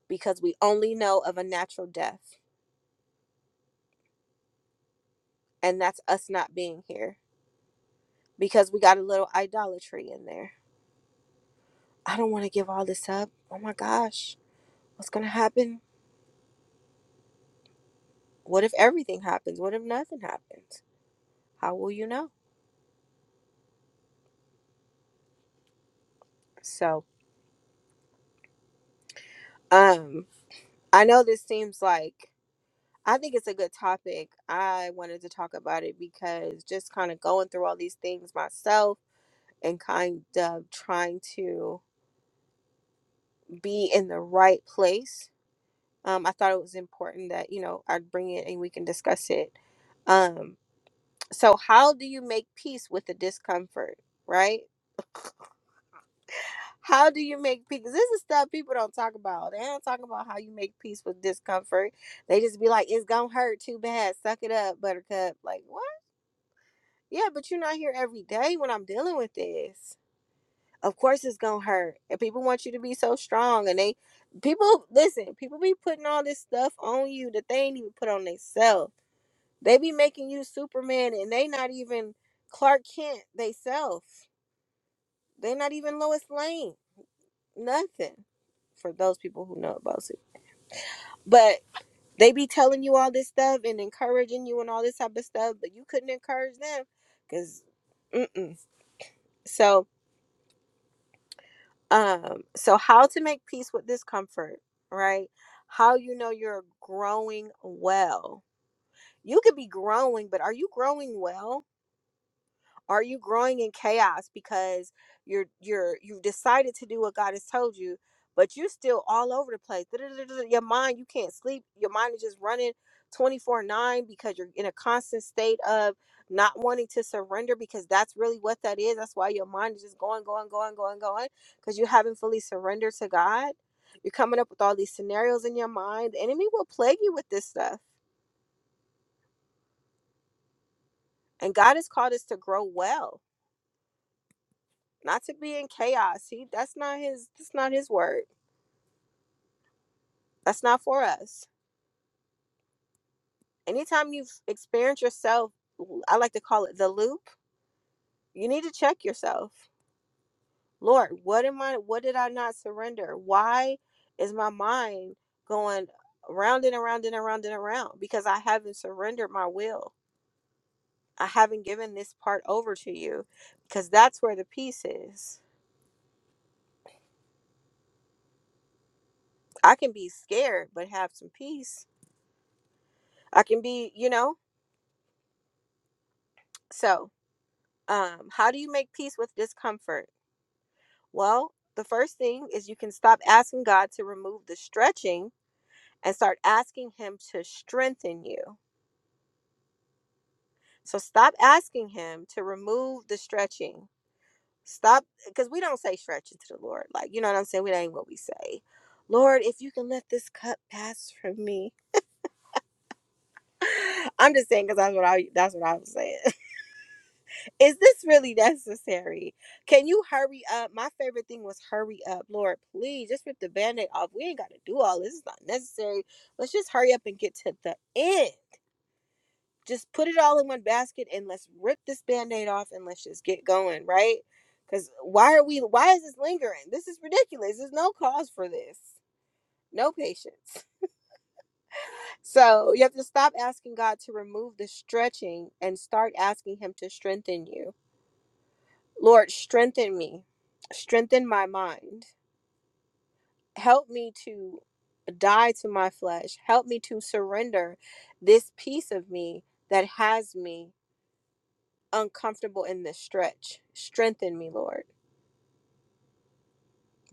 Speaker 1: because we only know of a natural death, and that's us not being here because we got a little idolatry in there. I don't want to give all this up. Oh my gosh, what's going to happen? What if everything happens? What if nothing happens? How will you know? So, um, I know this seems like I think it's a good topic. I wanted to talk about it because just kind of going through all these things myself and kind of trying to be in the right place. Um, I thought it was important that you know I'd bring it and we can discuss it. Um, so how do you make peace with the discomfort, right? How do you make peace? 'Cause This is stuff people don't talk about. They don't talk about how you make peace with discomfort. They just be like, it's gonna hurt too bad. Suck it up, buttercup. Like, what? Yeah, but you're not here every day when I'm dealing with this. Of course it's gonna hurt. And people want you to be so strong and they people listen, people be putting all this stuff on you that they ain't even put on themselves. They be making you Superman and they not even Clark Kent they self. They not even Lois Lane nothing for those people who know about it. But they be telling you all this stuff and encouraging you and all this type of stuff, but you couldn't encourage them because, mm-mm. so um, so how to make peace with discomfort, right? How you know you're growing well. You could be growing, but are you growing well? Are you growing in chaos because you're you're you've decided to do what God has told you, but you're still all over the place? Your mind, you can't sleep. Your mind is just running 24/9 because you're in a constant state of not wanting to surrender because that's really what that is. That's why your mind is just going, going, going, going, going because you haven't fully surrendered to God. You're coming up with all these scenarios in your mind. The enemy will plague you with this stuff. And God has called us to grow well not to be in chaos. He that's not his that's not his word. That's not for us. Anytime you've experienced yourself, I like to call it the loop, you need to check yourself. Lord, what am I what did I not surrender? Why is my mind going round and around and around and around? Because I haven't surrendered my will. I haven't given this part over to you because that's where the peace is. I can be scared but have some peace. I can be, you know, so Um, how do you make peace with discomfort? Well, the first thing is you can stop asking God to remove the stretching and start asking Him to strengthen you. So stop asking Him to remove the stretching. Stop, because we don't say stretching to the Lord. Like, you know what I'm saying? We ain't what we say. Lord, if you can let this cup pass from me. I'm just saying because that's what I that's what I was saying. is this really necessary? Can you hurry up? My favorite thing was hurry up. Lord, please just rip the band-aid off. We ain't gotta do all this. It's not necessary. Let's just hurry up and get to the end. Just put it all in one basket and let's rip this band-aid off and let's just get going, right? Because why are we why is this lingering? This is ridiculous. There's no cause for this. No patience. So you have to stop asking God to remove the stretching and start asking him to strengthen you Lord, strengthen me, strengthen my mind. Help me to die to my flesh. Help me to surrender this piece of me that has me uncomfortable in this stretch. Strengthen me, Lord,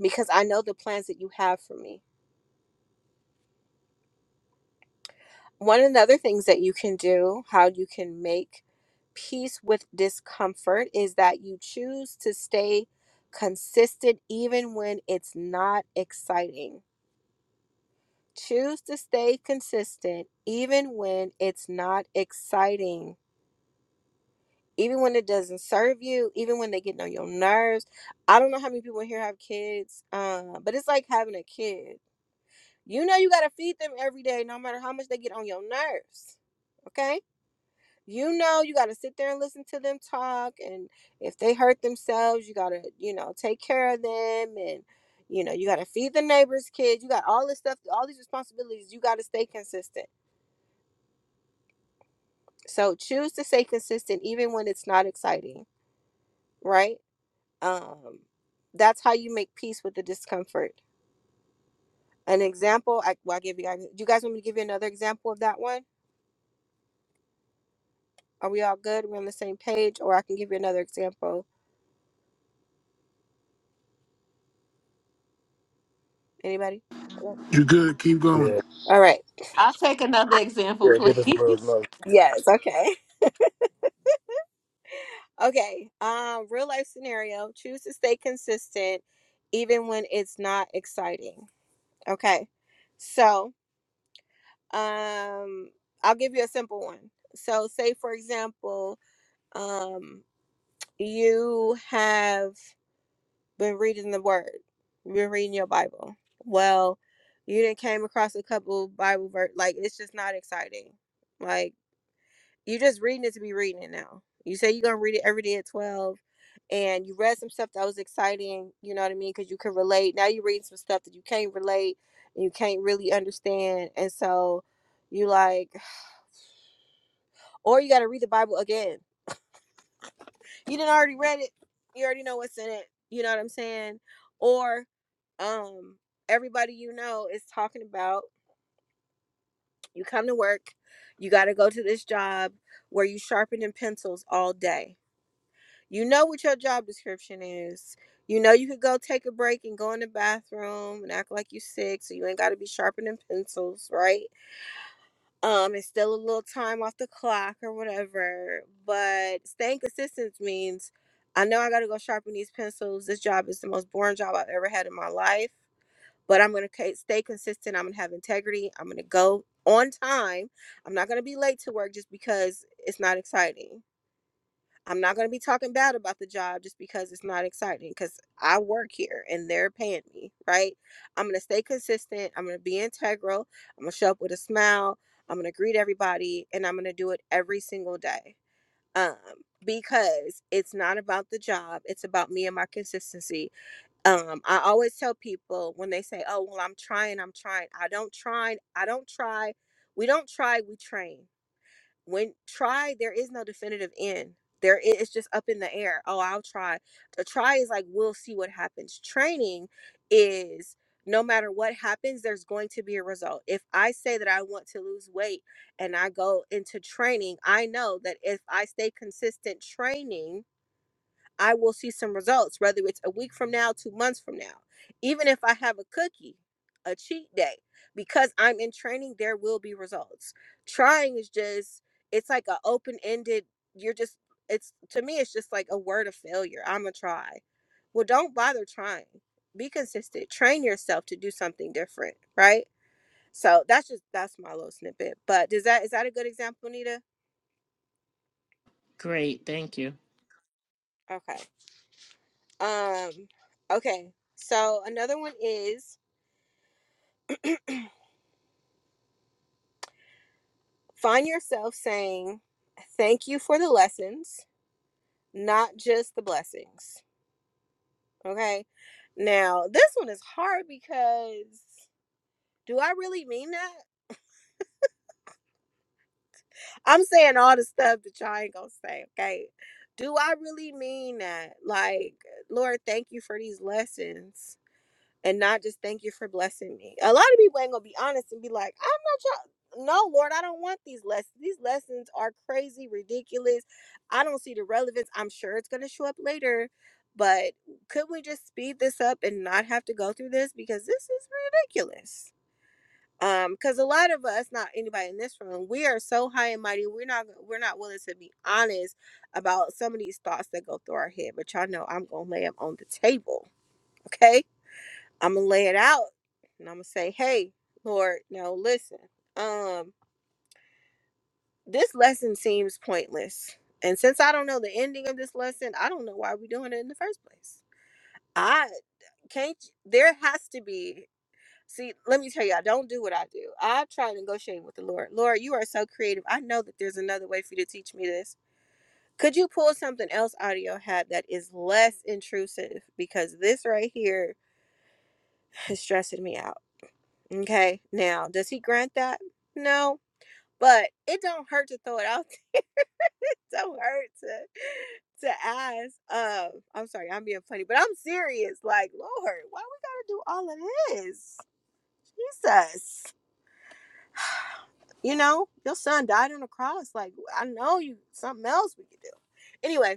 Speaker 1: because I know the plans that you have for me. One of the other things that you can do, how you can make peace with discomfort, is that you choose to stay consistent even when it's not exciting Choose to stay consistent even when it's not exciting, even when it doesn't serve you, even when they get on your nerves. I don't know how many people here have kids, uh, but it's like having a kid. You know you gotta feed them every day, no matter how much they get on your nerves. Okay? You know you gotta sit there and listen to them talk, and if they hurt themselves, you gotta, you know, take care of them and you know, you gotta feed the neighbor's kids. You got all this stuff, all these responsibilities. You gotta stay consistent So choose to stay consistent even when it's not exciting, right? Um, that's how you make peace with the discomfort. An example, I well, I give you guys. Do you guys want me to give you another example of that one? Are we all good? We're on the same page, or I can give you another example. Anybody?
Speaker 4: You good? Keep going.
Speaker 5: Yeah,
Speaker 1: All right.
Speaker 7: I'll take another example,
Speaker 5: yeah. Give us a little
Speaker 7: please.
Speaker 5: love.
Speaker 1: Yes. Okay. Okay. Um, real life scenario. Choose to stay consistent, even when it's not exciting. Okay. So, um, I'll give you a simple one. So, say for example, Um, you have been reading the Word. You've been reading your Bible. Well, you didn't came across a couple Bible verse. Like it's just not exciting. Like you just reading it to be reading it now. You say you're gonna read it every day at twelve, and you read some stuff that was exciting. You know what I mean? Because you could relate. Now you reading some stuff that you can't relate. And you can't really understand, and so you like, or you got to read the Bible again you didn't already read it you already know what's in it you know what i'm saying or um everybody you know is talking about you come to work you got to go to this job where you sharpening pencils all day you know what your job description is you know you could go take a break and go in the bathroom and act like you sick so you ain't got to be sharpening pencils right Um, it's still a little time off the clock or whatever, but staying consistent means I know I got to go sharpen these pencils. This job is the most boring job I've ever had in my life, but I'm going to stay consistent. I'm going to have integrity. I'm going to go on time. I'm not going to be late to work just because it's not exciting. I'm not going to be talking bad about the job just because it's not exciting because I work here and they're paying me, right? I'm going to stay consistent. I'm going to be integral. I'm going to show up with a smile. I'm going to greet everybody and I'm going to do it every single day. Um, because it's not about the job, it's about me and my consistency. Um, I always tell people when they say, Oh, well, I'm trying, I'm trying. I don't try, I don't try. We don't try, we train when try there is no definitive end there i- it's just up in the air oh i'll try a try is like we'll see what happens training is no matter what happens there's going to be a result if i say that i want to lose weight and i go into training i know that if i stay consistent training I will see some results, whether it's a week from now, two months from now. Even if I have a cookie, a cheat day, because I'm in training, there will be results. Trying is just, it's like an open ended, you're just, it's to me, it's just like a word of failure. I'm going to try. Well, don't bother trying. Be consistent. Train yourself to do something different, right? So that's just that's my little snippet. But does that is that a good example, Nita?
Speaker 7: Great, thank you.
Speaker 1: Okay. Um. Okay. So another one is Find yourself saying, Thank you for the lessons, not just the blessings. Okay. Now, this one is hard because do I really mean that? I'm saying all the stuff that y'all ain't gonna say, okay? Do I really mean that? Like, Lord, thank you for these lessons. and not just thank you for blessing me. A lot of people ain't gonna be honest and be like, I'm not trying. No, Lord, I don't want these lessons. These lessons are crazy, ridiculous. I don't see the relevance. I'm sure it's gonna show up later, but could we just speed this up and not have to go through this because this is ridiculous. Um, because a lot of us, not anybody in this room, we are so high and mighty. We're not we're not willing to be honest about some of these thoughts that go through our head. But y'all know I'm gonna lay them on the table, okay? I'm gonna lay it out and I'm gonna say, "Hey, Lord, now listen. Um, this lesson seems pointless, and since I don't know the ending of this lesson, I don't know why we're doing it in the first place. I can't. There has to be. See, let me tell you, I don't do what I do. I try negotiating with the Lord. Lord, you are so creative. I know that there's another way for you to teach me this. Could you pull something else out of your hat that is less intrusive? Because this right here is stressing me out Okay. Now, does he grant that? No. But it don't hurt to throw it out there. it don't hurt to to ask. Um, I'm sorry, I'm being funny, but I'm serious. Like, Lord, why we gotta do all of this? Jesus. You know, your son died on the cross. Like, I know you something else we could do. Anyway.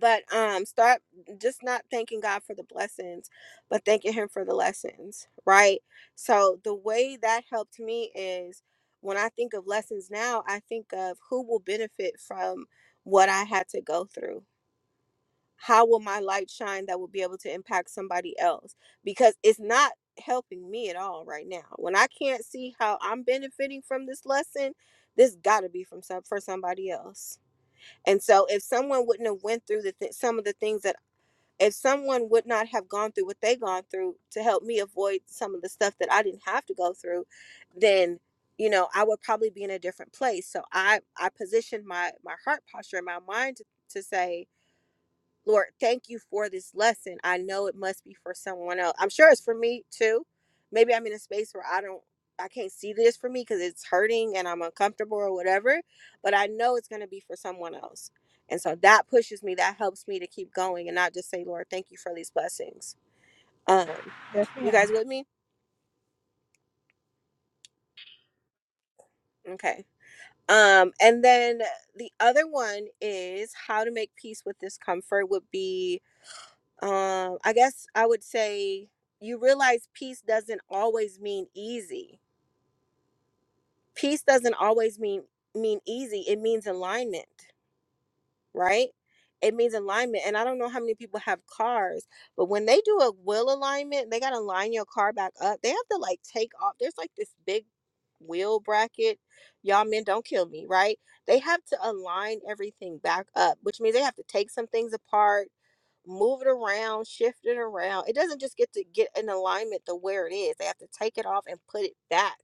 Speaker 1: but um start just not thanking god for the blessings but thanking him for the lessons right so the way that helped me is when i think of lessons now i think of who will benefit from what i had to go through how will my light shine that will be able to impact somebody else because it's not helping me at all right now when i can't see how i'm benefiting from this lesson this got to be from some for somebody else and so if someone wouldn't have went through the th- some of the things that if someone would not have gone through what they gone through to help me avoid some of the stuff that I didn't have to go through, then you know I would probably be in a different place. So I I positioned my my heart posture and my mind to, to say Lord, thank you for this lesson. I know it must be for someone else. I'm sure it's for me too. Maybe I'm in a space where I don't I can't see this for me because it's hurting and I'm uncomfortable or whatever, but I know it's gonna be for someone else. And so that pushes me, that helps me to keep going and not just say, Lord, thank you for these blessings. Um,
Speaker 10: Yes,
Speaker 1: you
Speaker 10: ma'am.
Speaker 1: guys with me? Okay. Um, and then the other one is how to make peace with discomfort would be um i guess i would say you realize peace doesn't always mean easy peace doesn't always mean mean easy it means alignment right? It means alignment. And I don't know how many people have cars, but when they do a wheel alignment, they got to line your car back up. They have to like take off. There's like this big wheel bracket. Y'all men don't kill me, right? They have to align everything back up, which means they have to take some things apart, move it around, shift it around. It doesn't just get to get in alignment to where it is. They have to take it off and put it back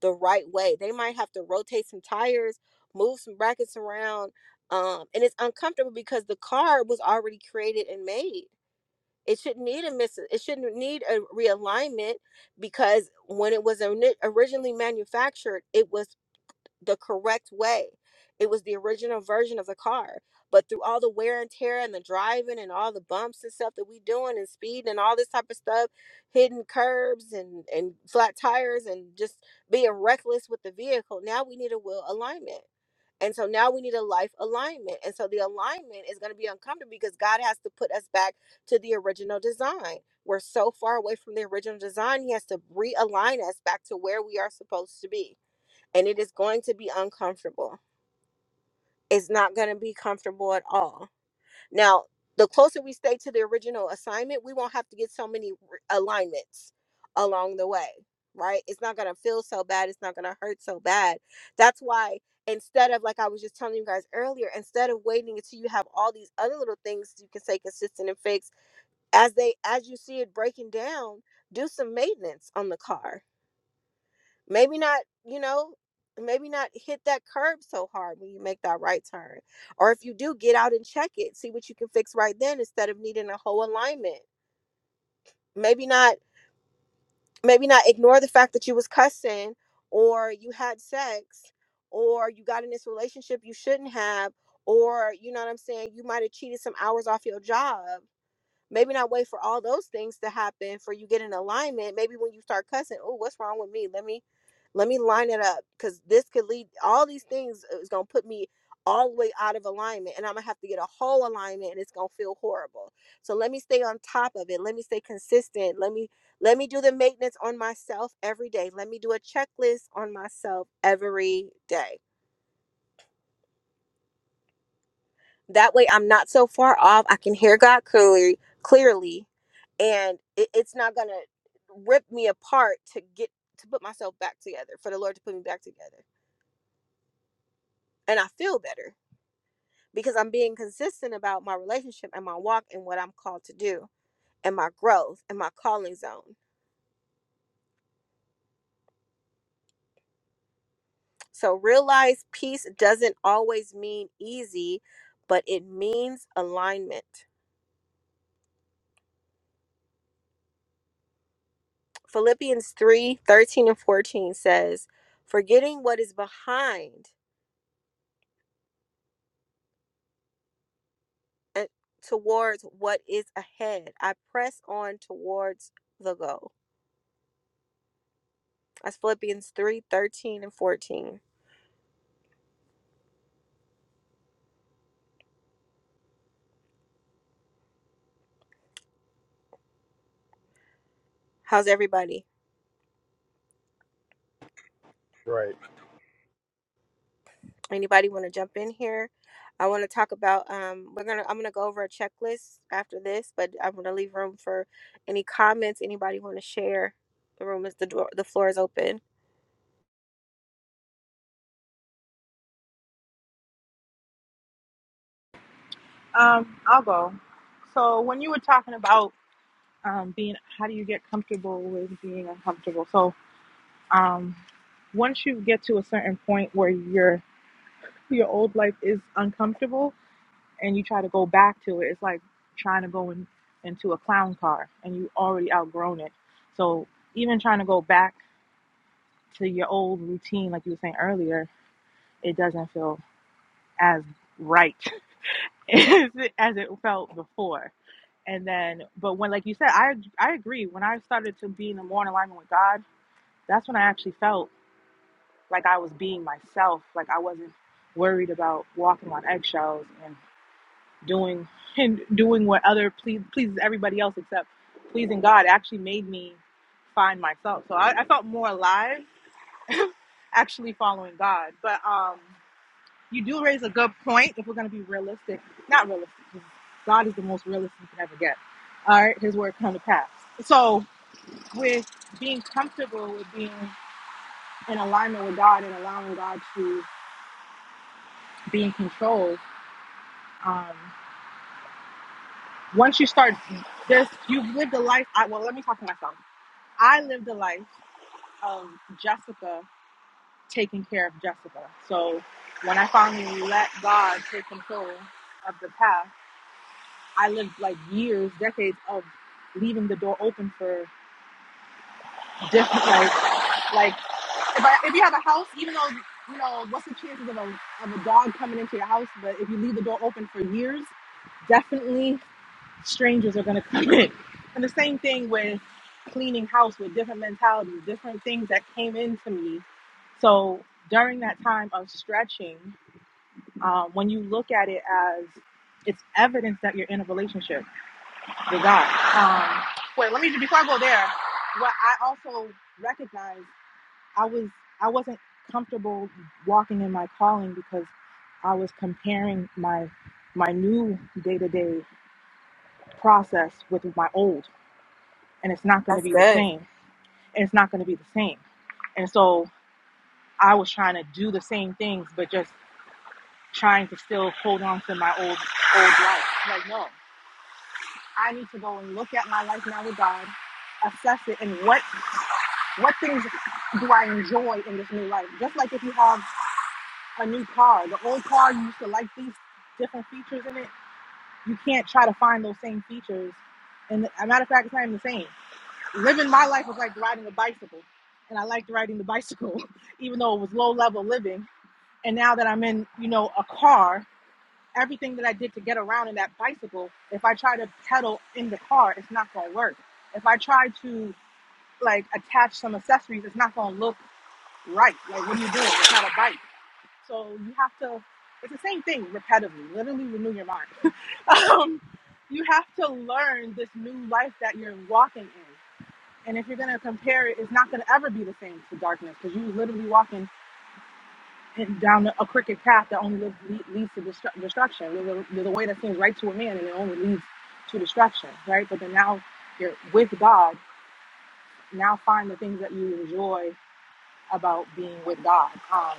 Speaker 1: the right way. They might have to rotate some tires, move some brackets around um and it's uncomfortable because the card was already created and made it shouldn't need a miss it shouldn't need a realignment because when it was ori- originally manufactured it was the correct way. It was the original version of the car. But through all the wear and tear and the driving and all the bumps and stuff that we doing and speed and all this type of stuff, hidden curbs and, and flat tires and just being reckless with the vehicle, now we need a wheel alignment. And so now we need a life alignment. And so the alignment is going to be uncomfortable because God has to put us back to the original design. We're so far away from the original design, He has to realign us back to where we are supposed to be and it is going to be uncomfortable. It's not going to be comfortable at all. Now, the closer we stay to the original assignment, we won't have to get so many r- alignments along the way, right? It's not going to feel so bad. It's not going to hurt so bad. That's why instead of like I was just telling you guys earlier, instead of waiting until you have all these other little things you can say consistent and fixed, as they as you see it breaking down, do some maintenance on the car maybe not you know maybe not hit that curb so hard when you make that right turn or if you do get out and check it see what you can fix right then instead of needing a whole alignment maybe not maybe not ignore the fact that you was cussing or you had sex or you got in this relationship you shouldn't have or you know what i'm saying you might have cheated some hours off your job Maybe not wait for all those things to happen for you get in alignment. Maybe when you start cussing, oh, what's wrong with me? Let me let me line it up because this could lead all these things uh, is gonna put me all the way out of alignment and I'm gonna have to get a whole alignment and it's gonna feel horrible. So let me stay on top of it. Let me stay consistent. Let me let me do the maintenance on myself every day. Let me do a checklist on myself every day That way I'm not so far off. I can hear God clearly clearly and it, it's not gonna rip me apart to get to put myself back together, for the Lord to put me back together. And I feel better because I'm being consistent about my relationship and my walk and what I'm called to do and my growth and my calling zone. So realize peace doesn't always mean easy, but it means alignment. Philippians 3 13 and 14 says, Forgetting what is behind uh, towards what is ahead. I press on towards the goal. That's Philippians 3 13 and 14. How's everybody?
Speaker 5: Right.
Speaker 1: Anybody want to jump in here? I want to talk about um we're going to I'm going to go over a checklist after this, but I'm going to leave room for any comments anybody want to share. The room is the door the floor is open.
Speaker 10: Um, I'll go. So when you were talking about um, being, how do you get comfortable with being uncomfortable? So um, once you get to a certain point where you're your old life is uncomfortable and you try to go back to it, it's like trying to go in, into a clown car and you already outgrown it. So even trying to go back to your old routine, like you were saying earlier, it doesn't feel as right as it, as it felt before. And then, but when, like you said, I I agree. When I started to be in more in alignment with God, that's when I actually felt like I was being myself. Like I wasn't worried about walking on eggshells and. doing and doing what other please, pleases everybody else except pleasing God actually made me find myself. So I, I felt more alive actually following God. But um, you do raise a good point if we're going to be realistic. Not realistic. 'cause God is the most realistic you can ever get. All right, His word come to pass. So with being comfortable with being in alignment with God and allowing God to be in control. Um, once you start this, you've lived a life. I, well, let me talk to myself. I lived a life of Jessica taking care of Jessica. So when I finally let God take control of the path, I lived like years, decades of leaving the door open for different like like if I if you have a house, even though you know what's the chances of a of a dog coming into your house, but if you leave the door open for years, definitely strangers are going to come in. And the same thing with cleaning house with different mentalities, different things that came into me. So during that time of stretching, um, when you look at it as it's evidence that you're in a relationship with God. Um, wait, let me before I go there. What I also recognized, I was I wasn't comfortable walking in my calling because I was comparing my my new day to day process with my old and it's not going to
Speaker 1: That's
Speaker 10: be the
Speaker 1: good.
Speaker 10: same and it's not going to be the same and so i was trying to do the same things but just trying to still hold on to my old old life like no i need to go and look at my life now with god assess it and what what things do i enjoy in this new life just like if you have a new car the old car you used to like these different features in it you can't try to find those same features and as a matter of fact it's not even the same living my life was like riding a bicycle and i liked riding the bicycle even though it was low level living and now that i'm in you know a car everything that i did to get around in that bicycle if i try to pedal in the car it's not going to work if i try to like attach some accessories it's not going to look right like what are you doing it's not a bike so you have to it's the same thing repetitively literally renew your mind um, you have to learn this new life that you're walking in and if you're gonna compare it, it's not gonna ever be the same to darkness because you are literally walking in, down a crooked path that only leads, leads to destru- destruction. There's a, there's a way that seems right to a man, and it only leads to destruction, right? But then now you're with God. Now find the things that you enjoy about being with God. Um,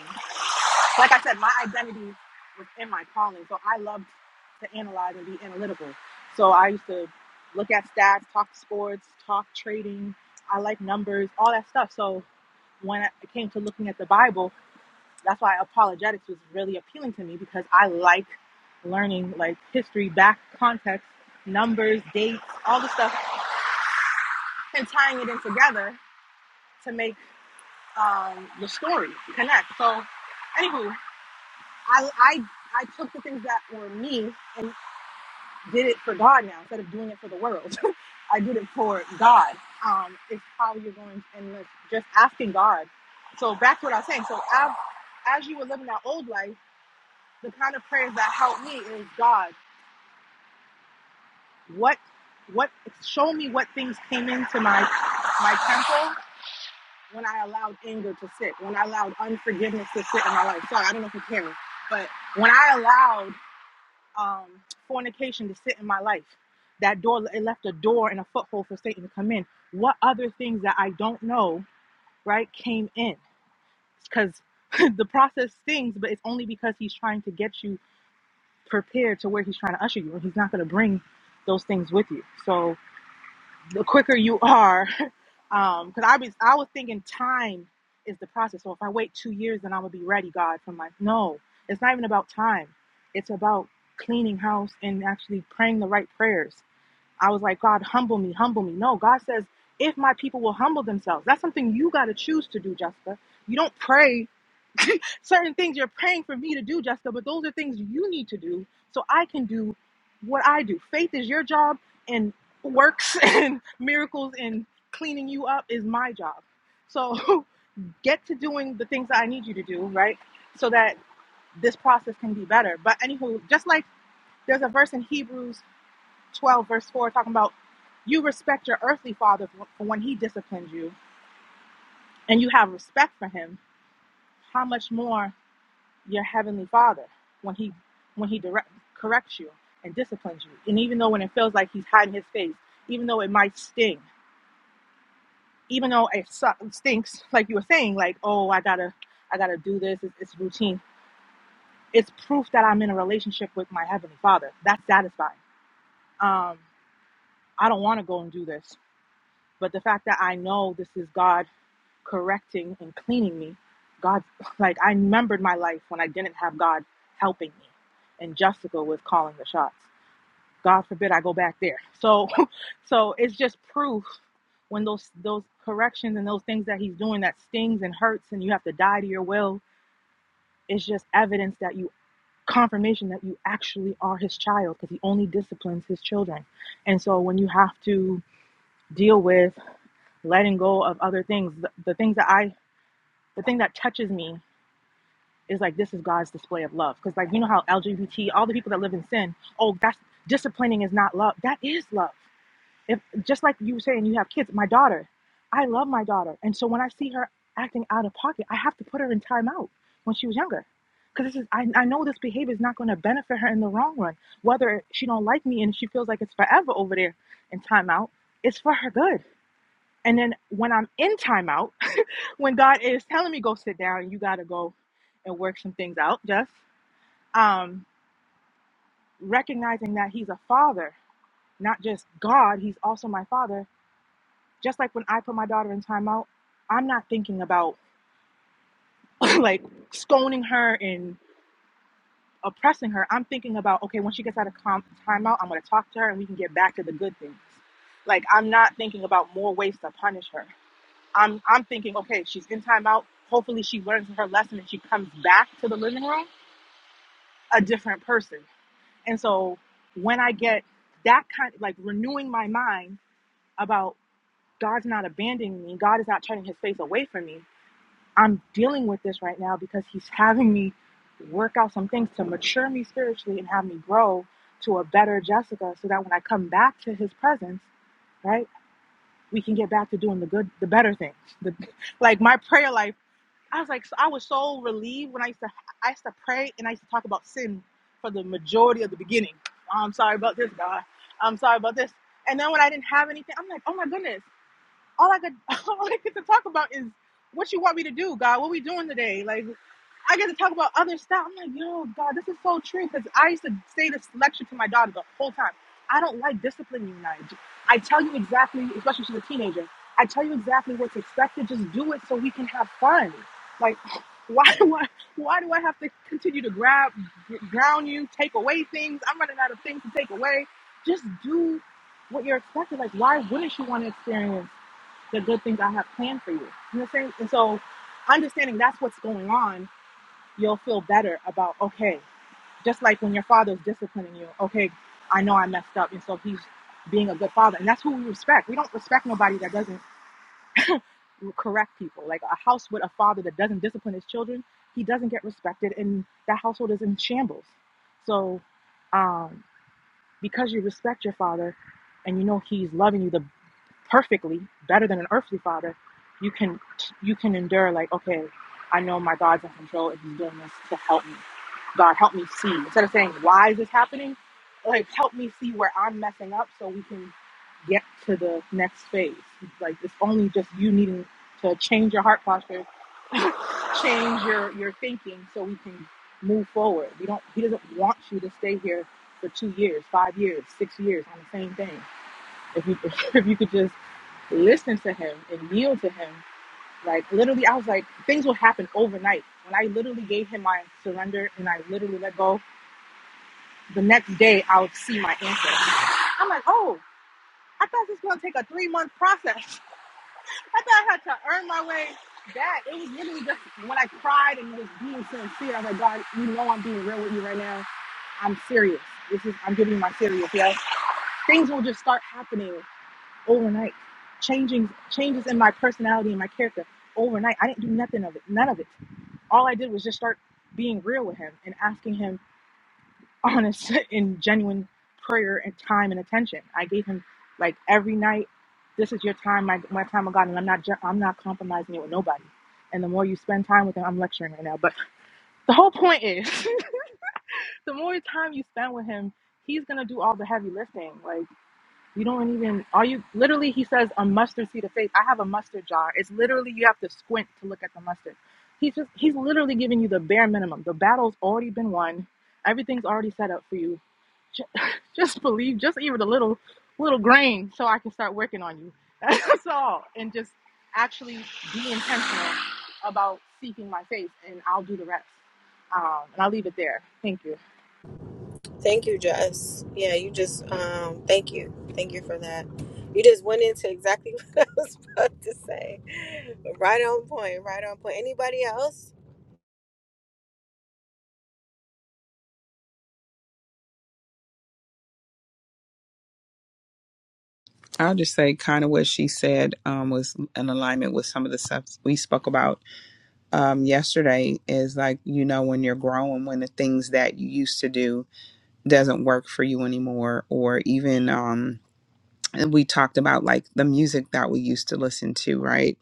Speaker 10: like I said, my identity was in my calling, so I loved to analyze and be analytical. So I used to look at stats, talk sports, talk trading. I like numbers, all that stuff. So when it came to looking at the Bible, that's why apologetics was really appealing to me because I like learning like history, back context, numbers, dates, all the stuff, and tying it in together to make um, the story connect. So, anywho, I, I I took the things that were me and did it for God now instead of doing it for the world. I did it for God. Um, it's how you're going and just asking God. So back to what I was saying. So as as you were living that old life the kind of prayers that help me is God, what what show me what things came into my my temple when I allowed anger to sit, when I allowed unforgiveness to sit in my life. Sorry, I don't know if you care, but when I allowed um, fornication to sit in my life, that door it left a door and a foothold for Satan to come in. What other things that I don't know, right, came in? Because the process stings, but it's only because he's trying to get you prepared to where he's trying to usher you and he's not going to bring those things with you so the quicker you are um because i was i was thinking time is the process so if i wait two years then i'm gonna be ready god for my no it's not even about time it's about cleaning house and actually praying the right prayers i was like god humble me humble me no god says if my people will humble themselves that's something you got to choose to do jessica you don't pray certain things you're praying for me to do, Jessica, but those are things you need to do so I can do what I do. Faith is your job, and works and miracles and cleaning you up is my job. So get to doing the things that I need you to do, right? So that this process can be better. But anywho, just like there's a verse in Hebrews 12, verse 4, talking about you respect your earthly father for for when he disciplines you, and you have respect for him. How much more? your heavenly father when he when he direct, corrects you and disciplines you and even though when it feels like he's hiding his face even though it might sting even though it stinks like you were saying like oh i gotta i gotta do this it's, it's routine it's proof that i'm in a relationship with my heavenly father that's satisfying um i don't want to go and do this but the fact that i know this is god correcting and cleaning me god like i remembered my life when i didn't have god helping me and jessica was calling the shots God forbid I go back there. So, so it's just proof when those those corrections and those things that He's doing that stings and hurts, and you have to die to your will. It's just evidence that you confirmation that you actually are His child because He only disciplines His children. And so when you have to deal with letting go of other things, the, the things that I the thing that touches me is like this is God's display of love because like you know how LGBT all the people that live in sin, oh that's disciplining is not love. That is love if just like you were saying you have kids my daughter i love my daughter and so when i see her acting out of pocket i have to put her in timeout when she was younger because this is I, I know this behavior is not going to benefit her in the long run whether she don't like me and she feels like it's forever over there in timeout it's for her good and then when i'm in timeout when god is telling me go sit down you got to go and work some things out just um recognizing that he's a father not just god he's also my father Just like when I put my daughter in timeout, I'm not thinking about like scolding her and oppressing her. I'm thinking about, okay, when she gets out of com- timeout, I'm going to talk to her and we can get back to the good things. Like I'm not thinking about more ways to punish her. I'm I'm thinking, okay, she's in timeout. Hopefully she learns her lesson and she comes back to the living room a different person. And so when I get that kind of, like renewing my mind about God's not abandoning me, God is not turning his face away from me, I'm dealing with this right now because he's having me work out some things to mature me spiritually and have me grow to a better Jessica so that when I come back to his presence, right, we can get back to doing the good, the better things. The, like my prayer life, I was like, so, I was so relieved when I used to, I used to pray and I used to talk about sin for the majority of the beginning. "Oh, I'm sorry about this, God. I'm sorry about this. And then when I didn't have anything, I'm like, oh my goodness all I could all I get to talk about is what you want me to do, God. What we doing today? Like I get to talk about other stuff. I'm like, yo, God, this is so true. Because I used to say this lecture to my daughter the whole time. I don't like disciplining you, Nige. I tell you exactly, especially she's a teenager. I tell you exactly what's expected. Just do it so we can have fun. Like, why do I, why do I have to continue to grab, ground you, take away things? I'm running out of things to take away. Just do what you're expected. Like, why wouldn't you want to experience? the good things I have planned for you. You know what I'm saying? And so, understanding that's what's going on, you'll feel better about, okay, just like when your father's disciplining you, okay, I know I messed up. And so, he's being a good father. And that's who we respect. We don't respect nobody that doesn't correct people. Like a house with a father that doesn't discipline his children, he doesn't get respected, and that household is in shambles. So, um, because you respect your father and you know he's loving you, The perfectly better than an earthly father you can you can endure like okay i know my god's in control and he's doing this to help me god help me see instead of saying why is this happening like help me see where i'm messing up so we can get to the next phase like it's only just you needing to change your heart posture change your your thinking so we can move forward we don't he doesn't want you to stay here for two years five years six years on the same thing if you if you could just listen to him and yield to him, like literally, I was like, things will happen overnight. When I literally gave him my surrender and I literally let go, the next day I'll see my answer. I'm like, oh, I thought this was gonna take a three month process. I thought I had to earn my way back. It was literally just when I cried and was being sincere. I was like, God, you know I'm being real with you right now. I'm serious. This is I'm giving you my serious, yeah. Things will just start happening overnight. Changing changes in my personality and my character overnight. I didn't do nothing of it, none of it. All I did was just start being real with him and asking him honest and genuine prayer and time and attention. I gave him like every night, this is your time, my, my time with God, and I'm not ju- I'm not compromising it with nobody. And the more you spend time with him, I'm lecturing right now, but the whole point is, the more time you spend with him, he's gonna do all the heavy lifting. Like. You don't even, are you, literally, he says, a mustard seed of faith. I have a mustard jar. It's literally, you have to squint to look at the mustard. He's just, he's literally giving you the bare minimum. The battle's already been won. Everything's already set up for you. Just, Just believe, just even a little, little grain so I can start working on you. That's all. And just actually be intentional about seeking my faith and I'll do the rest. Um, and I'll leave it there. Thank you.
Speaker 1: Thank you, Jess. Yeah, you just um thank you. Thank you for that. You just went into exactly what I was about to say. Right on point, right on point. Anybody else?
Speaker 2: I'll just say kind of what she said um, was in alignment with some of the stuff we spoke about um, yesterday is like, you know, when you're growing, when the things that you used to do doesn't work for you anymore, or even um, and we talked about like the music that we used to listen to, right?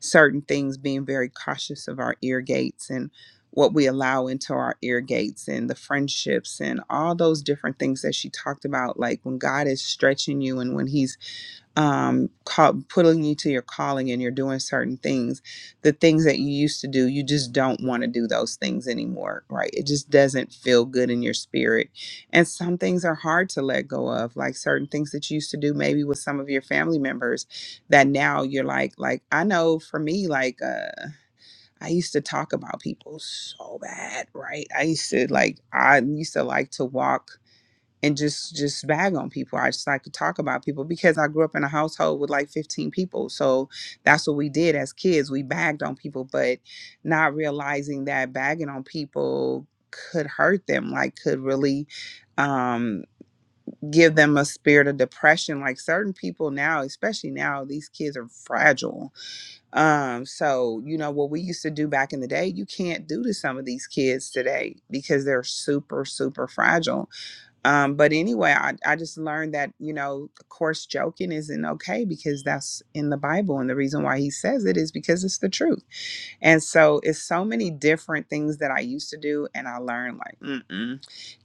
Speaker 2: Certain things being very cautious of our ear gates and what we allow into our ear gates and the friendships and all those different things that she talked about, like when God is stretching you and when He's um call, pulling you to your calling and you're doing certain things the things that you used to do you just don't want to do those things anymore right it just doesn't feel good in your spirit and some things are hard to let go of like certain things that you used to do maybe with some of your family members that now you're like like i know for me like uh i used to talk about people so bad right i used to like i used to like to walk and just just bag on people. I just like to talk about people because I grew up in a household with like 15 people. So that's what we did as kids. We bagged on people, but not realizing that bagging on people could hurt them, like could really um give them a spirit of depression. Like certain people now, especially now, these kids are fragile. Um so you know what we used to do back in the day, you can't do to some of these kids today because they're super super fragile um, but anyway, I, I just learned that, you know, of course, joking isn't okay because that's in the Bible. And the reason why he says it is because it's the truth. And so it's so many different things that I used to do, and I learned like, mm-mm,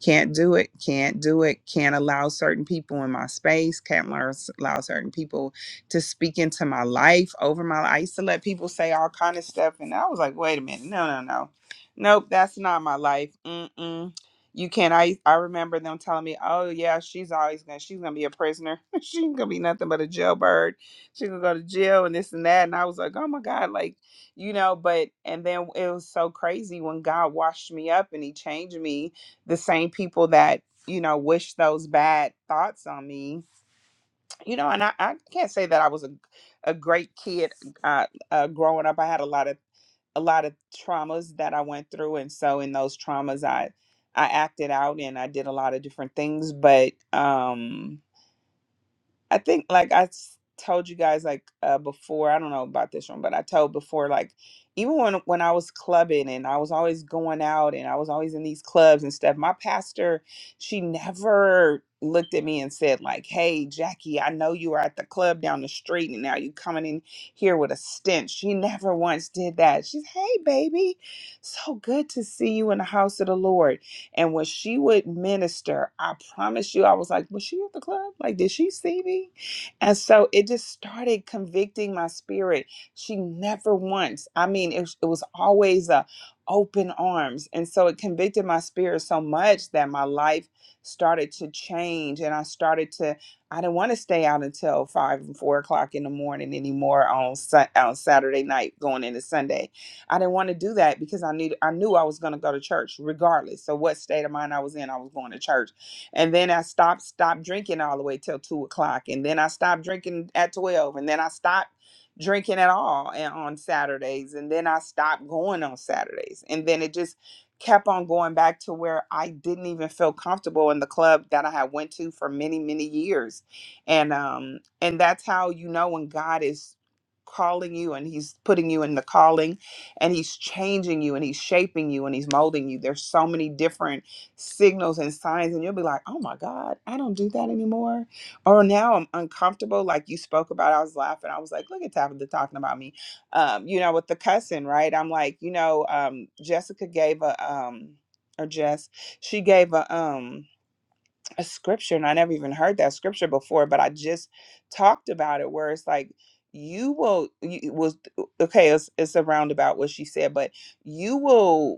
Speaker 2: can't do it, can't do it, can't allow certain people in my space, can't learn, allow certain people to speak into my life over my. I used to let people say all kind of stuff, and I was like, wait a minute, no, no, no, nope, that's not my life. Mm-mm. You can't. I I remember them telling me, "Oh yeah, she's always gonna she's gonna be a prisoner. she's gonna be nothing but a jailbird. She's gonna go to jail and this and that." And I was like, "Oh my god!" Like you know but and then it was so crazy when god washed me up and he changed me the same people that you know wish those bad thoughts on me you know and i, I can't say that i was a, a great kid uh, uh, growing up i had a lot of a lot of traumas that i went through and so in those traumas i i acted out and i did a lot of different things but um I think like I s- told you guys like uh before, I don't know about this one, but I told before like even when when I was clubbing and I was always going out and I was always in these clubs and stuff, my pastor, she never looked at me and said like, "Hey, Jackie, I know you were at the club down the street and now you coming in here with a stench." She never once did that. She's, "Hey, baby, so good to see you in the house of the Lord." And when she would minister, I promise you, I was like, was she at the club? Like, did she see me? And so it just started convicting my spirit. She never once, I mean, it, it was always a open arms. And so it convicted my spirit so much that my life started to change and I started to I didn't want to stay out until five and four o'clock in the morning anymore on Sun- on Saturday night going into Sunday. I didn't want to do that because I need I knew I was going to go to church regardless. So what state of mind I was in, I was going to church. And then I stopped stopped drinking all the way till two o'clock, and then I stopped drinking at twelve, and then I stopped drinking at all and on Saturdays, and then I stopped going on Saturdays, and then it just kept on going back to where I didn't even feel comfortable in the club that I had went to for many many years, and um and that's how you know when God is calling you and he's putting you in the calling and he's changing you and he's shaping you and he's molding you. There's so many different signals and signs, and you'll be like, oh my God, I don't do that anymore. Or now I'm uncomfortable. Like you spoke about, I was laughing. I was like, look at Tabitha talking about me. Um, you know, with the cussing, right? I'm like, you know, um, Jessica gave a um or Jess, she gave a um a scripture and I never even heard that scripture before, but I just talked about it where it's like you will you it was okay it's, it's a roundabout what she said but you will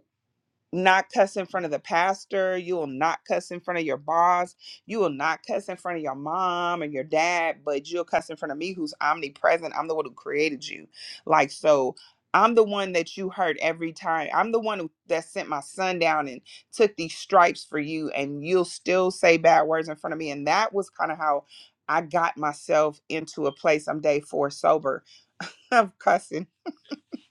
Speaker 2: not cuss in front of the pastor. You will not cuss in front of your boss. You will not cuss in front of your mom and your dad, but you'll cuss in front of me who's omnipresent. I'm the one who created you. Like, so I'm the one that you hurt every time. I'm the one who, that sent my son down and took these stripes for you, and you'll still say bad words in front of me. And that was kind of how I got myself into a place. I'm day four sober of cussing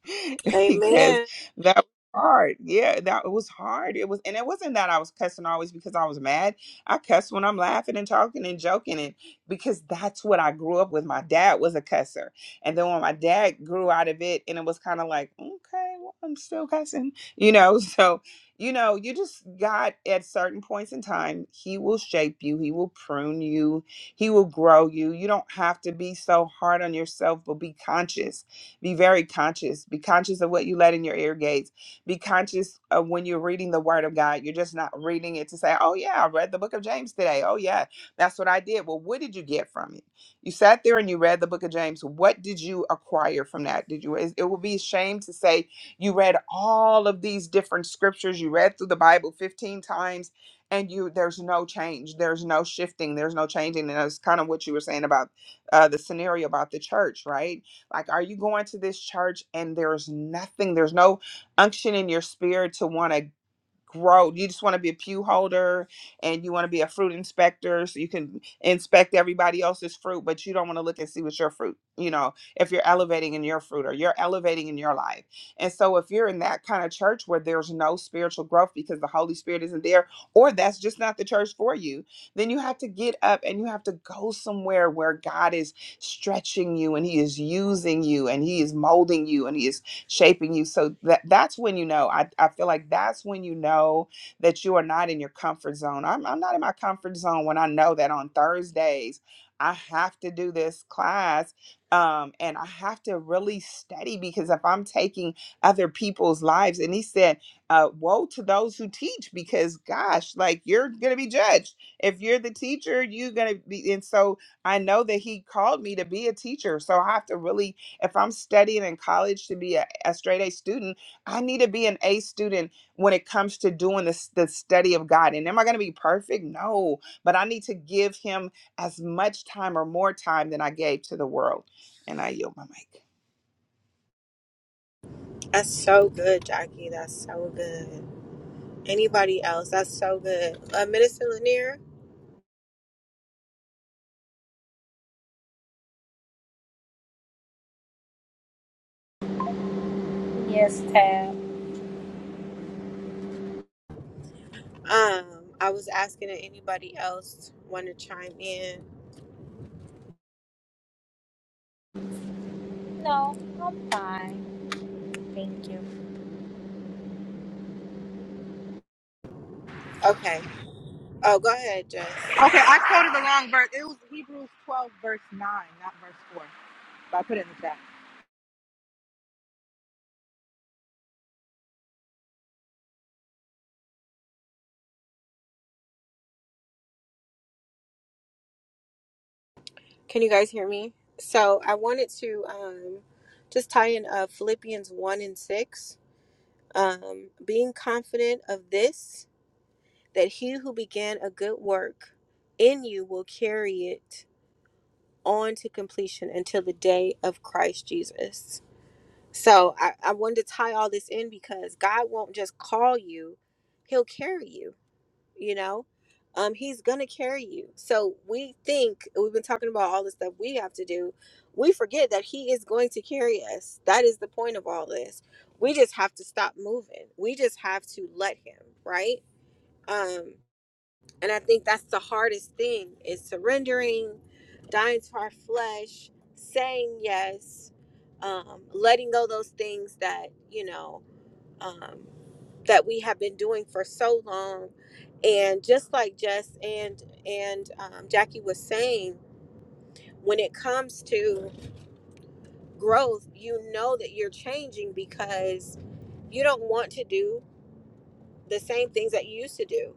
Speaker 2: because
Speaker 1: Amen.
Speaker 2: that was hard. Yeah, that it was hard. It was, and it wasn't that I was cussing always because I was mad. I cuss when I'm laughing and talking and joking, and because that's what I grew up with. My dad was a cusser, and then when my dad grew out of it, and it was kind of like, okay, well, I'm still cussing, you know. So, you know, you just got at certain points in time, He will shape you, He will prune you, He will grow you. You don't have to be so hard on yourself, but be conscious be very conscious. Be conscious of what you let in your ear gates. Be conscious of when you're reading the Word of God. You're just not reading it to say, oh, yeah, I read the book of James today. Oh, yeah, that's what I did. Well, what did you get from it? You sat there and you read the book of James. What did you acquire from that? Did you? It it would be a shame to say you read all of these different scriptures. You read through the Bible 15 times and you there's no change there's no shifting there's no changing and that's kind of what you were saying about uh, the scenario about the church right like, are you going to this church and there's nothing, there's no unction in your spirit to want to grow. You just want to be a pew holder and you want to be a fruit inspector so you can inspect everybody else's fruit, but you don't want to look and see what's your fruit, you know, if you're elevating in your fruit or you're elevating in your life. And so if you're in that kind of church where there's no spiritual growth because the Holy Spirit isn't there, or that's just not the church for you, then you have to get up and you have to go somewhere where God is stretching you and He is using you and He is molding you and He is shaping you. So that that's when you know. I, I feel like that's when you know that you are not in your comfort zone. I'm I'm not in my comfort zone when I know that on Thursdays I have to do this class. Um, and I have to really study because if I'm taking other people's lives, and he said, uh, woe to those who teach because gosh, like you're gonna be judged. If you're the teacher, you're gonna be and so I know that he called me to be a teacher. So I have to really if I'm studying in college to be a, a straight A student, I need to be an A student when it comes to doing this, the study of God. And am I going to be perfect? No, but I need to give Him as much time or more time than I gave to the world. And I yield my mic.
Speaker 1: That's so good, Jackie. That's so good. Anybody else? That's so good. Uh, Minister Lanier,
Speaker 3: Yes, Tab.
Speaker 1: um, I was asking if anybody else want to chime in.
Speaker 3: No, I'm fine. Thank you.
Speaker 1: Okay. Oh, go ahead, Jess.
Speaker 10: Okay, I quoted the wrong verse. It was Hebrews 12, verse 9, not verse 4. But I put it in the chat.
Speaker 1: Can you guys hear me? So I wanted to um, just tie in uh, Philippians 1 and 6. Um, Being confident of this, that he who began a good work in you will carry it on to completion until the day of Christ Jesus. So I, I wanted to tie all this in because God won't just call you, he'll carry you you know um he's gonna carry you so we think we've been talking about all the stuff we have to do we forget that he is going to carry us that is the point of all this we just have to stop moving we just have to let him right um and i think that's the hardest thing is surrendering dying to our flesh saying yes um letting go those things that you know um, that we have been doing for so long. And just like Jess and and um, Jackie was saying, when it comes to growth, you know that you're changing because you don't want to do the same things that you used to do.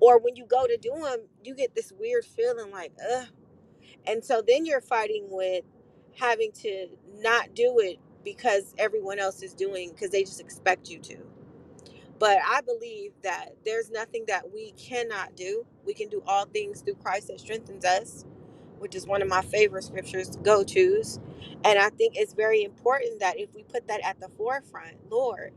Speaker 1: Or when you go to do them, you get this weird feeling like, ugh. And so then you're fighting with having to not do it because everyone else is doing because they just expect you to. But I believe that there's nothing that we cannot do. We can do all things through Christ that strengthens us which is one of my favorite scriptures to go tos. And I think it's very important that if we put that at the forefront, Lord,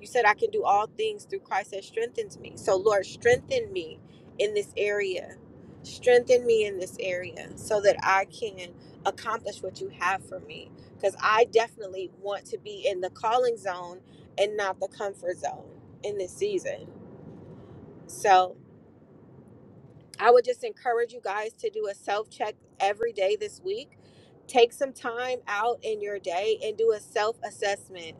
Speaker 1: you said I can do all things through Christ that strengthens me. So, Lord, strengthen me in this area. Strengthen me in this area so that I can accomplish what you have for me. Because I definitely want to be in the calling zone and not the comfort zone in this season. So, I would just encourage you guys to do a self check every day this week. Take some time out in your day and do a self assessment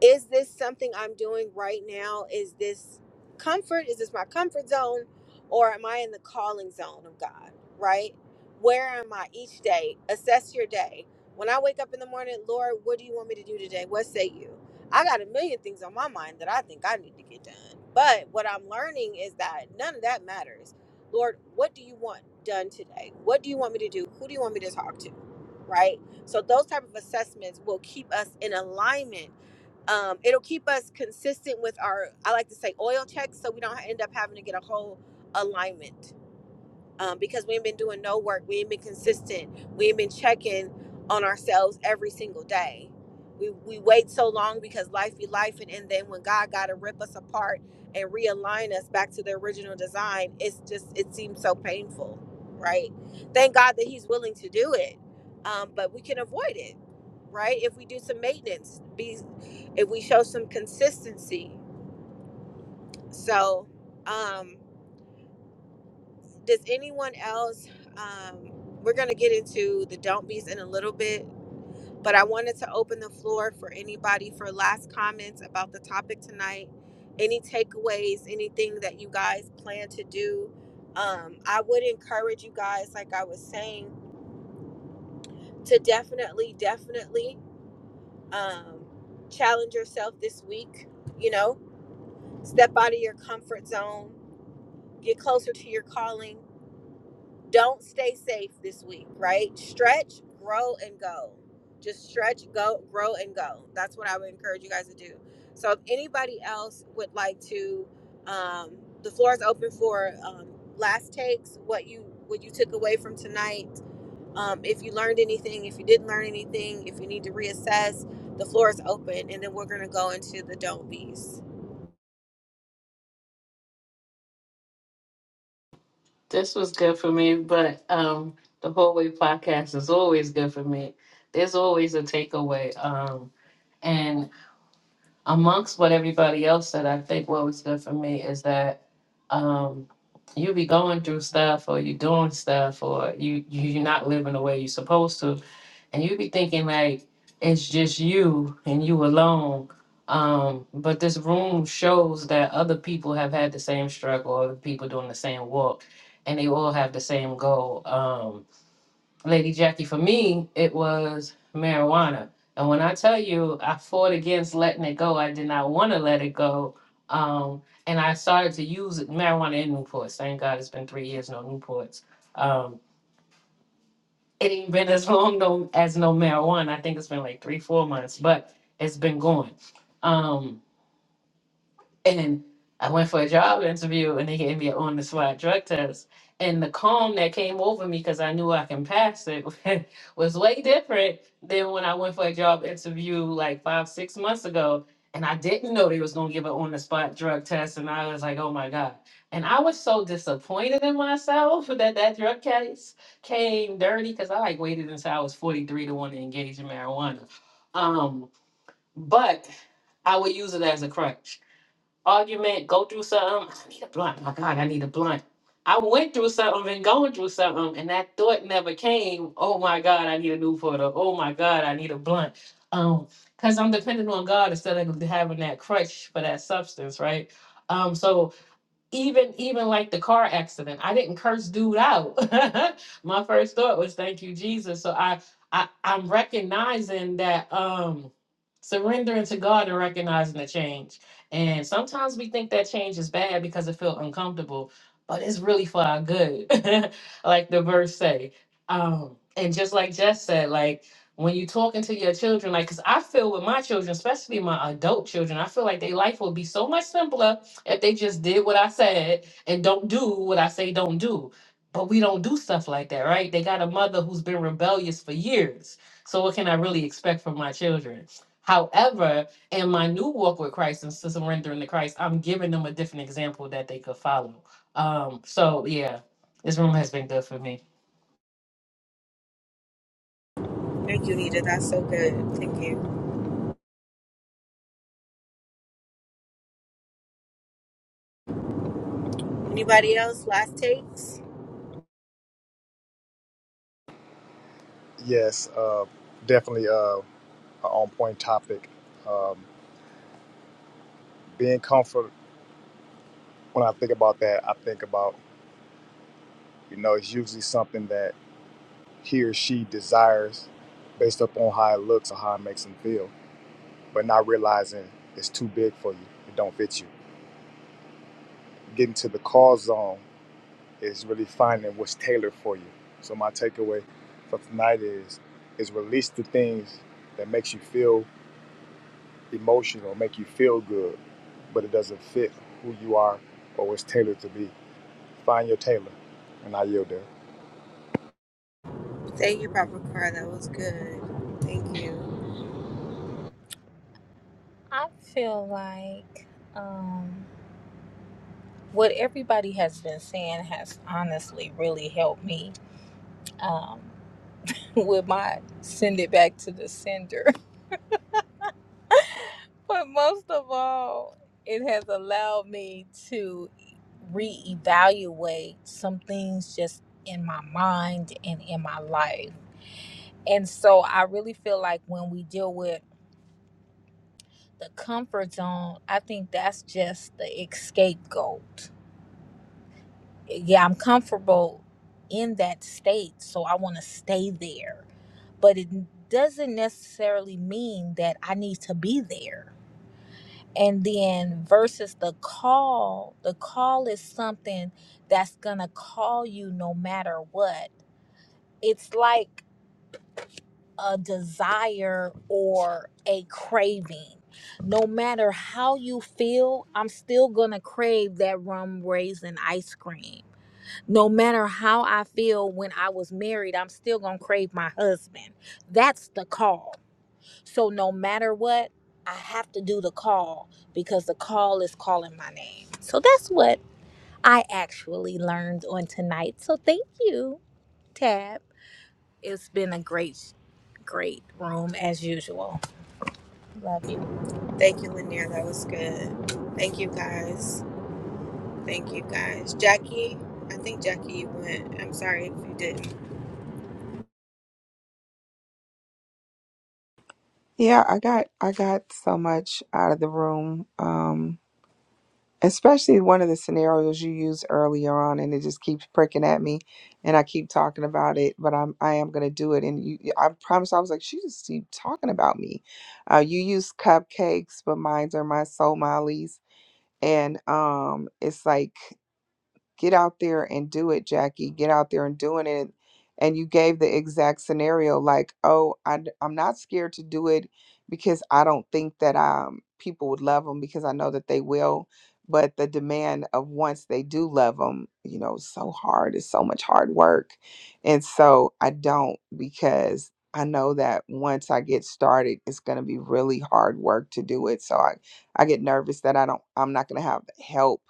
Speaker 1: is this something I'm doing right now? Is this comfort? Is this my comfort zone? Or am I in the calling zone of God, right? Where am I each day? Assess your day. When I wake up in the morning, Lord, what do you want me to do today? What say you? I got a million things on my mind that I think I need to get done. But what I'm learning is that none of that matters. Lord, what do you want done today? What do you want me to do? Who do you want me to talk to? Right? So those type of assessments will keep us in alignment um, it'll keep us consistent with our i like to say oil checks so we don't end up having to get a whole alignment um, because we ain't been doing no work. We ain't been consistent. We ain't been checking on ourselves every single day. We, we wait so long because life be life, and, and then when God got to rip us apart and realign us back to the original design, it's just it seems so painful, right? Thank God that He's willing to do it, um, but we can avoid it, right? If we do some maintenance, be if we show some consistency. So, um, does anyone else um we're going to get into the don't be's in a little bit but i wanted to open the floor for anybody for last comments about the topic tonight any takeaways anything that you guys plan to do um i would encourage you guys like i was saying to definitely definitely um challenge yourself this week you know step out of your comfort zone get closer to your calling don't stay safe this week, right? Stretch, grow, and go. Just stretch, go, grow, and go. That's what I would encourage you guys to do. So if anybody else would like to, um, the floor is open for um, last takes. What you what you took away from tonight. Um, if you learned anything, if you didn't learn anything, if you need to reassess, the floor is open, and then we're gonna go into the don't be's.
Speaker 7: That's you, but um, the whole way podcast is always good for me. There's always a takeaway. Um, and amongst what everybody else said, I think what was good for me is that um, you be going through stuff or you doing stuff or you, you, you're not living the way you're supposed to. and you be thinking like it's just you and you alone um but this room shows that other people have had the same struggle other people doing the same walk and they all have the same goal um lady jackie for me it was marijuana and when i tell you i fought against letting it go i did not want to let it go um and i started to use marijuana in newport thank god it's been three years no newports um it ain't been as long no as no marijuana. I think it's been like three, four months, but it's been going. Um, and I went for a job interview and they gave me an on the spot drug test. And the calm that came over me because I knew I can pass it was way different than when I went for a job interview like five, six months ago. And I didn't know they was gonna give an on the spot drug test. And I was like, oh my God. And I was so disappointed in myself that that drug case came dirty because I like waited until I was 43 to want to engage in marijuana. Um, but I would use it as a crutch argument, go through something. I need a blunt. My God, I need a blunt. I went through something and going through something, and that thought never came. Oh my God, I need a new photo. Oh my God, I need a blunt. Um, because I'm dependent on God instead of having that crutch for that substance, right? Um, so even even like the car accident i didn't curse dude out my first thought was thank you jesus so i i i'm recognizing that um surrendering to god and recognizing the change and sometimes we think that change is bad because it feels uncomfortable but it's really for our good like the verse say um and just like jess said like when you talking to your children like because i feel with my children especially my adult children i feel like their life would be so much simpler if they just did what I said and don't do what I say don't do. But we don't do stuff like that, right? They got a mother who's been rebellious for years. So what can I really expect from my children? However, in my new walk with Christ and surrendering to Christ, I'm giving them a different example that they could follow. Um, so yeah, this room has been good for me.
Speaker 1: Thank you, Nita. That's so good. Thank you. Anybody else? Last takes.
Speaker 5: Yes. Uh, definitely uh, a on point topic. Um, being comfort. When I think about that, I think about you know it's usually something that he or she desires based upon how it looks or how it makes them feel, but not realizing it's too big for you. It don't fit you. Getting to the call zone is really finding what's tailored for you. So my takeaway for tonight is is release the things that makes you feel emotional, make you feel good, but it doesn't fit who you are or what's tailored to be. Find your tailor, and I yield there.
Speaker 1: Thank you, Papa Car. That was good. Thank you.
Speaker 3: I feel like. um, what everybody has been saying has honestly really helped me um, with my send it back to the sender. but most of all, it has allowed me to reevaluate some things just in my mind and in my life. And so I really feel like when we deal with the comfort zone, I think that's just the escape goal. yeah, I'm comfortable in that state, so I want to stay there. But it doesn't necessarily mean that I need to be there. And then versus the call, the call is something that's going to call you no matter what. It's like a desire or a craving. No matter how you feel, I'm still going to crave that rum raisin ice cream no matter how I feel when I was married, I'm still going to crave my husband. That's the call. So no matter what, I have to do the call because the call is calling my name. So that's what I actually learned on tonight. So thank you, Tab. It's been a great, great room as usual. Love you.
Speaker 1: Thank you, Lanier. That was good. Thank you, guys. Thank you, guys. Jackie, I think Jackie you went. I'm sorry if you didn't.
Speaker 2: Yeah, I got I got so much out of the room. Um especially one of the scenarios you used earlier on and it just keeps pricking at me and i keep talking about it but i'm i am going to do it and you i promise i was like she just keep talking about me uh, you use cupcakes but mine are my soul mollies and um it's like get out there and do it jackie get out there and doing it and you gave the exact scenario like oh I, am not scared to do it because i don't think that um people would love them because i know that they will but the demand of once they do love them you know is so hard it's so much hard work and so i don't because i know that once i get started it's going to be really hard work to do it so i i get nervous that i don't i'm not going to have help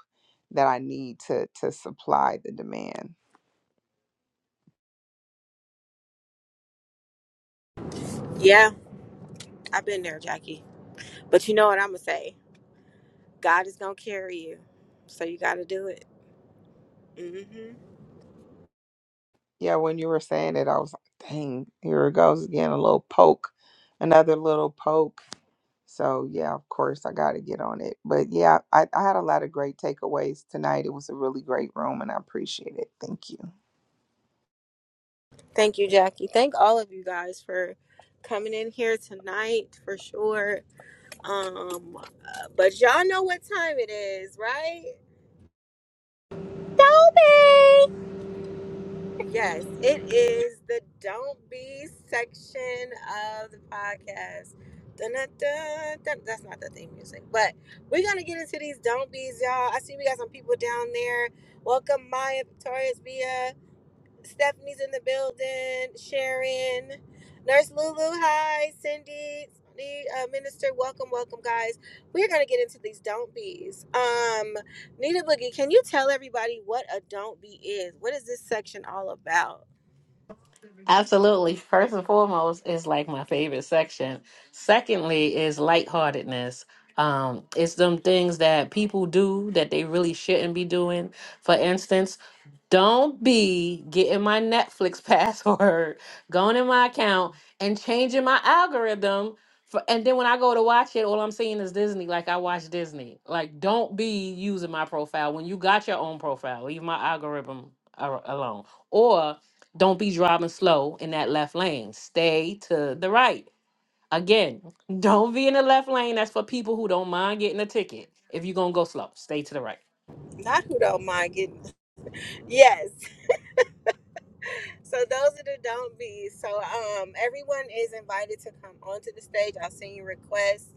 Speaker 2: that I need to to supply the demand.
Speaker 1: Yeah, I've been there, Jackie. But you know what I'm going to say? God is going to carry you. So you got to do it. hmm
Speaker 2: Yeah, when you were saying it, I was like, dang, here it goes again, a little poke, another little poke. So yeah, of course I got to get on it. But yeah, I, I had a lot of great takeaways tonight. It was a really great room, and I appreciate it. Thank you.
Speaker 1: Thank you, Jackie. Thank all of you guys for coming in here tonight for sure. Um, uh, but y'all know what time it is, right?
Speaker 3: Don't be,
Speaker 1: Yes, it is the Don't Be section of the podcast. Dun, dun, dun, dun. That's not the theme music, but we're gonna get into these Don't Be's, y'all. I see we got some people down there. Welcome, Maya Victoria's Via. Stephanie's in the building. Sharon, Nurse Lulu, hi. Cindy, the uh, minister, welcome, welcome, guys. We're gonna get into these don't be's. Um, Nita Boogie, can you tell everybody what a don't be is? What is this section all about?
Speaker 7: Absolutely. First and foremost is like my favorite section. Secondly is lightheartedness. Um, it's them things that people do that they really shouldn't be doing. For instance, don't be getting my Netflix password, going in my account and changing my algorithm. For, and then when I go to watch it, all I'm seeing is Disney. Like I watch Disney. Like don't be using my profile when you got your own profile. Leave my algorithm a- alone. Or don't be driving slow in that left lane. Stay to the right. Again, don't be in the left lane. That's for people who don't mind getting a ticket. If you're going to go slow, stay to the right.
Speaker 1: Not who don't mind getting. Yes. So those are the don't be's. So um, everyone is invited to come onto the stage. I'll send you requests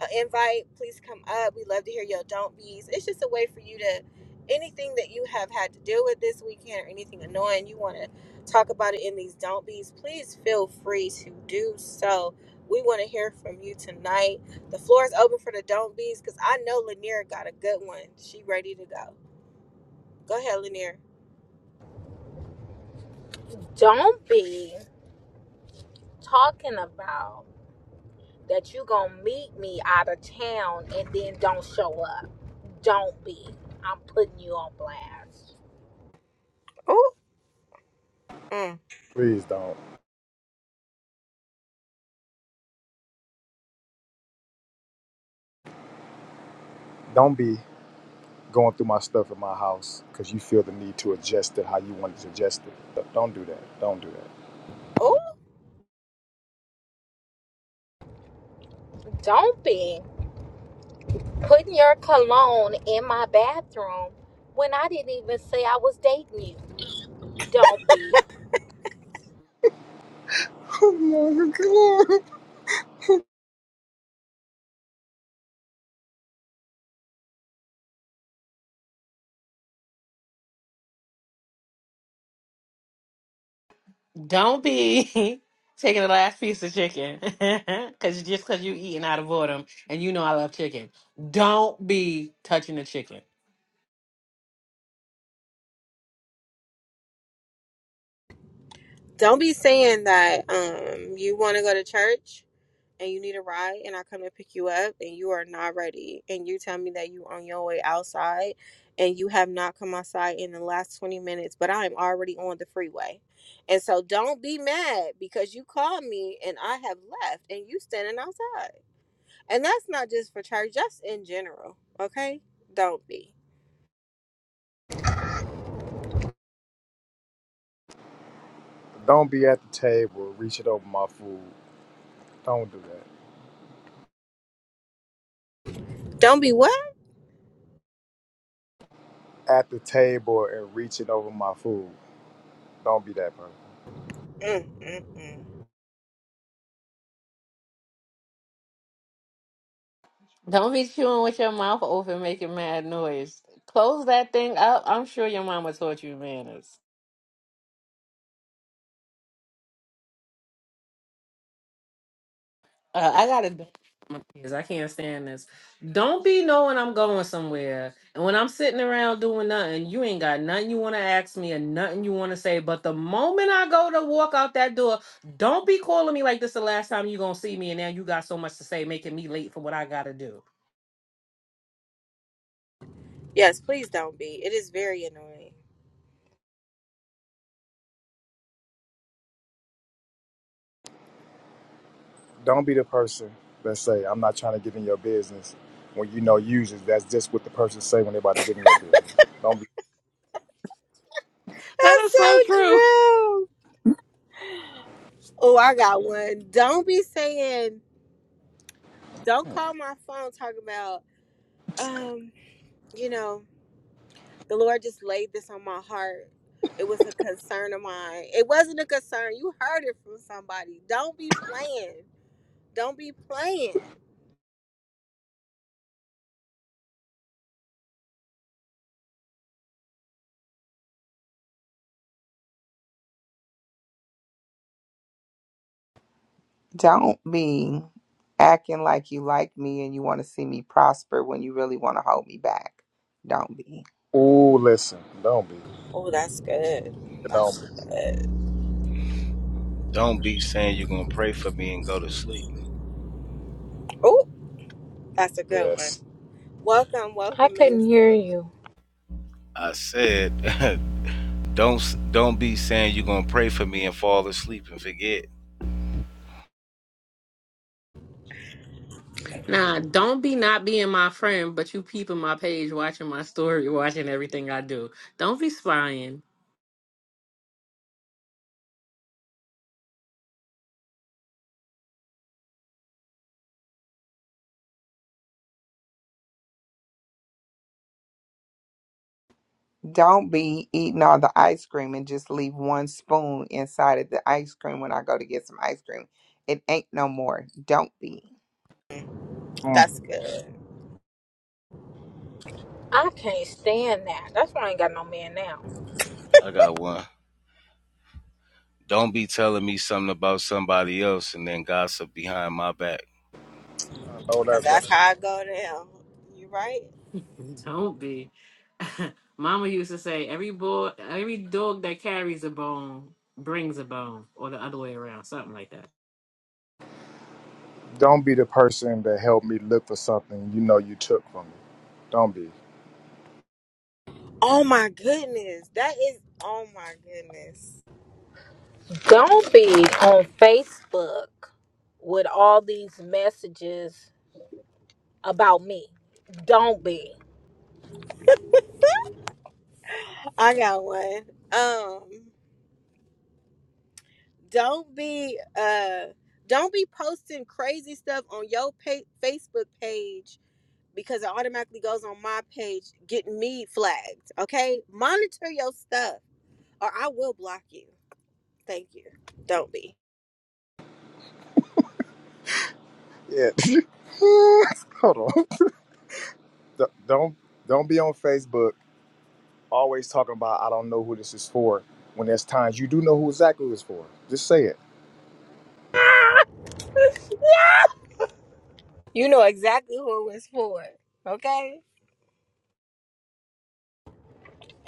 Speaker 1: uh, invite, please come up. We love to hear your don't be's. It's just a way for you to anything that you have had to deal with this weekend or anything annoying you want to talk about it in these don't be's. Please feel free to do so. We want to hear from you tonight. The floor is open for the don't be's because I know Lanier got a good one. She ready to go. Go ahead, Lanier.
Speaker 3: don't be talking about. that you gonna meet me out of town and then don't show up. Don't be. I'm putting you on blast.
Speaker 1: Oh, mm.
Speaker 5: Please don't. Don't be going through my stuff in my house because you feel the need to adjust it how you want to adjust it. Don't do that. Don't do that.
Speaker 1: oh,
Speaker 3: Don't be putting your cologne in my bathroom when I didn't even say I was dating you. Don't be.
Speaker 5: Come on, come on.
Speaker 7: Don't be taking the last piece of chicken cuz just cuz you eating out of boredom and you know I love chicken. Don't be touching the chicken.
Speaker 1: don't be saying that. Um, you want to go to church? and you need a ride and I come to pick you up and you are not ready and you tell me that you on your way outside and you have not come outside in the last 20 minutes but I am already on the freeway. And so don't be mad because you called me and I have left and you standing outside. And that's not just for church, just in general, okay? Don't be.
Speaker 5: Don't be at the table reaching over my food. Don't do that.
Speaker 1: Don't be what?
Speaker 5: At the table and reaching over my food. Don't be that person.
Speaker 1: Mm, mm, mm.
Speaker 7: Don't be chewing with your mouth open making mad noise. Close that thing up. I'm sure your mama taught you manners. Uh, I gotta do my kids. I can't stand this. Don't be knowing I'm going somewhere, and when I'm sitting around doing nothing, you ain't got nothing you want to ask me and nothing you want to say. But the moment I go to walk out that door, don't be calling me like this. The last time you gonna see me, and now you got so much to say, making me late for what I gotta do.
Speaker 1: Yes, please don't be. It is very annoying.
Speaker 5: don't be the person that say I'm not trying to get in your business when you know usually that's just what the person say when they're about to get in your business. Don't be.
Speaker 7: That is
Speaker 1: That's so
Speaker 7: so true.
Speaker 1: true. Oh, I got one. Don't be saying Don't call my phone talking about, um, you know, the Lord just laid this on my heart. It was a concern of mine. It wasn't a concern. You heard it from somebody. Don't be playing. Don't be playing.
Speaker 2: Don't be acting like you like me and you want to see me prosper when you really want to hold me back. Don't be.
Speaker 5: Oh, listen, don't be.
Speaker 1: Oh, that's good. That's
Speaker 5: Don't be.
Speaker 1: good.
Speaker 11: Don't be saying you're gonna pray for me and go to sleep.
Speaker 1: Oh, that's a good one.
Speaker 5: Yes.
Speaker 1: Welcome,
Speaker 3: I
Speaker 1: welcome,
Speaker 3: couldn't hear
Speaker 1: minister.
Speaker 3: you.
Speaker 11: I said, don't don't be saying you're gonna pray for me and fall asleep and forget.
Speaker 7: Nah, don't be not being my friend, but you peeping my page, watching my story, watching everything I do. Don't be spying.
Speaker 2: Don't be eating all the ice cream and just leave one spoon inside of the ice cream when I go to get some ice cream. It ain't no more. Don't be.
Speaker 5: Mm,
Speaker 1: That's good.
Speaker 3: I can't stand that. That's why I ain't got no man now.
Speaker 11: I got one. Don't be telling me something about somebody else and then gossip behind my back.
Speaker 5: I know
Speaker 1: Cause
Speaker 5: that's right.
Speaker 1: that's how I go down. You right?
Speaker 7: Don't be. Mama used to say every boy, every dog that carries a bone brings a bone, or the other way around, something like that.
Speaker 5: Don't be the person that helped me look for something you know you took from me. Don't be.
Speaker 1: Oh my goodness. That is oh my goodness.
Speaker 3: Don't be on Facebook with all these messages about me. Don't be.
Speaker 1: I got one. Um don't be uh don't be posting crazy stuff on your pa- facebook page because it automatically goes on my page getting me flagged okay monitor your stuff or i will block you thank you don't be
Speaker 5: Yeah. Hold on. D- Don't don't be on Facebook always talking about I don't know who this is for when there's times you do know who exactly it's for. Just say it.
Speaker 1: you know exactly who it was for okay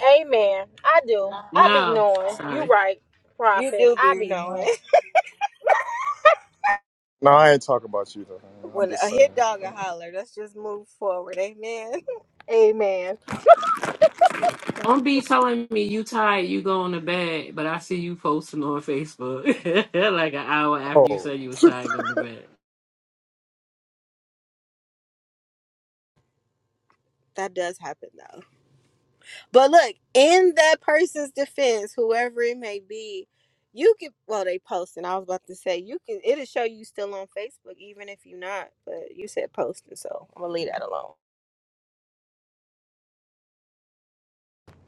Speaker 3: Amen. I do. I be
Speaker 7: No,
Speaker 3: knowing. You
Speaker 7: sorry.
Speaker 3: right,
Speaker 1: you
Speaker 3: prophet.
Speaker 1: do
Speaker 3: I
Speaker 1: be
Speaker 3: be knowing.
Speaker 1: knowing
Speaker 5: No, I ain't talking about you though. man. I'm
Speaker 1: when
Speaker 5: just
Speaker 1: a hit
Speaker 5: saying.
Speaker 1: dog a holler let's just move forward amen
Speaker 3: Amen.
Speaker 7: Don't be telling me you tired, you going to bed, but I see you posting on Facebook like an hour after you
Speaker 5: Oh,
Speaker 7: said you was tired going to bed.
Speaker 1: that does happen though. But look, in that person's defense, whoever it may be, you can well they posting. I was about to say you can it'll show you still on Facebook even if you're not, but you said posting, so I'm gonna leave that alone.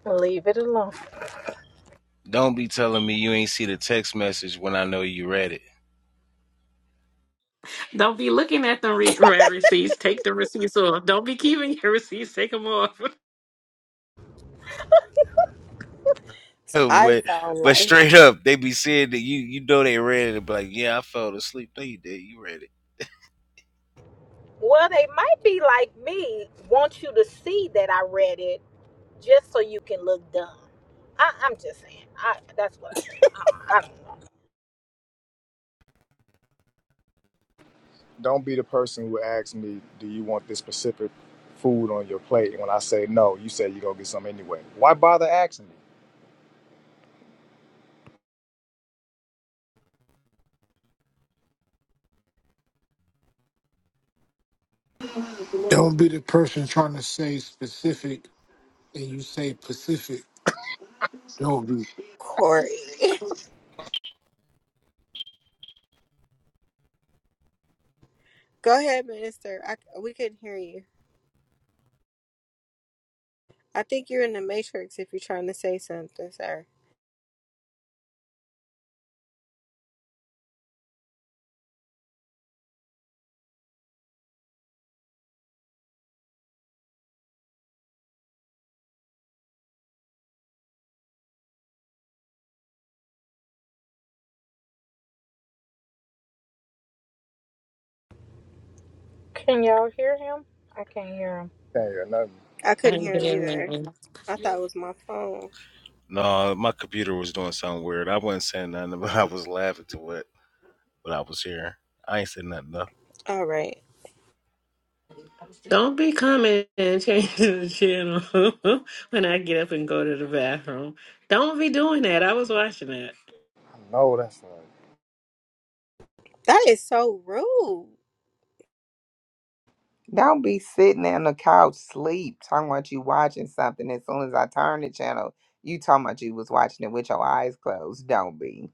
Speaker 3: Leave it alone.
Speaker 11: Don't be telling me you ain't see the text message when I know you read it.
Speaker 7: Don't be looking at the re- re- receipts. Take the receipts off. Don't be keeping your receipts. Take them off.
Speaker 1: So I
Speaker 11: but
Speaker 1: found
Speaker 11: but
Speaker 1: life
Speaker 11: straight up, they be saying that you you know they read it, but like, yeah, I fell asleep. No, you did. You read it.
Speaker 3: Well, they might be like me, want you to see that I read it just so you can look dumb. I, I'm just saying. I that's what I do. I, I don't know.
Speaker 5: don't be the person who asks me, "Do you want this specific food on your plate?" And when I say no, you say you go get some anyway. Why bother asking me?
Speaker 4: Don't be the person trying to say specific and you say Pacific. Don't be.
Speaker 1: Corey. Go ahead, Minister. I c- we couldn't hear you. I think you're in the matrix if you're trying to say something, sir.
Speaker 3: Can y'all hear him? I can't hear him.
Speaker 5: Can't hear nothing.
Speaker 1: I
Speaker 7: I
Speaker 1: couldn't
Speaker 7: ain't
Speaker 1: hear him
Speaker 7: doing
Speaker 1: either. I
Speaker 7: nothing.
Speaker 1: thought it was my phone.
Speaker 11: No, my computer was doing something weird. I wasn't saying nothing, but I was laughing to it. when I was here. I ain't said nothing though.
Speaker 1: All right.
Speaker 7: Don't be coming and changing the channel when I get up and go to the bathroom. Don't be doing that. I was watching that.
Speaker 5: No, that's not.
Speaker 1: That is so rude.
Speaker 2: Don't be sitting there on the couch sleep talking about you watching something. As soon as I turn the channel, you talking about you was watching it with your eyes closed. Don't be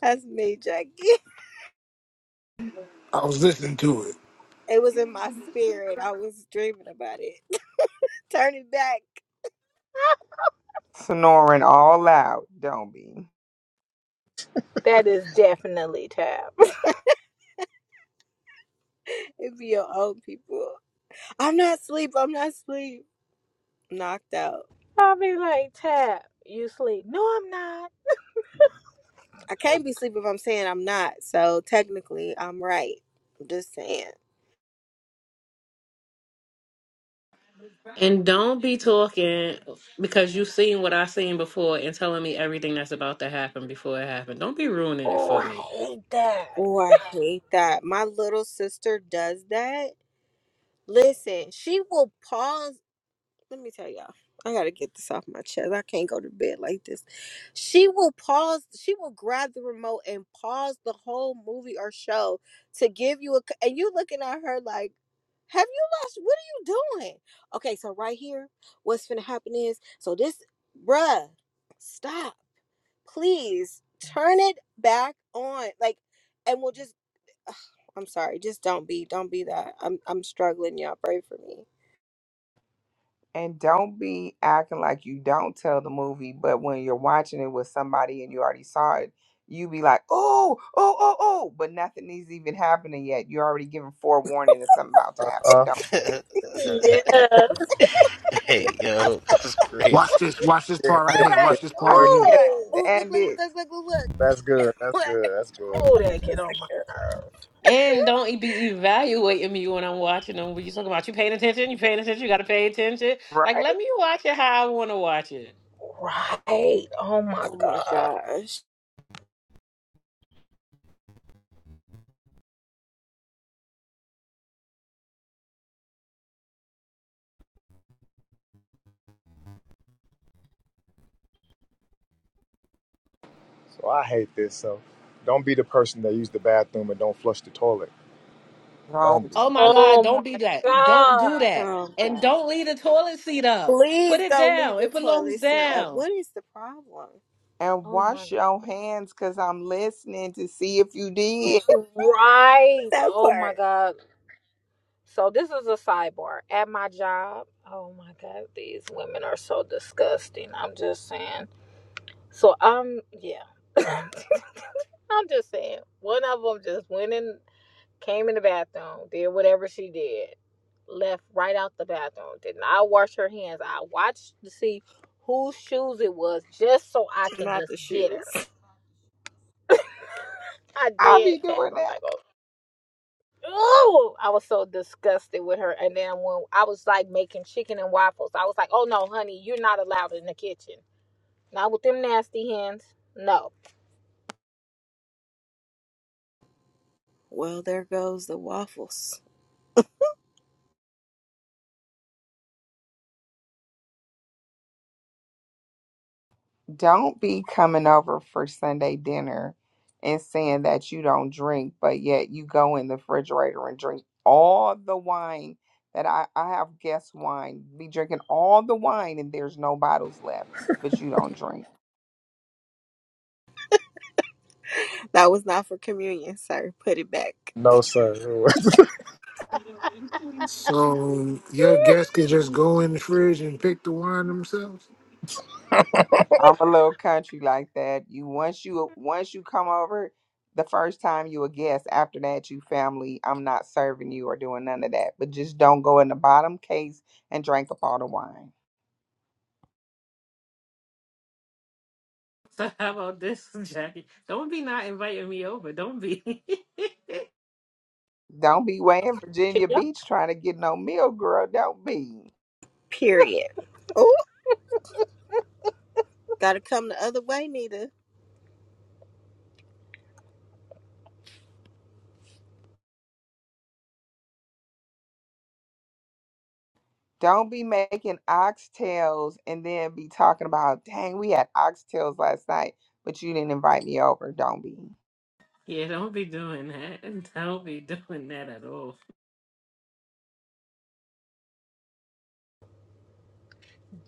Speaker 1: That's me, Jackie.
Speaker 4: I was listening to it.
Speaker 1: It was in my spirit. I was dreaming about it. Turn it back.
Speaker 2: snoring all loud. Don't be.
Speaker 3: That is definitely Tab.
Speaker 1: It'd be your own people. I'm not asleep. I'm not asleep. Knocked out.
Speaker 3: I'll be like, Tab, you sleep. No, I'm not.
Speaker 1: I can't be asleep if I'm saying I'm not. So technically, I'm right. I'm just saying.
Speaker 7: And don't be talking because you've seen what I've seen before and telling me everything that's about to happen before it happened. Don't be ruining it
Speaker 3: Oh,
Speaker 7: for
Speaker 3: I
Speaker 7: me.
Speaker 3: hate that.
Speaker 1: Oh, I hate that. My little sister does that. Listen, she will pause. Let me tell y'all. I gotta get this off my chest. I can't go to bed like this. She will pause. She will grab the remote and pause the whole movie or show to give you a. c- And you looking at her like, "Have you lost? What are you doing?" Okay, so right here, what's gonna happen is, so this, bruh, stop, please, turn it back on. Like, and we'll just. ugh, I'm sorry. Just don't be. Don't be that. I'm. I'm struggling. Y'all pray for me.
Speaker 2: And don't be acting like you don't tell the movie, but when you're watching it with somebody and you already saw it, you be like, oh, oh, oh, oh, but nothing is even happening yet. You're already giving forewarning that something about to
Speaker 5: Uh
Speaker 2: happen.
Speaker 5: huh.
Speaker 2: Don't
Speaker 5: Yeah,
Speaker 3: Yes.
Speaker 11: Hey, yo, that's crazy.
Speaker 4: Watch this. Watch this
Speaker 5: yeah,
Speaker 4: part right
Speaker 5: right like
Speaker 4: here.
Speaker 3: Right.
Speaker 4: Watch this part
Speaker 2: I
Speaker 5: yeah.
Speaker 4: right
Speaker 2: can't
Speaker 4: here.
Speaker 1: Right.
Speaker 3: Oh.
Speaker 1: Oh, look,
Speaker 2: stand
Speaker 1: look, look,
Speaker 2: it.
Speaker 1: look, look, look, look.
Speaker 5: That's good. That's good. That's good.
Speaker 3: Oh, that get on my nerve.
Speaker 7: And don't be evaluating me when I'm watching them. When you talking about you paying attention, you paying attention, you gotta pay attention. Like
Speaker 2: Right?
Speaker 7: let me watch it how I wanna watch it.
Speaker 3: Right. Oh my
Speaker 1: Oh my
Speaker 3: god.
Speaker 1: gosh.
Speaker 5: So I hate this. So don't be the person that use the bathroom and don't flush the toilet. Don't be.
Speaker 2: Don't.
Speaker 7: Oh my God,
Speaker 3: Oh
Speaker 7: don't be
Speaker 3: my
Speaker 7: that. Don't do
Speaker 3: god.
Speaker 7: that.
Speaker 1: Oh
Speaker 7: And
Speaker 1: God.
Speaker 7: don't leave the toilet seat up. Put
Speaker 1: Please
Speaker 7: it
Speaker 1: don't leave
Speaker 7: down. It
Speaker 1: the
Speaker 7: belongs
Speaker 1: toilet seat up.
Speaker 7: down.
Speaker 1: What is the problem?
Speaker 2: and
Speaker 3: Oh my.
Speaker 2: wash your hands because I'm listening to see if you did.
Speaker 3: Right.
Speaker 1: That
Speaker 3: Oh my
Speaker 1: part.
Speaker 3: god. So this is a sidebar at my job. Oh my god, these women are so disgusting. I'm just saying. So I'm yeah. I'm just saying. One of them just went in. came in the bathroom, did whatever she did, left right out the bathroom, did not wash her hands. I watched to see whose shoes it was just so I can
Speaker 1: Not
Speaker 3: just
Speaker 1: the
Speaker 3: get
Speaker 1: shoes.
Speaker 3: her. I
Speaker 2: I'll
Speaker 3: did
Speaker 2: be
Speaker 3: tab.
Speaker 2: doing
Speaker 3: I'm
Speaker 2: that.
Speaker 3: like, oh, oh! I was so disgusted with her. And then when I was like making chicken and waffles, I was like, oh no, honey, you're not allowed in the kitchen. Not with them nasty hands. No.
Speaker 1: Well, there goes the waffles.
Speaker 2: Don't be coming over for Sunday dinner and saying that you don't drink, but yet you go in the refrigerator and drink all the wine that I, I have guest wine. Be drinking all the wine and there's no bottles left, but you don't drink.
Speaker 1: That was not for communion, sir. Put it back.
Speaker 5: No, sir.
Speaker 4: So your guests can just go in the fridge and pick the wine themselves.
Speaker 2: I'm a little country like that. You once you once you come over, the first time you a guest. After that, you family. I'm not serving you or doing none of that. But just don't go in the bottom case and drink up all the wine.
Speaker 7: So how about this, Jackie? Don't be not inviting me over. Don't be.
Speaker 2: Don't be way in Virginia
Speaker 3: Yep.
Speaker 2: Beach trying to get no meal, girl. Don't be.
Speaker 1: Period. Oh, gotta come the other way, Nita.
Speaker 2: Don't be making oxtails and then be talking about, dang, we had oxtails last night, but you didn't invite me over. Don't be.
Speaker 7: yeah, don't be doing that. Don't be doing that at all.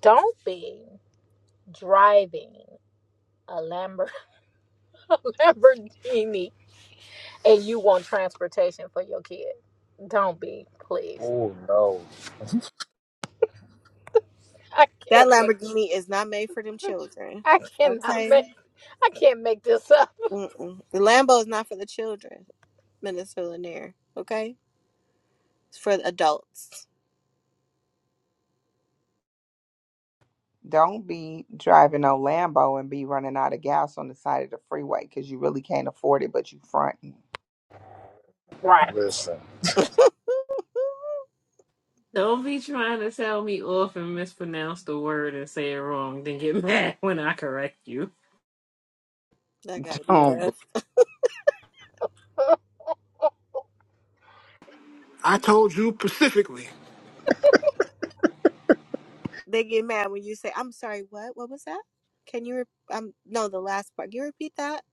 Speaker 3: Don't be driving a Lambo- Lamborghini and you want transportation for your kid. Don't be, please.
Speaker 5: oh no.
Speaker 3: I
Speaker 1: That
Speaker 3: can't make.
Speaker 1: Lamborghini is not made for them children.
Speaker 3: I cannot make.
Speaker 1: Okay?
Speaker 3: I can't make this up.
Speaker 1: Mm-mm. The Lambo is not for the children, Minister Lanier. Okay? It's for the adults.
Speaker 2: Don't be driving no Lambo and be running out of gas on the side of the freeway because you really can't afford it, but you fronting.
Speaker 3: Right.
Speaker 5: Listen.
Speaker 7: Don't be trying to tell me off and mispronounce the word and say it wrong, then get mad when I correct you.
Speaker 1: That gotta be
Speaker 2: Don't be,
Speaker 1: rough.
Speaker 4: I told you specifically.
Speaker 1: They get mad when you say, "I'm sorry, what? What was that? Can you? Re- um, no, the last part. Can you repeat that?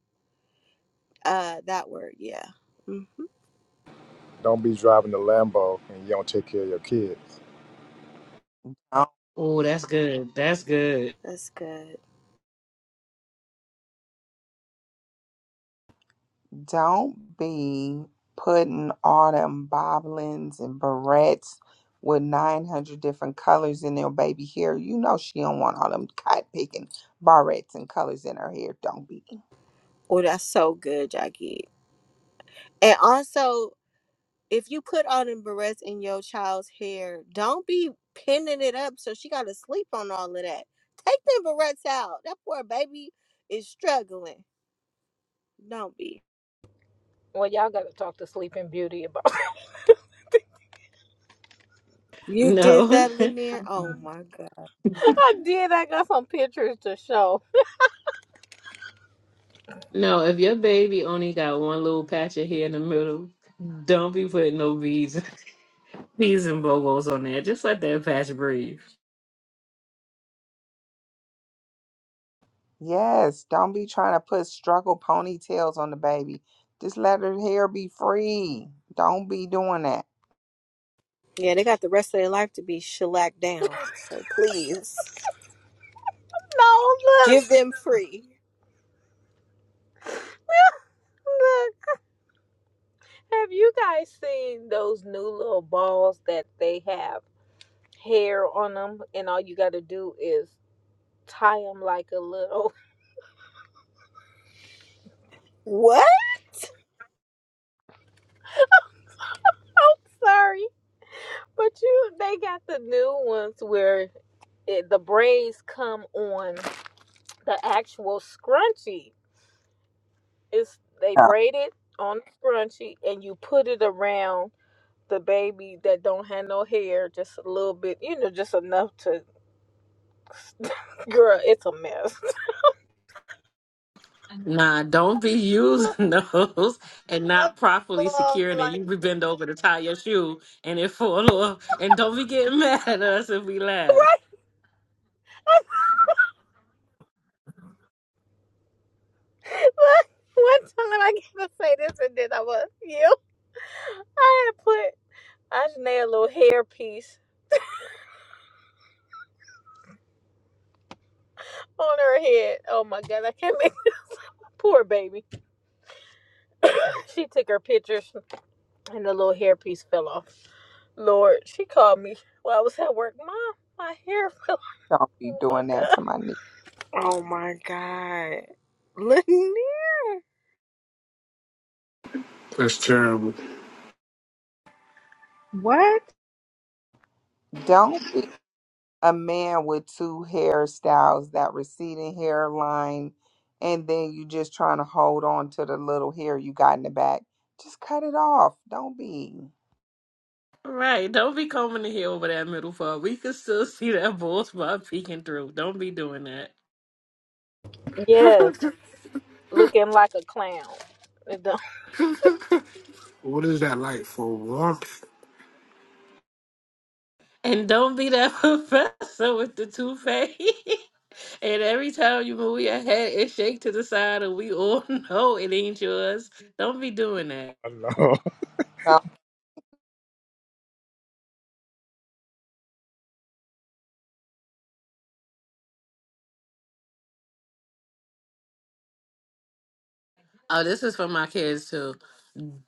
Speaker 1: Uh, that word. Yeah. hmm
Speaker 5: Don't be driving the Lambo and you don't take care of your kids.
Speaker 2: don't,
Speaker 7: Oh, that's good. That's good.
Speaker 1: That's good.
Speaker 2: don't be putting all them boblins and barrettes with 900 different colors in their baby hair. You know she don't want all them cotton picking barrettes and colors in her hair. Don't be.
Speaker 1: Oh, that's so good, Jackie. And also, if you put all them barrettes in your child's hair, don't be pinning it up so she gotta sleep on all of that. Take them barrettes out. That poor baby is struggling. Don't be.
Speaker 3: Well, y'all gotta talk to Sleeping Beauty about.
Speaker 1: You did
Speaker 7: No.
Speaker 1: that, Lanier. Oh my god.
Speaker 3: I did. I got some pictures to show.
Speaker 7: No, if your baby only got one little patch of hair in the middle, don't be putting no beads, beads and bobos on there. Just let that patch breathe.
Speaker 2: Yes, don't be trying to put struggle ponytails on the baby. Just let her hair be free. Don't be doing that.
Speaker 1: Yeah, they got the rest of their life to be shellacked down. So please
Speaker 3: No, look,
Speaker 1: give
Speaker 3: look.
Speaker 1: them free.
Speaker 3: Have you guys seen those new little balls that they have hair on them, and all you gotta do is tie them like a little.
Speaker 1: What?
Speaker 3: I'm sorry, but you. They got the new ones where it, the braids come on the actual scrunchie. It's they braid it on the scrunchie and you put it around the baby that don't have no hair, just a little bit, you know, just enough to. Girl, it's a mess.
Speaker 7: Nah, don't be using those and not properly securing it. You
Speaker 3: like
Speaker 7: be bend over to tie your shoe and it fall off. And don't be getting mad at us if we laugh.
Speaker 3: one time I gotta say this and then I was you. I had put I just made a little hair piece on her head. Oh my god, I can't make poor baby. she took her pictures. and the little hairpiece fell off. Lord, she called me while I was at work. Mom, my hair fell. off."
Speaker 2: Don't be
Speaker 3: Oh my
Speaker 2: doing that
Speaker 3: god.
Speaker 2: to my knee.
Speaker 1: Oh my God. Lanier.
Speaker 4: That's terrible.
Speaker 10: What?
Speaker 2: Don't be a man with two hairstyles, that receding hairline, and then you just trying to hold on to the little hair you got in the back. Just cut it off. Don't be.
Speaker 7: Right, don't be combing the hair over that middle part. We can still see that bald spot peeking through. Don't be doing that.
Speaker 3: Yes, looking like a clown. It don't-
Speaker 4: What is that like for warmth?
Speaker 7: And don't be that professor with the toupee. and every time you move your head, it shake to the side, and we all know it ain't yours. Don't be doing that.
Speaker 2: Don't,
Speaker 7: Oh, this is for my kids too.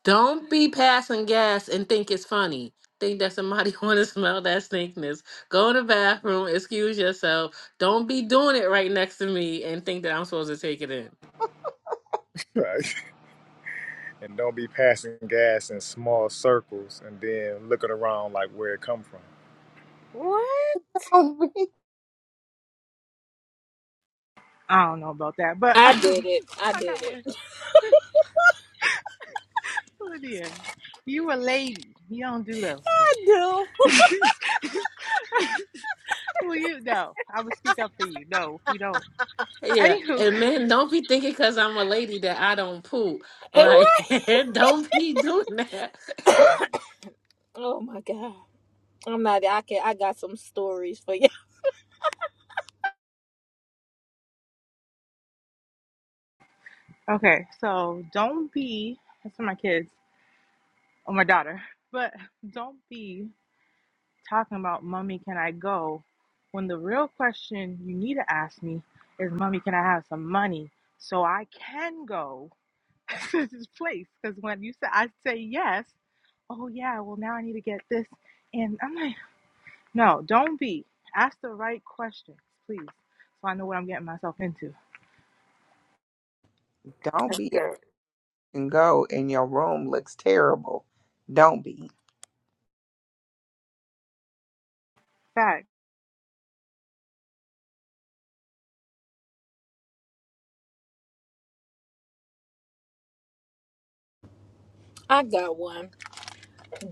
Speaker 7: Don't be passing gas and think it's funny. Think that somebody want to smell that stinkness. Go in the bathroom, excuse yourself. Don't be doing it right next to me and think that I'm supposed to take it in.
Speaker 5: No. and don't be passing gas in small circles and then looking around like where it come from.
Speaker 1: What?
Speaker 2: don't be.
Speaker 10: I don't know about that, but
Speaker 3: I did
Speaker 10: um,
Speaker 3: it. I
Speaker 10: I
Speaker 3: did
Speaker 10: got one.
Speaker 3: it.
Speaker 10: Lydia, you a lady. You don't do those
Speaker 3: I do.
Speaker 10: things. Well, you no. I would speak up for you. No, we don't.
Speaker 7: Yeah,
Speaker 10: Anywho,
Speaker 7: and man, don't be thinking because I'm a lady that I don't poop.
Speaker 3: Eh,
Speaker 7: Like, don't be doing that.
Speaker 3: Right. oh my god. I'm not. I can. I got some stories for you.
Speaker 10: okay. So don't be. That's for my kids or my daughter. But don't be. talking about, Mommy, can I go? When the real question you need to ask me is, Mommy, can I have some money so I can go to this place? Because when you say, I say yes, oh, yeah, well, now I need to get this. And I'm like, no, don't be. Ask the right questions, please, so I know what I'm getting myself into.
Speaker 2: Don't
Speaker 1: That's
Speaker 2: be. up
Speaker 1: good.
Speaker 2: And go, and your room looks terrible. Don't be.
Speaker 10: Fact.
Speaker 3: I got one.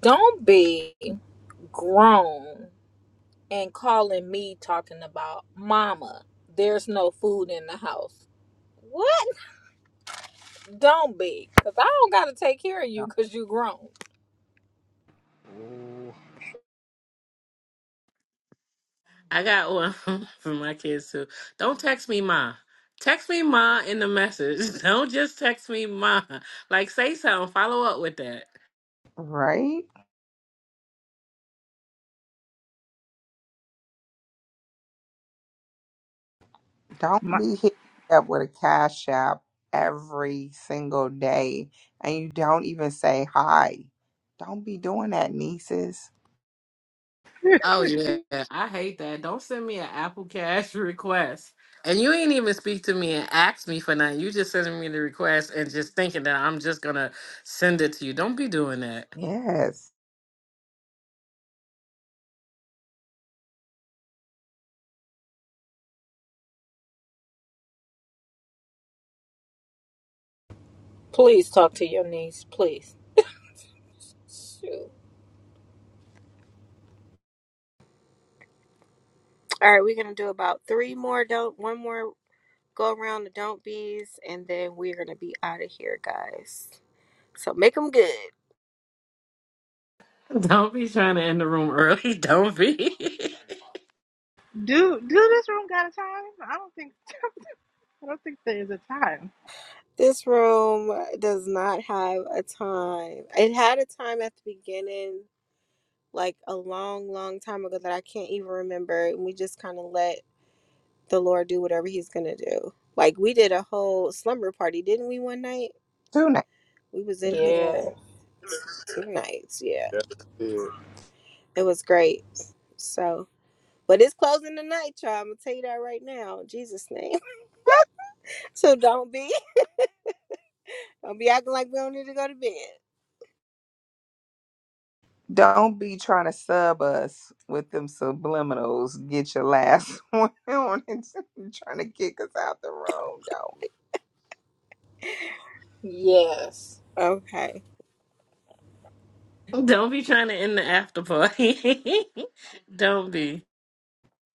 Speaker 3: Don't be grown and calling me talking about mama. There's no food in the house. What? Don't be, because I don't got to take care of you because you grown.
Speaker 5: Ooh,
Speaker 7: I got one for my kids too. Don't text me, ma. Text me, ma, in the message. Don't just text me, ma. Like, say something. Follow up with that.
Speaker 2: Right? Don't
Speaker 10: My,
Speaker 2: be hit up with a cash app every single day, and you don't even say hi. Don't be doing that, nieces
Speaker 7: Oh yeah, I hate that. Don't send me an Apple Cash request. And you ain't even speak to me and ask me for nothing. You just sending me the request and just thinking that I'm just gonna send it to you. Don't be doing that.
Speaker 2: Yes.
Speaker 3: Please talk to your niece, please. Shoot.
Speaker 1: All right, we're gonna do about three more don't one more go around the don't bees and then we're gonna be out of here, guys. So make them good.
Speaker 7: Don't be trying to end the room early. Don't be.
Speaker 10: do do this room got a time? I don't think I don't think there is a time.
Speaker 1: This room does not have a time. It had a time at the beginning, like a long, long time ago that I can't even remember. And we just kind of let the Lord do whatever He's gonna do. Like we did a whole slumber party, didn't we? One night
Speaker 2: Tuna.
Speaker 1: we was in
Speaker 3: Yeah.
Speaker 1: here two nights. Yeah,
Speaker 5: yes, we did.
Speaker 1: it was great. So, but it's closing tonight, y'all. I'm gonna tell you that right now, in Jesus' name. So don't be don't be acting like we don't need to go to bed.
Speaker 2: Don't be trying to sub us with them subliminals. Get your last one on and trying to kick us out the room. Don't be.
Speaker 3: Yes.
Speaker 1: Okay.
Speaker 7: Don't be trying to end the after party. Don't be.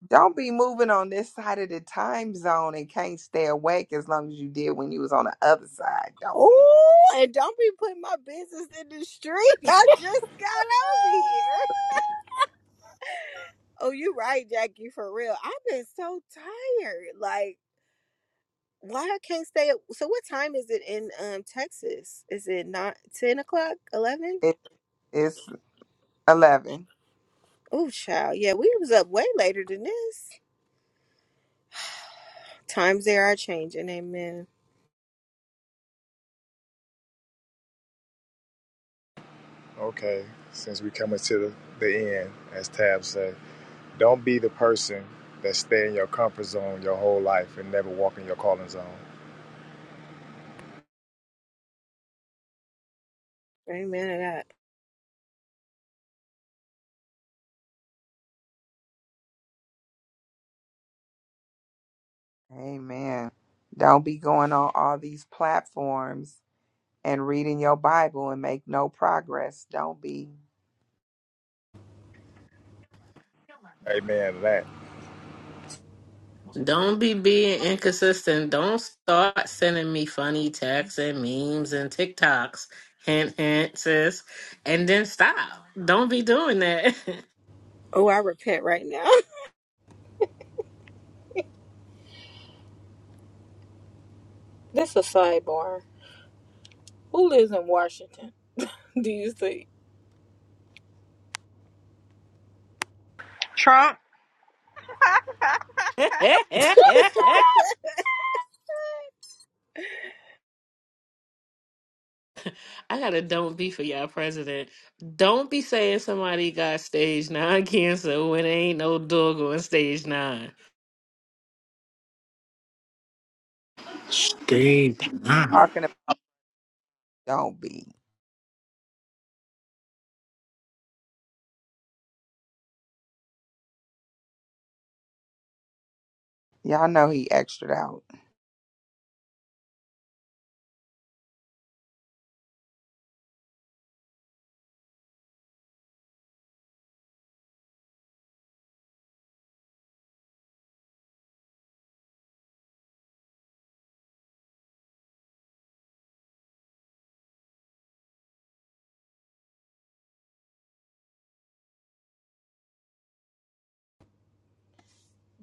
Speaker 2: Don't be moving on this side of the time zone and can't stay awake as long as you did when you was on the other side. Don't be.
Speaker 1: Oh, and don't be putting my business in the street. I just got over here. Oh, you right, Jackie. For real, I've been so tired. Like. Why I can't stay up? So what time is it in um Texas? Is it not ten o'clock? Eleven?
Speaker 2: It, it's eleven.
Speaker 1: Oh, child. Yeah, we was up way later than this. Times they are changing. Amen.
Speaker 5: Okay, since we coming to the, the end, as Tab said, don't be the person that stay in your comfort zone your whole life and never walk in your calling zone.
Speaker 1: Amen to that.
Speaker 2: Amen. Don't be going on all these platforms and reading your Bible and make no progress. Don't be
Speaker 5: Amen to that.
Speaker 7: Don't be being inconsistent. Don't start sending me funny texts and memes and TikToks. Hint, hint, sis. And then stop. Don't be doing that.
Speaker 1: Oh, I repent right now.
Speaker 3: This a sidebar. Who lives in Washington? Do you see?
Speaker 10: Trump.
Speaker 7: I got a don't be for y'all president. Don't be saying somebody got stage nine cancer when ain't no dog on stage nine.
Speaker 4: Stage.
Speaker 2: talking about. Don't be. Y'all know he extra out.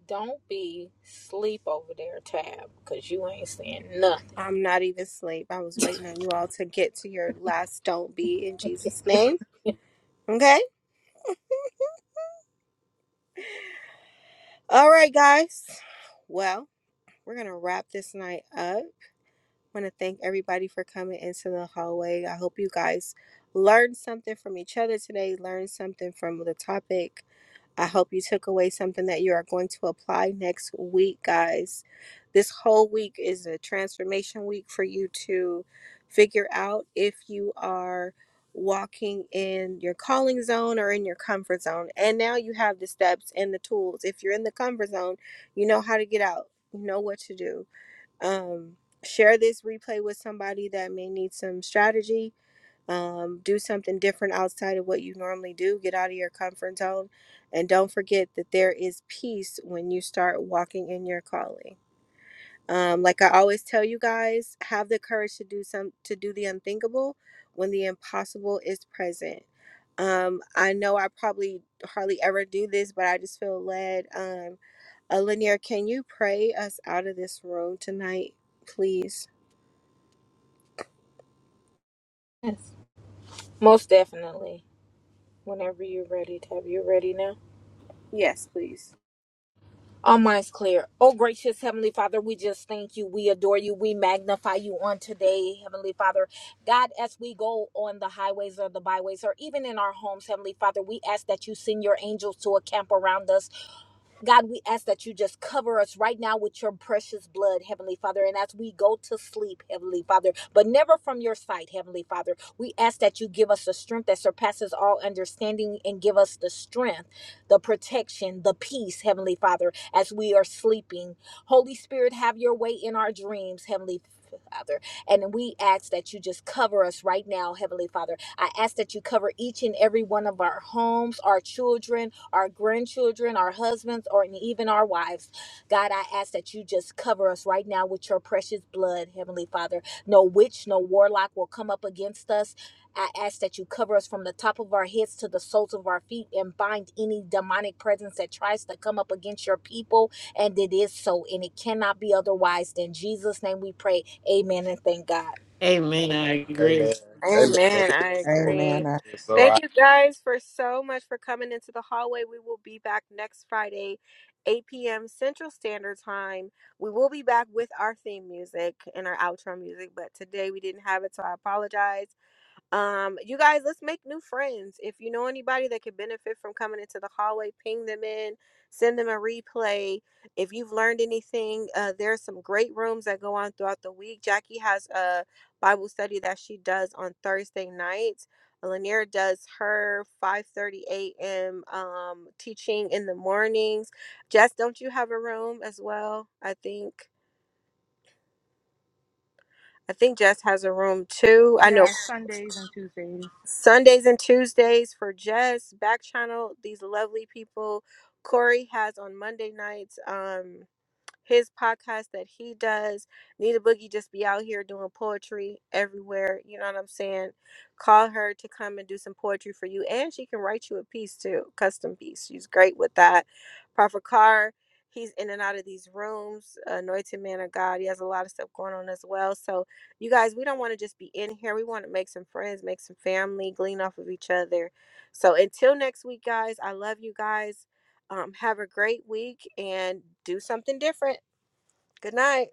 Speaker 3: Don't be sleep over there, Tab, because you ain't saying nothing.
Speaker 1: I'm not even asleep. I was waiting on you all to get to your last don't be in Jesus' name. Okay. All right, guys. Well, we're gonna wrap this night up. want to thank everybody for coming into the hallway. I hope you guys learned something from each other today, learned something from the topic. I hope you took away something that you are going to apply next week, guys. This whole week is a transformation week for you to figure out if you are walking in your calling zone or in your comfort zone. And now you have the steps and the tools. If you're in the comfort zone, you know how to get out, you know what to do um, share this replay with somebody that may need some strategy um, do something different outside of what you normally do get out of your comfort zone and don't forget that there is peace when you start walking in your calling um, like I always tell you guys, have the courage to do some to do the unthinkable when the impossible is present. Um, I know I probably hardly ever do this, but I just feel led. Um, uh, Lanier, can you pray us out of this room tonight, please?
Speaker 3: yes. Most definitely. Whenever you're ready, Tab, you ready now?
Speaker 1: Yes, please.
Speaker 3: All minds clear. Oh, gracious Heavenly Father, we just thank you. We adore you. We magnify you on today, Heavenly Father. God, as we go on the highways or the byways or even in our homes, Heavenly Father, we ask that you send your angels to a camp around us God, we ask that you just cover us right now with your precious blood, Heavenly Father. And as we go to sleep, Heavenly Father, but never from your sight, Heavenly Father, we ask that you give us the strength that surpasses all understanding and give us the strength, the protection, the peace, Heavenly Father, as we are sleeping. Holy Spirit, have your way in our dreams, Heavenly Father. And we ask that you just cover us right now, Heavenly Father. I ask that you cover each and every one of our homes, our children, our grandchildren, our husbands, or even our wives. God, I ask that you just cover us right now with your precious blood, Heavenly Father. No witch, no warlock will come up against us. I ask that you cover us from the top of our heads to the soles of our feet and bind any demonic presence that tries to come up against your people. And it is so, and it cannot be otherwise. In Jesus' name we pray. Amen and thank God.
Speaker 7: Amen. I agree.
Speaker 5: Amen. Amen.
Speaker 1: Amen.
Speaker 5: It
Speaker 1: I
Speaker 5: is so.
Speaker 2: Amen.
Speaker 1: agree.
Speaker 5: It is so
Speaker 1: Thank
Speaker 5: I,
Speaker 1: you guys for so much for coming into the hallway. We will be back next Friday, 8 p.m. Central Standard Time. We will be back with our theme music and our outro music, but today we didn't have it, so I apologize. Um, you guys, let's make new friends. If you know anybody that could benefit from coming into the hallway, ping them in, send them a replay. If you've learned anything, uh, there are some great rooms that go on throughout the week. Jackie has a Bible study that she does on Thursday nights. Lanier does her 5:30 a.m. Um, teaching in the mornings. Jess, don't you have a room as well? I think I think Jess has a room too. I know
Speaker 10: yeah, Sundays and Tuesdays.
Speaker 1: Sundays and Tuesdays for Jess, Back Channel, these lovely people. Corey has on Monday nights. Um, his podcast that he does. Nita Boogie just be out here doing poetry everywhere. You know what I'm saying? Call her to come and do some poetry for you. And she can write you a piece too, custom piece. She's great with that. Prophet Carr, he's in and out of these rooms. Anointed man of God. He has a lot of stuff going on as well. So you guys, we don't want to just be in here. We want to make some friends, make some family, glean off of each other. So until next week, guys, I love you guys. Um, have a great week and do something different. Good night.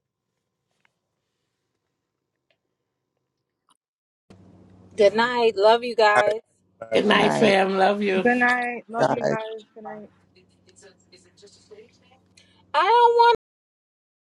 Speaker 3: Good night. Love you
Speaker 5: I,
Speaker 3: guys.
Speaker 5: I,
Speaker 7: Good
Speaker 2: Good
Speaker 7: night,
Speaker 2: night,
Speaker 7: fam. Love you.
Speaker 10: Good night. Love
Speaker 5: I,
Speaker 10: you
Speaker 2: guys.
Speaker 10: guys. Good night.
Speaker 3: I don't want.